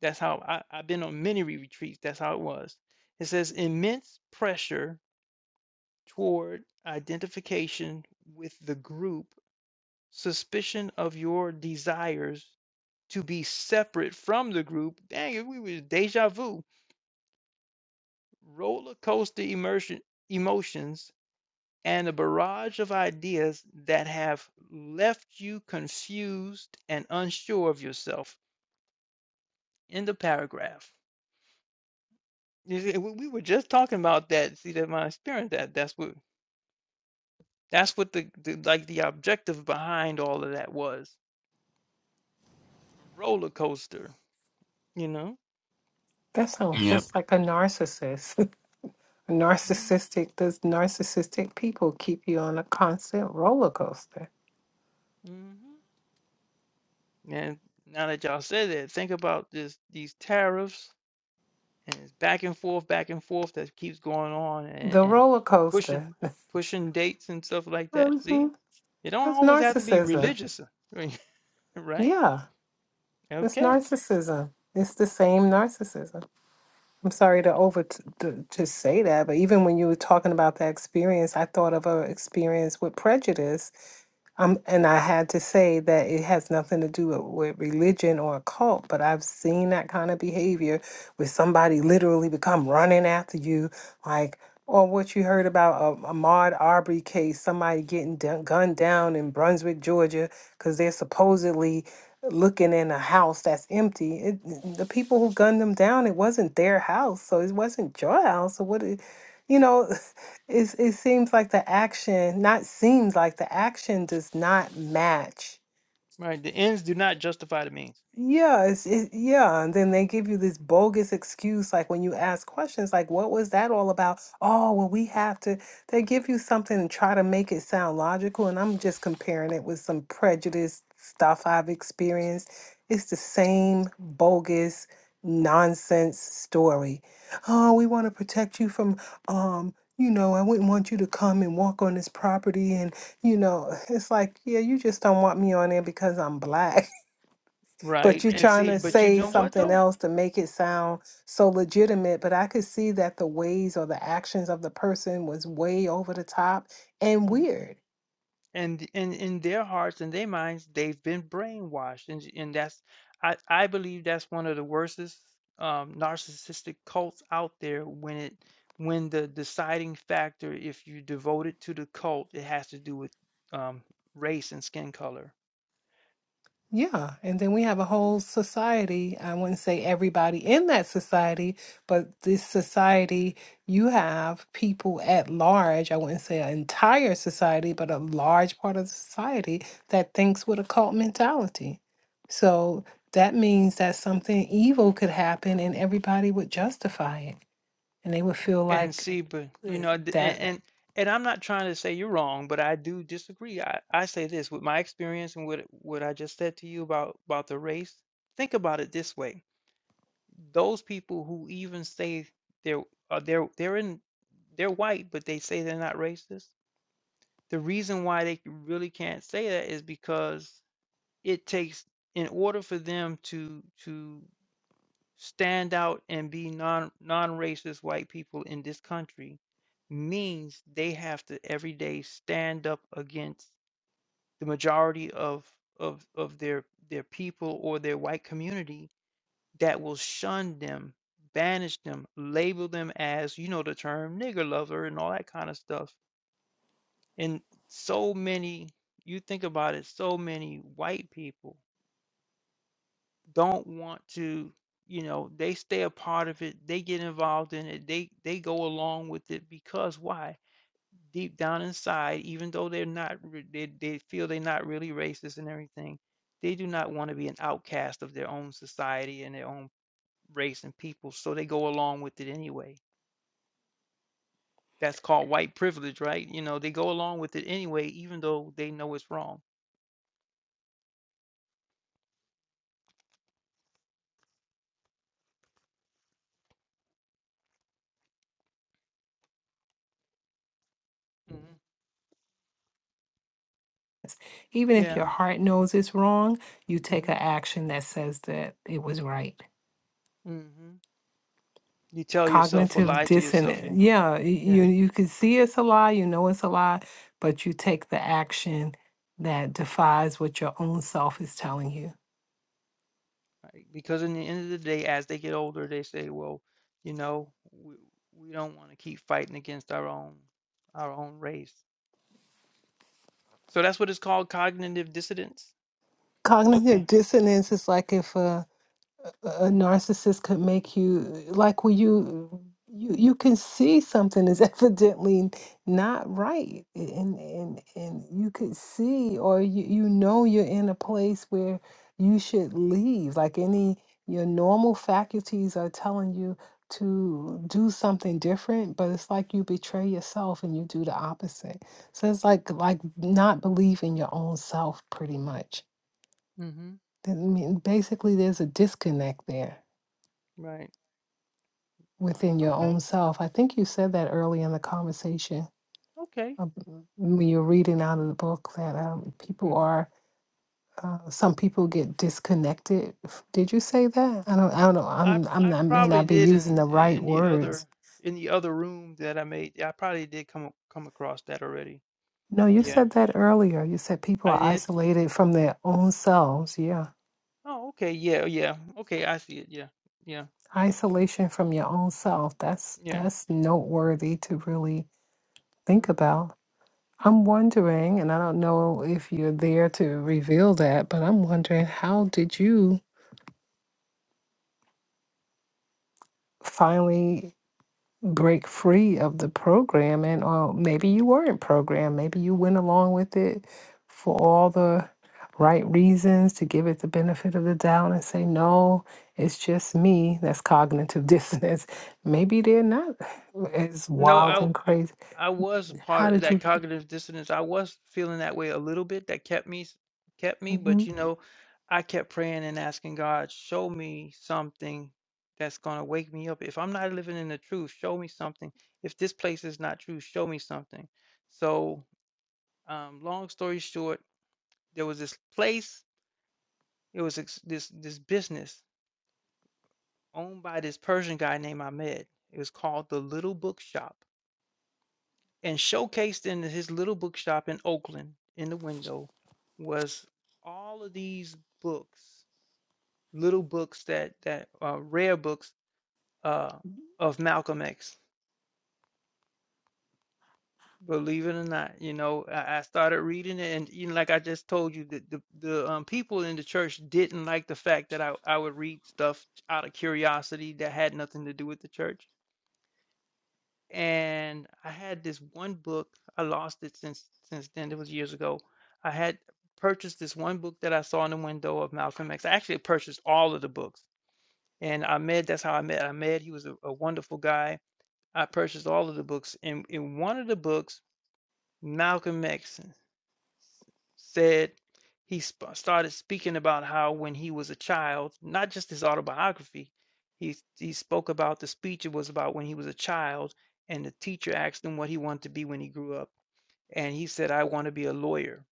A: That's how I, I've been on many retreats. That's how it was. It says immense pressure toward identification with the group suspicion of your desires to be separate from the group. Dang it, we was deja vu, roller coaster immersion, emotions, and a barrage of ideas that have left you confused and unsure of yourself. End the paragraph. You see, We we were just talking about that. See that my experience that that's what that's what the, the like the objective behind all of that was. Roller coaster, you know?
C: That sounds
D: yep
C: just like a narcissist. Narcissistic, does narcissistic people keep you on a constant roller coaster?
A: hmm And now that y'all said that, think about this these tariffs and it's back and forth, back and forth that keeps going on and,
C: The
A: and
C: roller
A: pushing
C: coaster.
A: pushing dates and stuff like that.
C: hmm
A: See? It don't
C: That's
A: always have to be
C: narcissism.
A: religious, right?
C: Yeah, it's
A: Okay.
C: narcissism. It's the same narcissism. I'm sorry to over t- to, to say that, but even when you were talking about that experience, I thought of a experience with prejudice Um, and I had to say that it has nothing to do with, with religion or a cult, but I've seen that kind of behavior where somebody literally become running after you, like, or what you heard about a, a Maude Arbery case, somebody getting dun- gunned down in Brunswick, Georgia, because they're supposedly looking in a house that's empty. It, the people who gunned them down, it wasn't their house, so it wasn't your house. So what, it- you know. It's, it seems like the action, not seems like the action does not match.
A: Right. The ends do not justify the means.
C: Yeah, it's it, yeah, and then they give you this bogus excuse, like when you ask questions, like what was that all about? Oh, well, we have to. They give you something and try to make it sound logical, and I'm just comparing it with some prejudice stuff I've experienced. It's the same bogus nonsense story. Oh, we want to protect you from, um, you know, I wouldn't want you to come and walk on this property, and you know, it's like, yeah, you just don't want me on there because I'm black but
A: Right.
C: you're
A: And
C: trying
A: see,
C: to
A: but you
C: say
A: know what
C: something
A: though?
C: else to make it sound so legitimate but i could see that the ways or the actions of the person was way over the top and weird
A: and in in their hearts and their minds they've been brainwashed and and that's i i believe that's one of the worstest um narcissistic cults out there when it when the deciding factor if you devote it to the cult it has to do with um race and skin color
C: Yeah, and then we have a whole society. I wouldn't say everybody in that society, but this society, you have people at large. I wouldn't say an entire society, but a large part of society that thinks with a cult mentality. So that means that something evil could happen and everybody would justify it. And they would feel
A: and
C: like
A: see but you know th- and,
C: that,
A: and and I'm not trying to say you're wrong, but I do disagree. I, I say this with my experience and what what I just said to you about about the race. Think about it this way those people who even say they're uh, they're they're in they're white, but they say they're not racist. The reason why they really can't say that is because it takes in order for them to to stand out and be non non-racist white people in this country means they have to every day stand up against the majority of of of their their people or their white community that will shun them, banish them, label them as, you know, the term nigger lover and all that kind of stuff. And so many, you think about it, so many white people don't want to, you know, they stay a part of it, they get involved in it, they they go along with it because why? Deep down inside, even though they're not, re- they, they feel they're not really racist and everything, they do not want to be an outcast of their own society and their own race and people, so they go along with it anyway. That's called white privilege, right? You know, they go along with it anyway, even though they know it's wrong.
C: even if your
A: Yeah.
C: heart knows it's wrong, you take an action that says that it was right.
A: You tell yourself or
C: cognitive
A: lie to yourself.
C: dissonance.
A: Yeah.
C: Yeah, y- you
A: Yeah.
C: you can see it's a lie, you know it's a lie, but you take the action that defies what your own self is telling you.
A: right. Because in the end of the day, as they get older, they say, well, you know, we, we don't want to keep fighting against our own our own race. So that's what it's called cognitive dissonance. Okay.
C: Cognitive dissonance is like if a a a narcissist could make you like when you you you can see something is evidently not right and and and you could see or you you know you're in a place where you should leave like any your normal faculties are telling you to do something different but it's like you betray yourself and you do the opposite so it's like like not believing your own self pretty much i mean basically there's a disconnect there within your
A: Okay.
C: own self. I think you said that early in the conversation um, when you're reading out of the book that um, people are. Uh, some people get disconnected. F- Did you say that? I don't. I don't know.
A: I
C: I'm. I'm
A: I
C: not, I may
A: probably
C: not be
A: did in
C: using the right
A: in the other
C: words.
A: in the other room that I made. I probably did come come across that already.
C: No, you
A: Yeah,
C: said that earlier. You said people
A: I
C: are
A: did.
C: isolated from their own selves. Yeah,
A: Oh, okay. Yeah, yeah. Okay, I see it. Yeah, yeah,
C: isolation from your own self. That's
A: yeah.
C: that's noteworthy to really
A: hmm
C: think about. I'm wondering, and I don't know if you're there to reveal that, but I'm wondering how did you finally break free of the program? And or maybe you weren't programmed, maybe you went along with it for all the right reasons to give it the benefit of the doubt and say, no, it's just me. That's cognitive dissonance. Maybe they're not as
A: No, I
C: wild and crazy.
A: was
C: How
A: part of
C: did
A: that
C: you?
A: cognitive dissonance. I was feeling that way a little bit. That kept me s- kept me, but
C: Mhm.
A: you know, I kept praying and asking God, show me something that's gonna wake me up. If I'm not living in the truth, show me something. If this place is not true, show me something. So, um, long story short, there was this place. It was ex- this this business owned by this Persian guy named Ahmed. It was called the Little Bookshop. And showcased in his little bookshop in Oakland, in the window, was all of these books, little books that that uh, rare books uh, of Malcolm X. Believe it or not, you know, I, I started reading it, and you know, like I just told you, the the, the um, people in the church didn't like the fact that I I would read stuff out of curiosity that had nothing to do with the church and I had this one book. I lost it since since then. It was years ago. I had purchased this one book that I saw in the window of Malcolm X. I actually purchased all of the books. And Ahmed, that's how I met Ahmed. He was a, a wonderful guy. I purchased all of the books. And in one of the books, Malcolm X said he sp- started speaking about how when he was a child, not just his autobiography, he he spoke about the speech it was about when he was a child, and the teacher asked him what he wanted to be when he grew up, and he said, "I want to be a lawyer."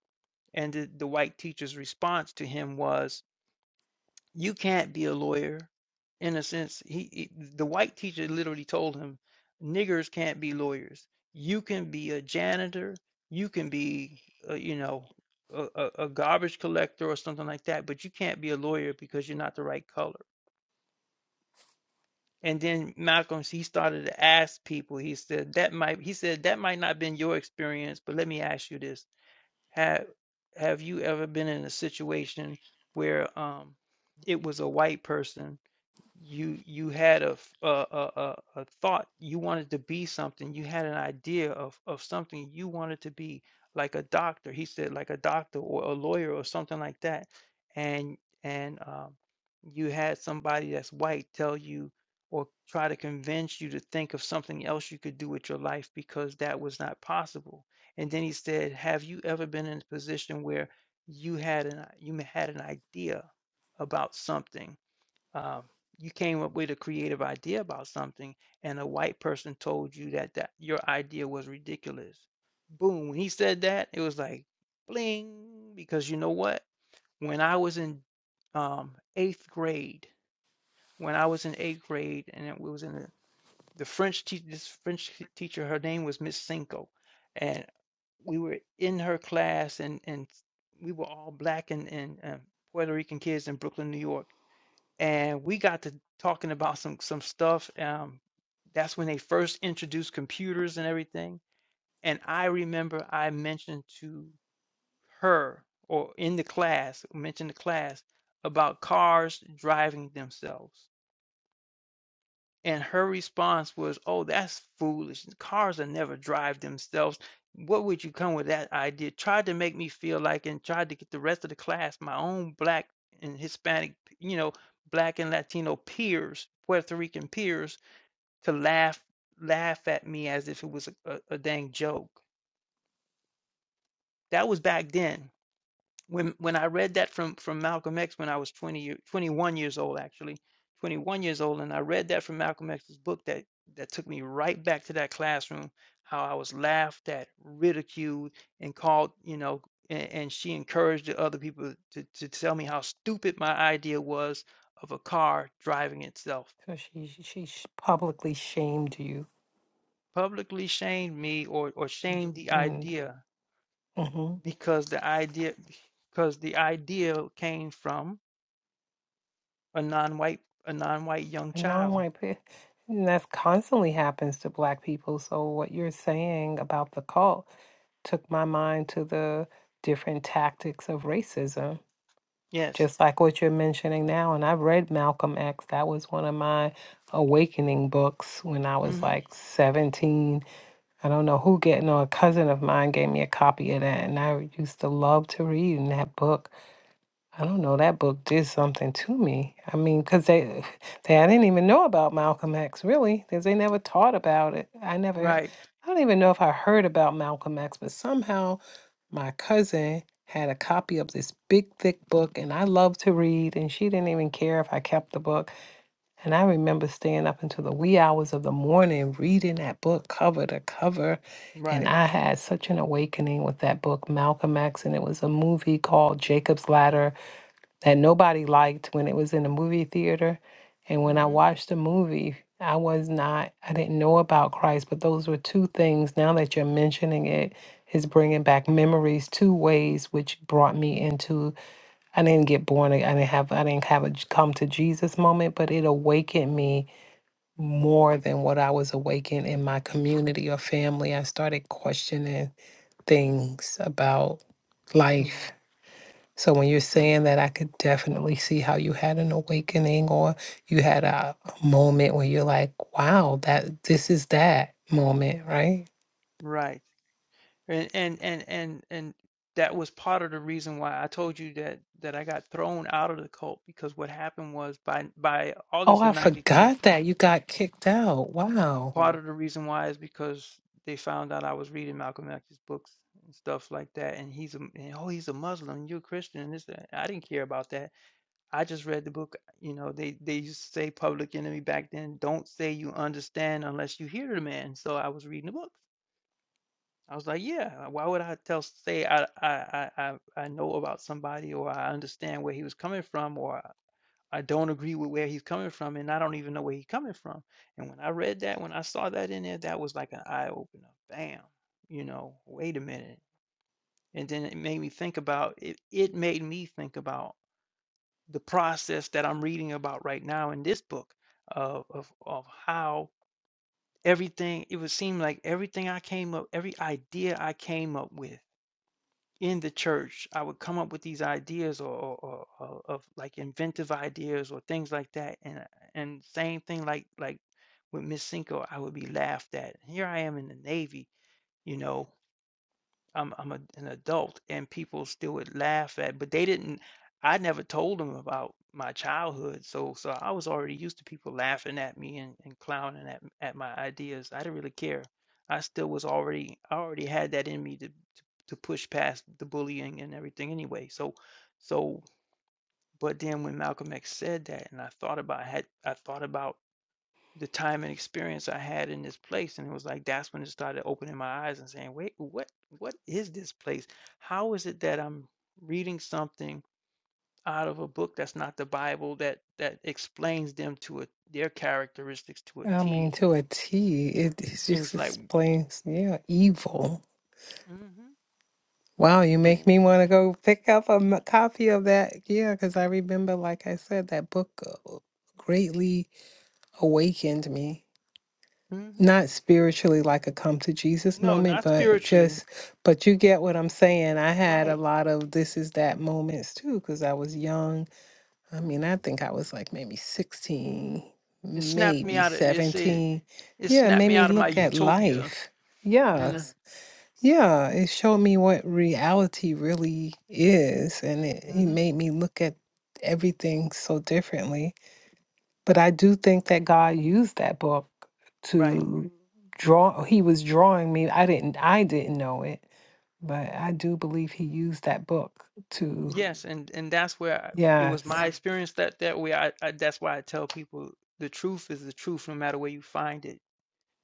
A: And the, the white teacher's response to him was, you can't be a lawyer in a sense he, he- the white teacher literally told him niggers can't be lawyers you can be a janitor you can be uh, you know a, a a garbage collector or something like that but you can't be a lawyer because you're not the right color and then malcolm he started to ask people he said that might he said that might not have been your experience but let me ask you this have have you ever been in a situation where um it was a white person you you had a, f- a a a a thought you wanted to be something you had an idea of of something you wanted to be like a doctor he said like a doctor or a lawyer or something like that and and um, you had somebody that's white tell you or try to convince you to think of something else you could do with your life because that was not possible and then he said have you ever been in a position where you had an you had an idea about something um, you came up with a creative idea about something and a white person told you that that your idea was ridiculous boom when he said that it was like bling because you know what when i was in um, eighth grade when i was in eighth grade and it was in the, the french teacher this french t- teacher her name was miss cinco and we were in her class and and we were all black and, and uh, puerto rican kids in brooklyn new york and we got to talking about some some stuff. Um, that's when they first introduced computers and everything. And I remember I mentioned to her or in the class, mentioned the class about cars driving themselves. And her response was, Oh, that's foolish. Cars will never drive themselves. What would you come with that idea? Tried to make me feel like, and tried to get the rest of the class, my own black and Hispanic, you know, black and Latino peers, Puerto Rican peers, to laugh laugh at me as if it was a, a, a dang joke. That was back then when when I read that from from Malcolm X when I was 20 year, 21 years old actually 21 years old and I read that from Malcolm X's book that that took me right back to that classroom how I was laughed at ridiculed and called you know and, and she encouraged the other people to, to tell me how stupid my idea was of a car driving itself
C: So she she sh- publicly shamed you.
A: publicly shamed me or or shamed the idea
C: hmm
A: because the idea because the idea came from A non-white a non-white young
C: No, I'm
A: child.
C: like, "Pe- and that's constantly happens to black people. So what you're saying about the cult took my mind to the different tactics of racism,
A: Yes.
C: just like what you're mentioning now. And I've read Malcolm X. That was one of my awakening books when I was
A: hmm
C: like 17. I don't know who getting no, a cousin of mine gave me a copy of that, and I used to love to read in that book I don't know. That book did something to me. I mean, because they, they, I didn't even know about Malcolm X really, because they never taught about it. I never,
A: Right.
C: I don't even know if I heard about Malcolm X, but somehow my cousin had a copy of this big, thick book, and I love to read, and she didn't even care if I kept the book. And I remember staying up until the wee hours of the morning reading that book cover to cover. And I had such an awakening with that book, Malcolm X, and it was a movie called Jacob's Ladder that nobody liked when it was in the movie theater. And when I watched the movie, I was not, I didn't know about Christ, but those were two things. Now that you're mentioning it, is bringing back memories two ways, which brought me into. I didn't get born. ag- I didn't have. I didn't have a j- come to Jesus moment, but it awakened me more than what I was awakened in my community or family. I started questioning things about life so when you're saying that, I could definitely see how you had an awakening or you had a a moment where you're like, wow, that this is that moment, right?
A: Right. And and and and and that was part of the reason why I told you that that I got thrown out of the cult because what happened was by by
C: Oh,
A: August of
C: I
A: 92,
C: forgot that you got kicked out. Wow.
A: part of the reason why is because they found out I was reading Malcolm X's books and stuff like that and he's a and, oh he's a Muslim, you're a Christian and this that. I didn't care about that. I just read the book, you know, they they used to say Public Enemy back then, don't say you understand unless you hear the man. So I was reading the book. I was like, yeah, why would I tell say I I I I I know about somebody or I understand where he was coming from or I I don't agree with where he's coming from and I don't even know where he's coming from. And when I read that, when I saw that in there, that was like an eye opener. Bam. You know, wait a minute. And then it made me think about it it made me think about the process that I'm reading about right now in this book of of, of how everything it would seem like everything I came up, every idea I came up with in the church, I would come up with these ideas or, or, or, or of like inventive ideas or things like that, and uh, and same thing like like with Miss Cinco, I would be laughed at. Here I am in the Navy, you know. I'm I'm a, an adult, and people still would laugh at, but they didn't. I never told them about my childhood, so so I was already used to people laughing at me and, and clowning at at my ideas. I didn't really care. I still was already I already had that in me to to, to push past the bullying and everything anyway. So so but then when Malcolm X said that, and I thought about had I thought about the time and experience I had in this place. And it was like that's when it started opening my eyes and saying, wait, what what is this place? How is it that I'm reading something out of a book that's not the Bible that that explains them to a their characteristics to a
C: I mean,
A: T?
C: to a T, it, it
A: And
C: just
A: it's like
C: explains, yeah, evil. Wow, you
A: eh,
C: make me want to go pick up a m- copy of that. Yeah, because I remember, like I said, that book uh, greatly awakened me. not spiritually like a come to Jesus
A: no,
C: moment,
A: not
C: but
A: spiritually.
C: just, but you get what I'm saying. I had a
A: Right.
C: lot of this is that moments too, because I was young. I mean, I think I was like maybe 16,
A: It snapped me
C: maybe
A: out of it's a
C: 17.
A: it
C: Yeah, it
A: snapped
C: made
A: me
C: me
A: out of my
C: look at
A: utopia.
C: life.
A: And uh,
C: Yes. Yeah, it showed me what reality really is, and it, it made me look at everything so differently but I do think that God used that book to draw he was drawing me. I didn't I didn't know it, but I do believe he used that book to
A: Yes, and and that's where I, it was
C: yes.
A: my experience that that way. I, I that's why I tell people the truth is the truth, no matter where you find it.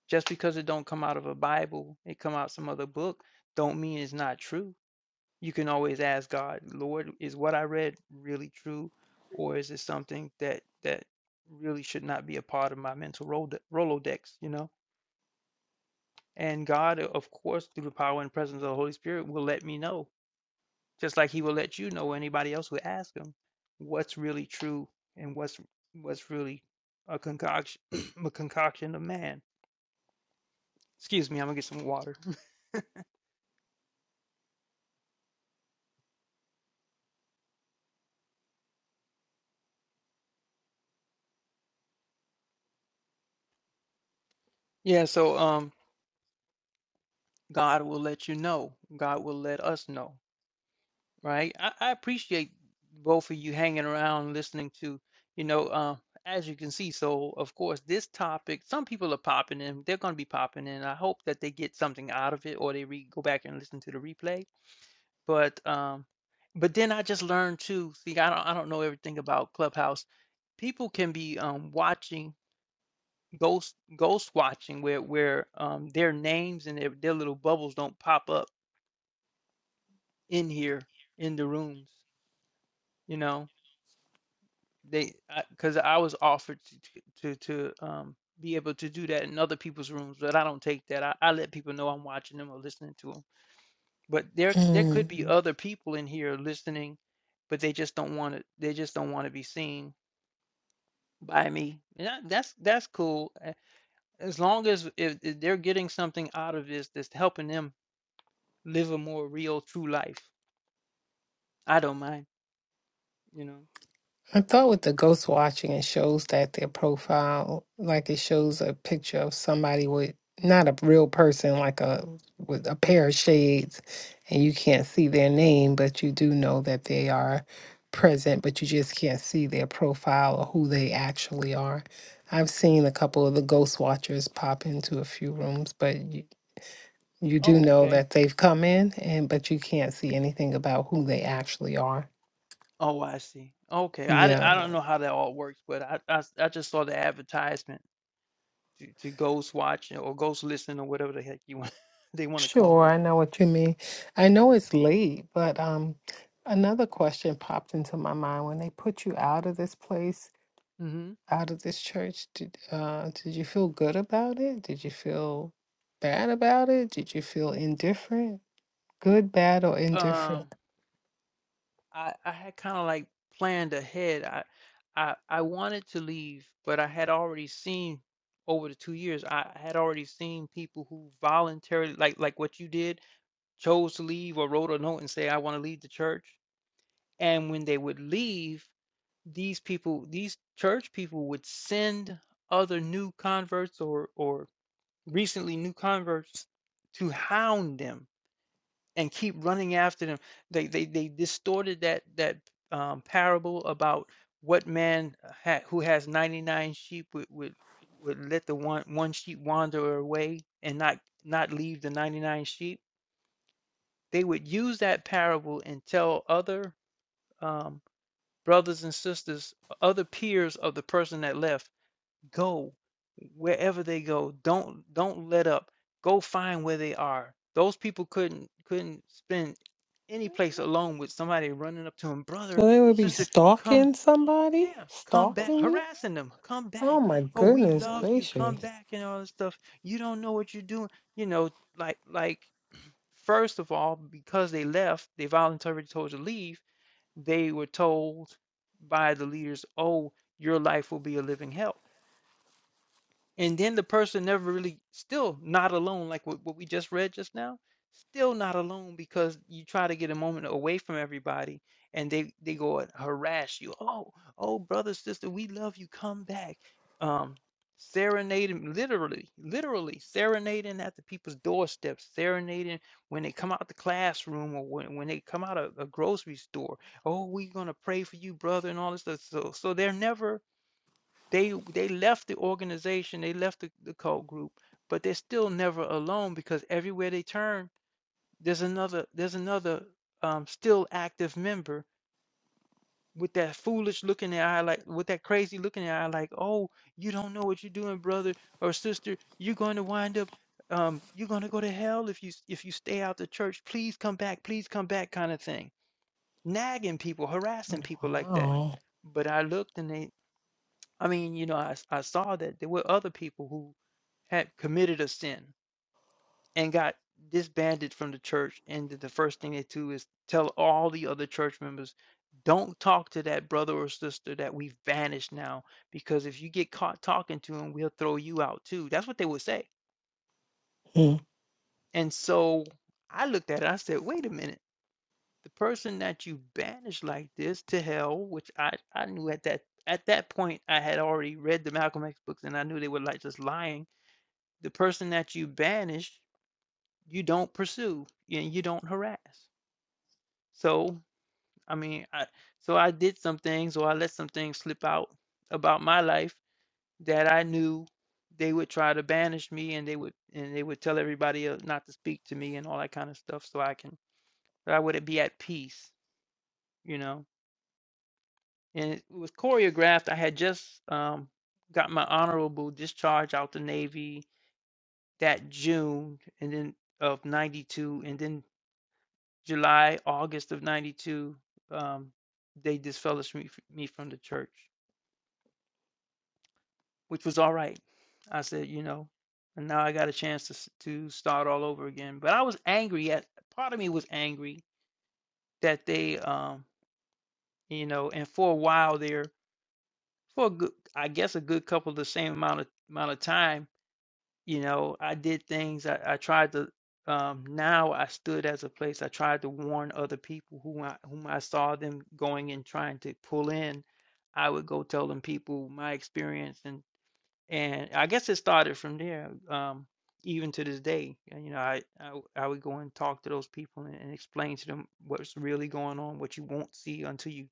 A: Just because it don't come out of a Bible, it come out some other book, don't mean it's not true. You can always ask God, Lord, is what I read really true, or is it something that that really should not be a part of my mental Rolodex? Rolodex, You know, and God, of course, through the power and presence of the Holy Spirit, will let me know. Just like he will let you know anybody else would ask him what's really true and what's what's really a concoction a concoction of man. Excuse me, I'm gonna get some water. Yeah, so um God will let you know. God will let us know, right? I, I appreciate both of you hanging around listening to, you know, um as you can see, so of course this topic, some people are popping in. They're gonna be popping in. I hope that they get something out of it or they re- go back and listen to the replay. But, um but then I just learned too, see, I don't I don't know everything about Clubhouse. People can be, um, watching ghost ghost watching where where, um, their names and their their little bubbles don't pop up in here in the rooms, you know? They because I was offered to to to, um, be able to do that in other people's rooms, but I don't take that. I I let people know I'm watching them or listening to them. But there there could be other people in here listening, but they just don't wanna they just don't wanna be seen by me. And that, that's that's cool. uh, As long as if, if they're getting something out of this that's helping them live a more real, true life, I don't mind. You know.
C: I thought with the ghost watching, it shows that their profile, like it shows a picture of somebody with not a real person, like a with a pair of shades, and you can't see their name, but you do know that they are present, but you just can't see their profile or who they actually are. I've seen a couple of the ghost watchers pop into a few rooms, but you, you do know
A: Mm.
C: that they've come in, and but you can't see anything about who they actually are.
A: Oh, I see. Okay, I, d-
C: Yeah.
A: I don't know Yeah. how that all works, but I, I s- I just saw the advertisement to, to Ghost Watch or Ghost Listen or whatever the heck you want they want to
C: Sure,
A: call it.
C: I know what you mean. I know it's late, but um, another question popped into my mind. When they put you out of this place, out of this church, did uh, did you feel good about it? Did you feel bad about it? Did you feel indifferent? Good, bad, or
A: Um,
C: indifferent?
A: I I had kinda, like, planned ahead. I I I wanted to leave, but I had already seen over the 2 years, I had already seen people who voluntarily like like what you did, chose to leave or wrote a note and say, "I wanna leave the church." And when they would leave, these people these church people would send other new converts or or recently new converts to hound them and keep running after them. They they they distorted that that um, parable about what man uh, ha- who has 99 sheep would, would would let the one one sheep wander away and not not leave the 99 sheep. They would use that parable and tell other um, brothers and sisters, other peers of the person that left go wherever they go don't don't let up go find where they are those people couldn't couldn't spend any place alone with somebody running up to him,
C: So
A: brother
C: they would be
A: sister come
C: stalking somebody,
A: yeah come back
C: stalking you?
A: harassing them come
C: Oh
A: back
C: my
A: oh we
C: goodness
A: love you come
C: gracious!
A: back and all this stuff you don't know what you're doing you know like like first of all because they left they voluntarily told to leave they were told by the leaders oh your life will be a living hell and then the person never really still not alone, like what, what we just read just now, still not alone because you try to get a moment away from everybody and they they go and harass you. Oh, oh brother, sister, we love you. Come back. Um serenading literally, literally serenading at the people's doorsteps, serenading when they come out the classroom or when, when they come out of a grocery store. Oh, we're gonna pray for you, brother, and all this stuff. So so they're never they they left the organization, they left the, the cult group, but they're still never alone because everywhere they turn, there's another there's another um, still active member with that foolish look in their eye, like with that crazy look in their eye, like, oh, you don't know what you're doing, brother or sister. You're going to wind up um, you're going to go to hell if you s- if you stay out the church. Please come back, please come back, kind of thing. Nagging people, harassing people like that.
C: Wow.
A: But I looked, and they I mean, you know, I s- I saw that there were other people who had committed a sin and got disbanded from the church, and the the first thing they do is tell all the other church members, "Don't talk to that brother or sister that we've banished now, because if you get caught talking to him, we'll throw you out too." That's what they would say. And so I looked at it, I said, "Wait a minute. The person that you banished like this to hell, which I I knew at that at that point I had already read the Malcolm X books and I knew they were like just lying the person that you banish, you don't pursue and you don't harass. So, I mean, I so I did some things or I let some things slip out about my life that I knew they would try to banish me and they would and they would tell everybody else not to speak to me and all that kind of stuff so I can so I would be at peace, you know. And it was choreographed. I had just um got my honorable discharge out the Navy that June and then of 92 and then July, August of 92, um, they disfellowshipped me, me from the church, which was all right. I said, you know, and now I got a chance to, to start all over again. But I was angry at, part of me was angry that they, um, you know, and for a while there, for a good, I guess a good couple, of the same amount of, amount of time, You know, I did things. I, I tried to. Um, now I stood as a place. I tried to warn other people who I, whom I saw them going and trying to pull in. I would go tell them people my experience and. And I guess it started from there, um, even to this day. And, you know, I, I w- I would go and talk to those people and, and explain to them what's really going on, what you won't see until you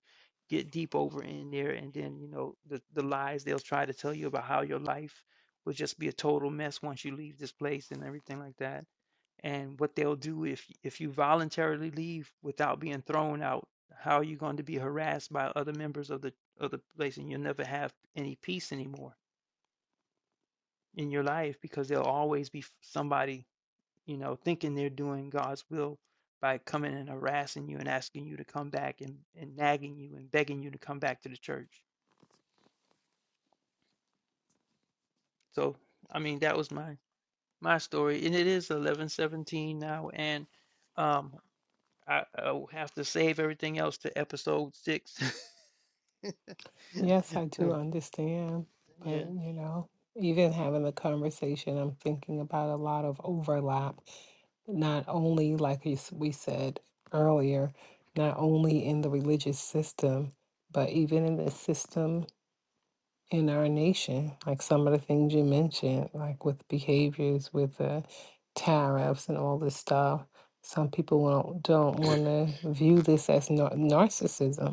A: get deep over in there, and then you know the the lies they'll try to tell you about how your life will just be a total mess once you leave this place and everything like that, and what they'll do if if you voluntarily leave without being thrown out. How are you going to be harassed by other members of the of the place, and you'll never have any peace anymore? in your life because there'll always be somebody, you know, thinking they're doing God's will by coming and harassing you and asking you to come back and, and nagging you and begging you to come back to the church. So, I mean, that was my my story, and it is eleven seventeen now, and um, I, I will have to save everything else to episode six. Yeah.
C: Yes, I do understand, but
A: yeah.
C: you know, even having the conversation, I'm thinking about a lot of overlap, not only like you s- we said earlier, not only in the religious system, but even in the system in our nation, like some of the things you mentioned, like with behaviors, with the tariffs and all this stuff. Some people won't, don't want to view this as nar narcissism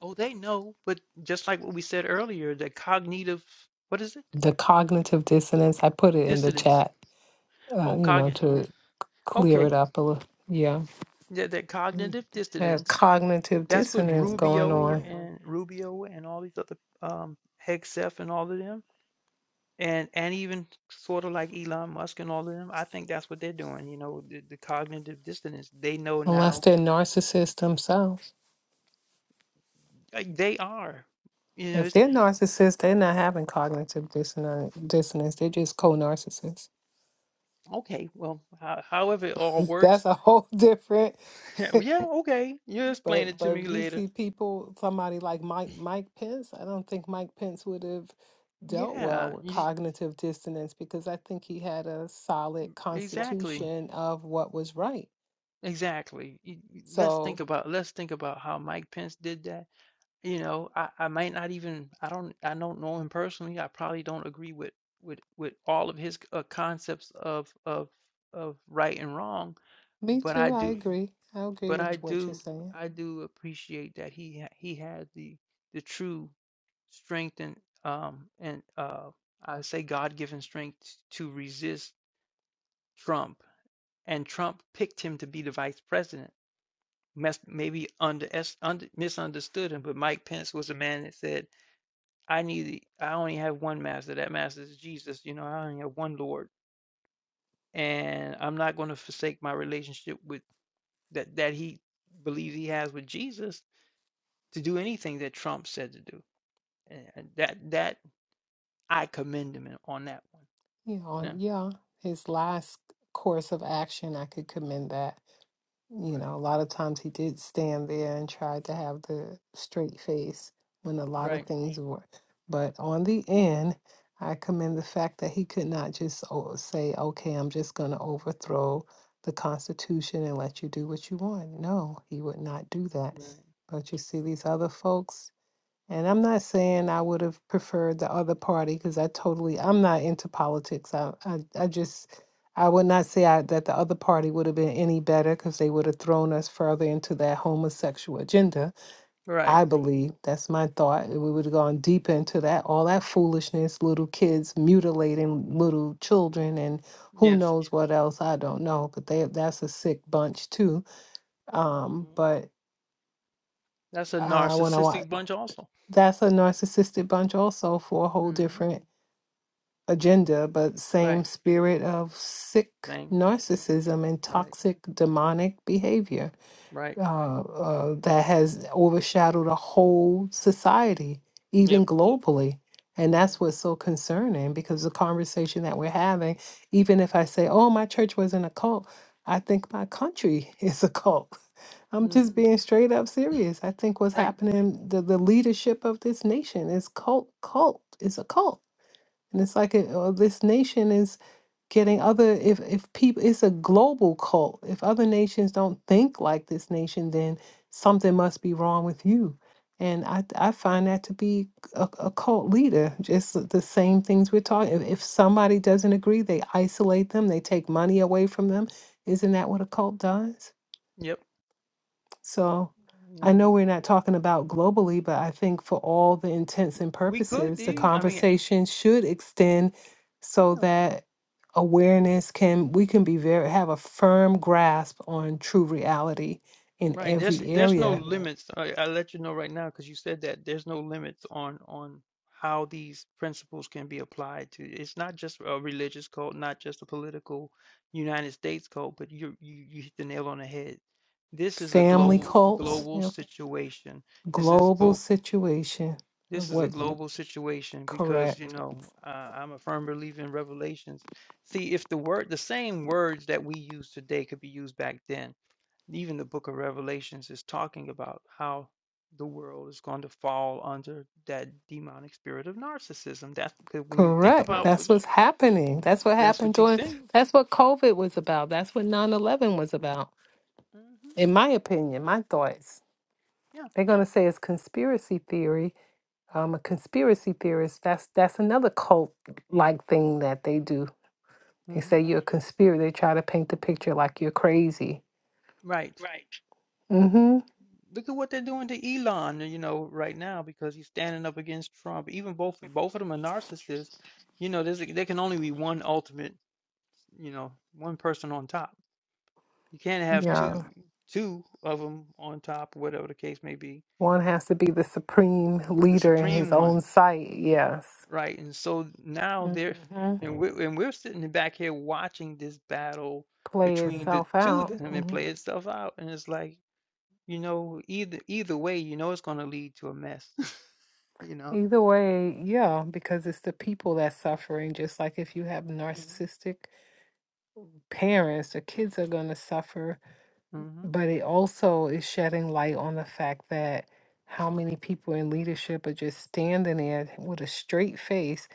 A: Oh, they know, but just like what we said earlier, the cognitive, what is it?
C: the cognitive dissonance. I put it in the
A: Dissidence.
C: chat, uh,
A: Oh,
C: you know,
A: cognitive. Yeah.
C: to clear
A: Okay.
C: it up a little. Yeah.
A: Yeah, that
C: Mm.
A: cognitive
C: There's
A: dissonance.
C: cognitive
A: That's what
C: dissonance going
A: Rubio
C: on,
A: and Rubio and all these other um Hegseth and all of them and and even sort of like Elon Musk and all of them. I think that's what they're doing, you know, the, the cognitive dissonance. They know
C: unless
A: now
C: they're narcissists themselves.
A: like they are. You know,
C: If
A: it's
C: they're narcissists, they're not having cognitive dissonance. dissonance. They're just co narcissists.
A: okay. Well, ho- however it all
C: That's
A: works.
C: a whole different
A: yeah, okay. You'll explain
C: But
A: it to
C: but
A: me
C: if you
A: later.
C: see people, somebody like Mike Mike Pence, I don't think Mike Pence would have dealt
A: Yeah,
C: well with
A: you,
C: cognitive dissonance because I think he had a solid
A: exactly.
C: constitution of what was right.
A: Exactly. You- you- Let's think
C: So
A: about let's think about how Mike Pence did that You know, I I might not even I don't I don't know him personally. I probably don't agree with with with all of his uh, concepts of of of right and wrong,
C: me
A: but
C: too,
A: I
C: I
A: do
C: agree. I agree
A: but
C: with
A: I
C: what you're
A: do
C: saying.
A: I do appreciate that he ha- he had the the true strength and um and uh I say God-given strength to resist Trump, and Trump picked him to be the vice president. Mes- Maybe under, under misunderstood him, but Mike Pence was a man that said I need I only have one master. That master is Jesus. You know, I only have one Lord. And I'm not going to forsake my relationship with that that he believes he has with Jesus to do anything that Trump said to do. And that that I commend him in- on that one.
C: Yeah,
A: No.
C: on
A: Mm.
C: yeah, his last course of action, I could commend that. You know, a lot of times he did stand there and tried to have the straight face when a lot of
A: Right.
C: things were. But on the end, I commend the fact that he could not just o- say, okay, I'm just going to overthrow the Constitution and let you do what you want. No, he would not do that. But you see, these other folks, and I'm not saying I would have preferred the other party because I totally, I'm not into politics. I, I, I just, I would not say I, that the other party would have been any better because they would have thrown us further into that homosexual agenda. I believe that's my thought. We would have gone deeper into that, all that foolishness, little kids mutilating little children, and who
A: Yes.
C: knows what else. I don't know, but they, that's a sick bunch too. Um, but
A: That's a
C: uh, when I wa-
A: narcissistic bunch also.
C: that's a narcissistic bunch also for a whole different agenda but same spirit of sick
A: Thing.
C: narcissism and toxic demonic behavior
A: Right.
C: uh, uh, that has overshadowed a whole society,
A: Yep.
C: even globally. And that's what's so concerning because the conversation that we're having, even if I say, oh, my church wasn't a cult, I think my country is a cult. I'm just being straight up serious. I think what's happening, the, the leadership of this nation is cult, cult, is a cult. And it's like, uh, this nation is getting other if if people it's a global cult if other nations don't think like this nation then something must be wrong with you and i i find that to be a, a cult leader just the the same things we're talking if, if somebody doesn't agree they isolate them they take money away from them isn't that what a cult does
A: Yep.
C: so I know we're not talking about globally, but I think for all the intents and
A: We could,
C: purposes,
A: do.
C: the
A: I mean,
C: conversation should extend so that awareness can, we can be very, have a firm grasp on true reality in
A: Right. There's
C: every
A: there's no
C: area.
A: limits. I, I let you know right now because you said that there's no limits on on how these principles can be applied to. It's not just a religious code, not just a political United States code, but you you you hit the nail on the head. This is a
C: Family
A: global
C: cults, you
A: global
C: know,
A: situation. This is
C: global
A: both.
C: situation
A: This
C: of
A: is a
C: what,
A: global situation because you
C: correct.
A: know uh, I'm a firm believer in revelations. See, if the word, the same words that we use today could be used back then even the book of Revelations is talking about how the world is going to fall under that demonic spirit of narcissism. That's because when you think
C: Correct.
A: about
C: That's
A: what
C: what's happening. That's what
A: that's
C: happened
A: what you
C: during,
A: think.
C: that's what COVID was about. That's what 9 11 was about in my opinion, my thoughts, they're going to say it's conspiracy theory. Um, a conspiracy theorist, that's that's another cult like thing that they do. They
A: hmm
C: say you're a conspirator. They try to paint the picture like you're crazy.
A: Right.
C: Mm-hmm.
A: Look at what they're doing to Elon, you know, right now because he's standing up against Trump. Even both both of them are narcissists. You know, there's there can only be one ultimate, you know, one person on top. You can't have two
C: Yeah.
A: two of them on top, whatever the case may be.
C: One has to be the supreme
A: The
C: leader in his
A: supreme one.
C: own sight. Yes.
A: Right, and so now they're
C: Mm-hmm.
A: and we're and we're sitting back here watching this battle
C: Play
A: between the
C: itself
A: two of
C: out.
A: them and
C: hmm
A: play itself out, and it's like, you know, either either way, you know, it's gonna lead to a mess, you know,
C: Either way, yeah, because it's the people that's suffering. Just like if you have narcissistic parents, the kids are going to suffer but it also is shedding light on the fact that how many people in leadership are just standing there with a straight face.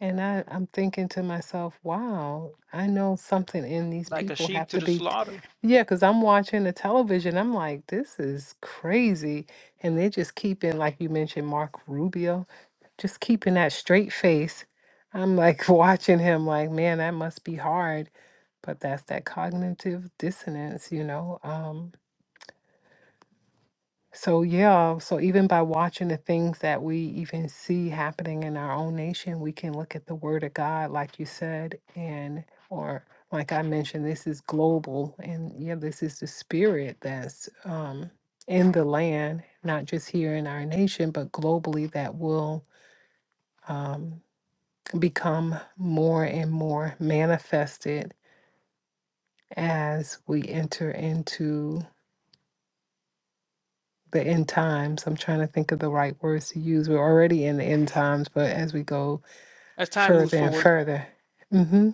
C: And I, I'm thinking to myself, wow, I know something in these
A: like a
C: people
A: sheep
C: have
A: to
C: to
A: the
C: be. t-
A: slaughter.
C: Yeah, because I'm watching the television. I'm like, this is crazy. And they're just keeping, like you mentioned, Mark Rubio, just keeping that straight face. I'm like watching him, like, man, that must be hard. But that's that cognitive dissonance, you know? Um, so, yeah, so even by watching the things that we even see happening in our own nation, we can look at the Word of God, like you said, and or like I mentioned, this is global, and yeah, this is the spirit that's um, in the land, not just here in our nation, but globally that will um, become more and more manifested as we enter into. the end times. I'm trying to think of the right words to use. We're already in the end times, but as we go
A: As time moves
C: further and
A: forward,
C: further. Mm-hmm.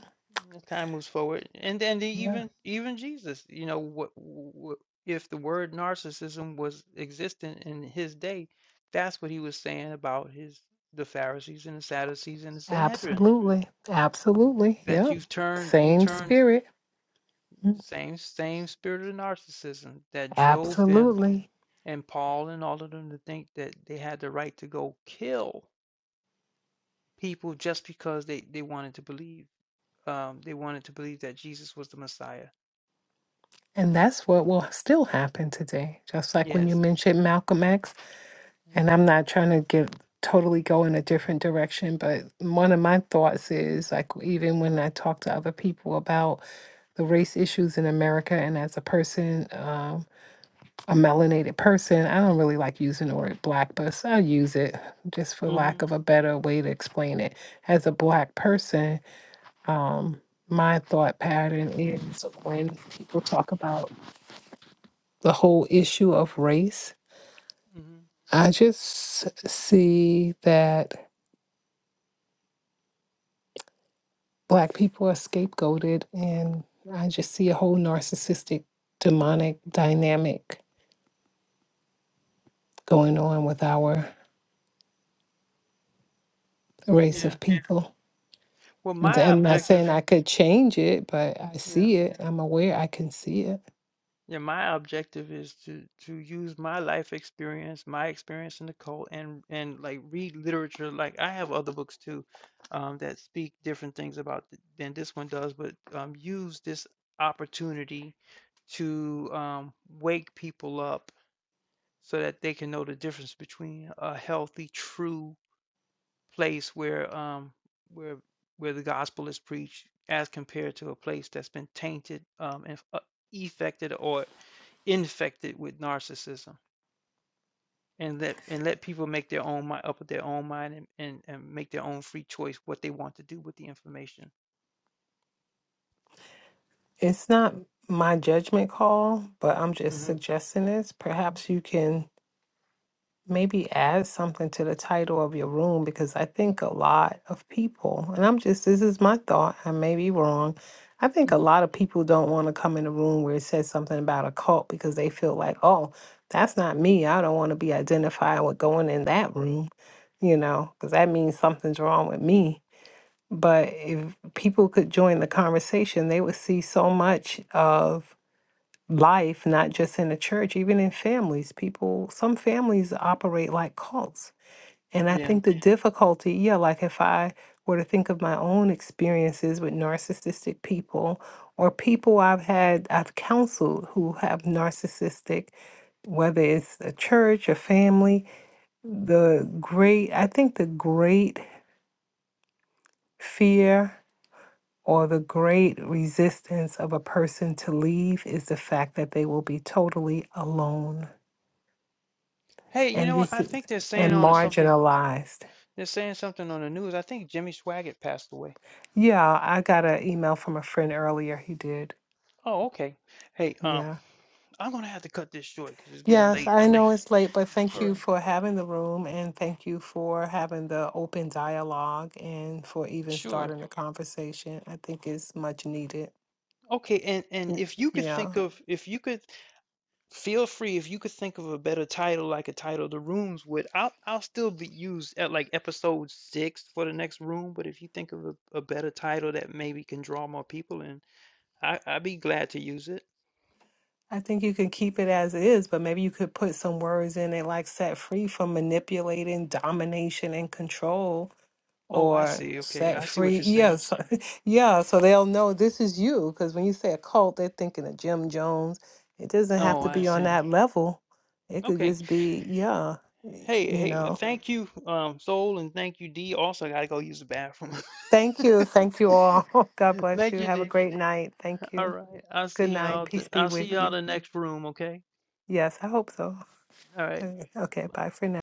A: as time moves forward, and then the,
C: Yeah.
A: even even Jesus, you know, what, what if the word narcissism was existent in his day? That's what he was saying about his the Pharisees and the Sadducees and the Sanhedrin
C: Absolutely. Absolutely.
A: that
C: Yep.
A: you've turned you
C: Same
A: turned
C: spirit. Mm.
A: the same same spirit of narcissism that drove them
C: Absolutely.
A: and Paul and all of them to think that they had the right to go kill people just because they they wanted to believe um they wanted to believe that Jesus was the Messiah.
C: And that's what will still happen today. Just like when you
A: Yes.
C: mentioned Malcolm X, and I'm not trying to get totally go in a different direction, but one of my thoughts is like even when I talk to other people about the race issues in America and as a person. uh, a melanated person. I don't really like using the word black, but so I use it just for lack of a better way to explain it. As a black person, um, my thought pattern is when people talk about the whole issue of race, I just see that black people are scapegoated and I just see a whole narcissistic demonic dynamic going on with our race
A: Yeah.
C: of people.
A: Well,
C: D-
A: my
C: I'm not saying
A: objective.
C: I could change it, but I
A: Yeah.
C: see it. I'm aware I can see it.
A: Yeah, my objective is to to use my life experience, my experience in the cult, and and like read literature. Like I have other books too, um, that speak different things about th- than this one does, but um, use this opportunity to um, wake people up so that they can know the difference between a healthy, true place where um where where the gospel is preached as compared to a place that's been tainted um and uh, affected or infected with narcissism and let and let people make their own mind up with their own mind and, and and make their own free choice what they want to do with the information
C: It's not my judgment call, but I'm just
A: hmm
C: suggesting this. Perhaps you can maybe add something to the title of your room because I think a lot of people, and I'm just, this is my thought, I may be wrong. I think a lot of people don't want to come in a room where it says something about a cult because they feel like, oh, that's not me. I don't want to be identified with going in that room, you know, because that means something's wrong with me But if people could join the conversation, they would see so much of life, not just in the church, even in families. People, some families operate like cults. And I think the Yeah. difficulty, yeah, like if I were to think of my own experiences with narcissistic people or people I've had, I've counseled who have narcissistic, whether it's a church or family, the great, I think the great fear or the great resistance of a person to leave is the fact that they will be totally alone
A: hey you
C: and
A: know what
C: this
A: i think
C: is
A: they're
C: and
A: saying on something
C: marginalized.
A: they're saying something on the news i think jimmy swaggart passed away
C: Yeah, I got an email from a friend earlier. He did.
A: oh okay hey um
C: Yeah.
A: i'm gonna have to cut this short because it's getting
C: Yes,
A: late and
C: I
A: i want
C: know it's late, but thank
A: all
C: you
A: right
C: for having the room and thank you for having the open dialogue and for even
A: sure
C: starting the conversation. I think it's much needed.
A: Okay, and and
C: Mm.
A: if you could
C: Yeah.
A: think of if you could feel free if you could think of a better title like a title the rooms would I'll I'll still be used at like episode six for the next room, but if you think of a, a better title that maybe can draw more people in, I I'd be glad to use it.
C: I think you can keep it as is, but maybe you could put some words in it like set free from manipulating, domination, and control,
A: Oh, I
C: or
A: see. Okay,
C: set
A: I see
C: free.
A: what you're
C: Yeah,
A: saying.
C: so, yeah, so they'll know this is you. Because when you say a cult, they're thinking of Jim Jones. It doesn't have
A: Oh,
C: to
A: I
C: be on
A: see.
C: that level, it could
A: Okay.
C: just be, yeah, y-
A: Hey,
C: you
A: hey, uh,
C: know.
A: thank you, um, Soul, and thank you, D. Also, I gotta go use the bathroom.
C: Thank you. Thank you all. God bless
A: Thank
C: you.
A: you,
C: Have a
A: D.
C: great night. Thank
A: All
C: you.
A: right. I'll
C: Good
A: see
C: night.
A: y'all. th-
C: Peace be
A: I'll see
C: with
A: y'all
C: you.
A: the next room, okay?
C: Yes, I hope so.
A: All right.
C: Okay, bye for now.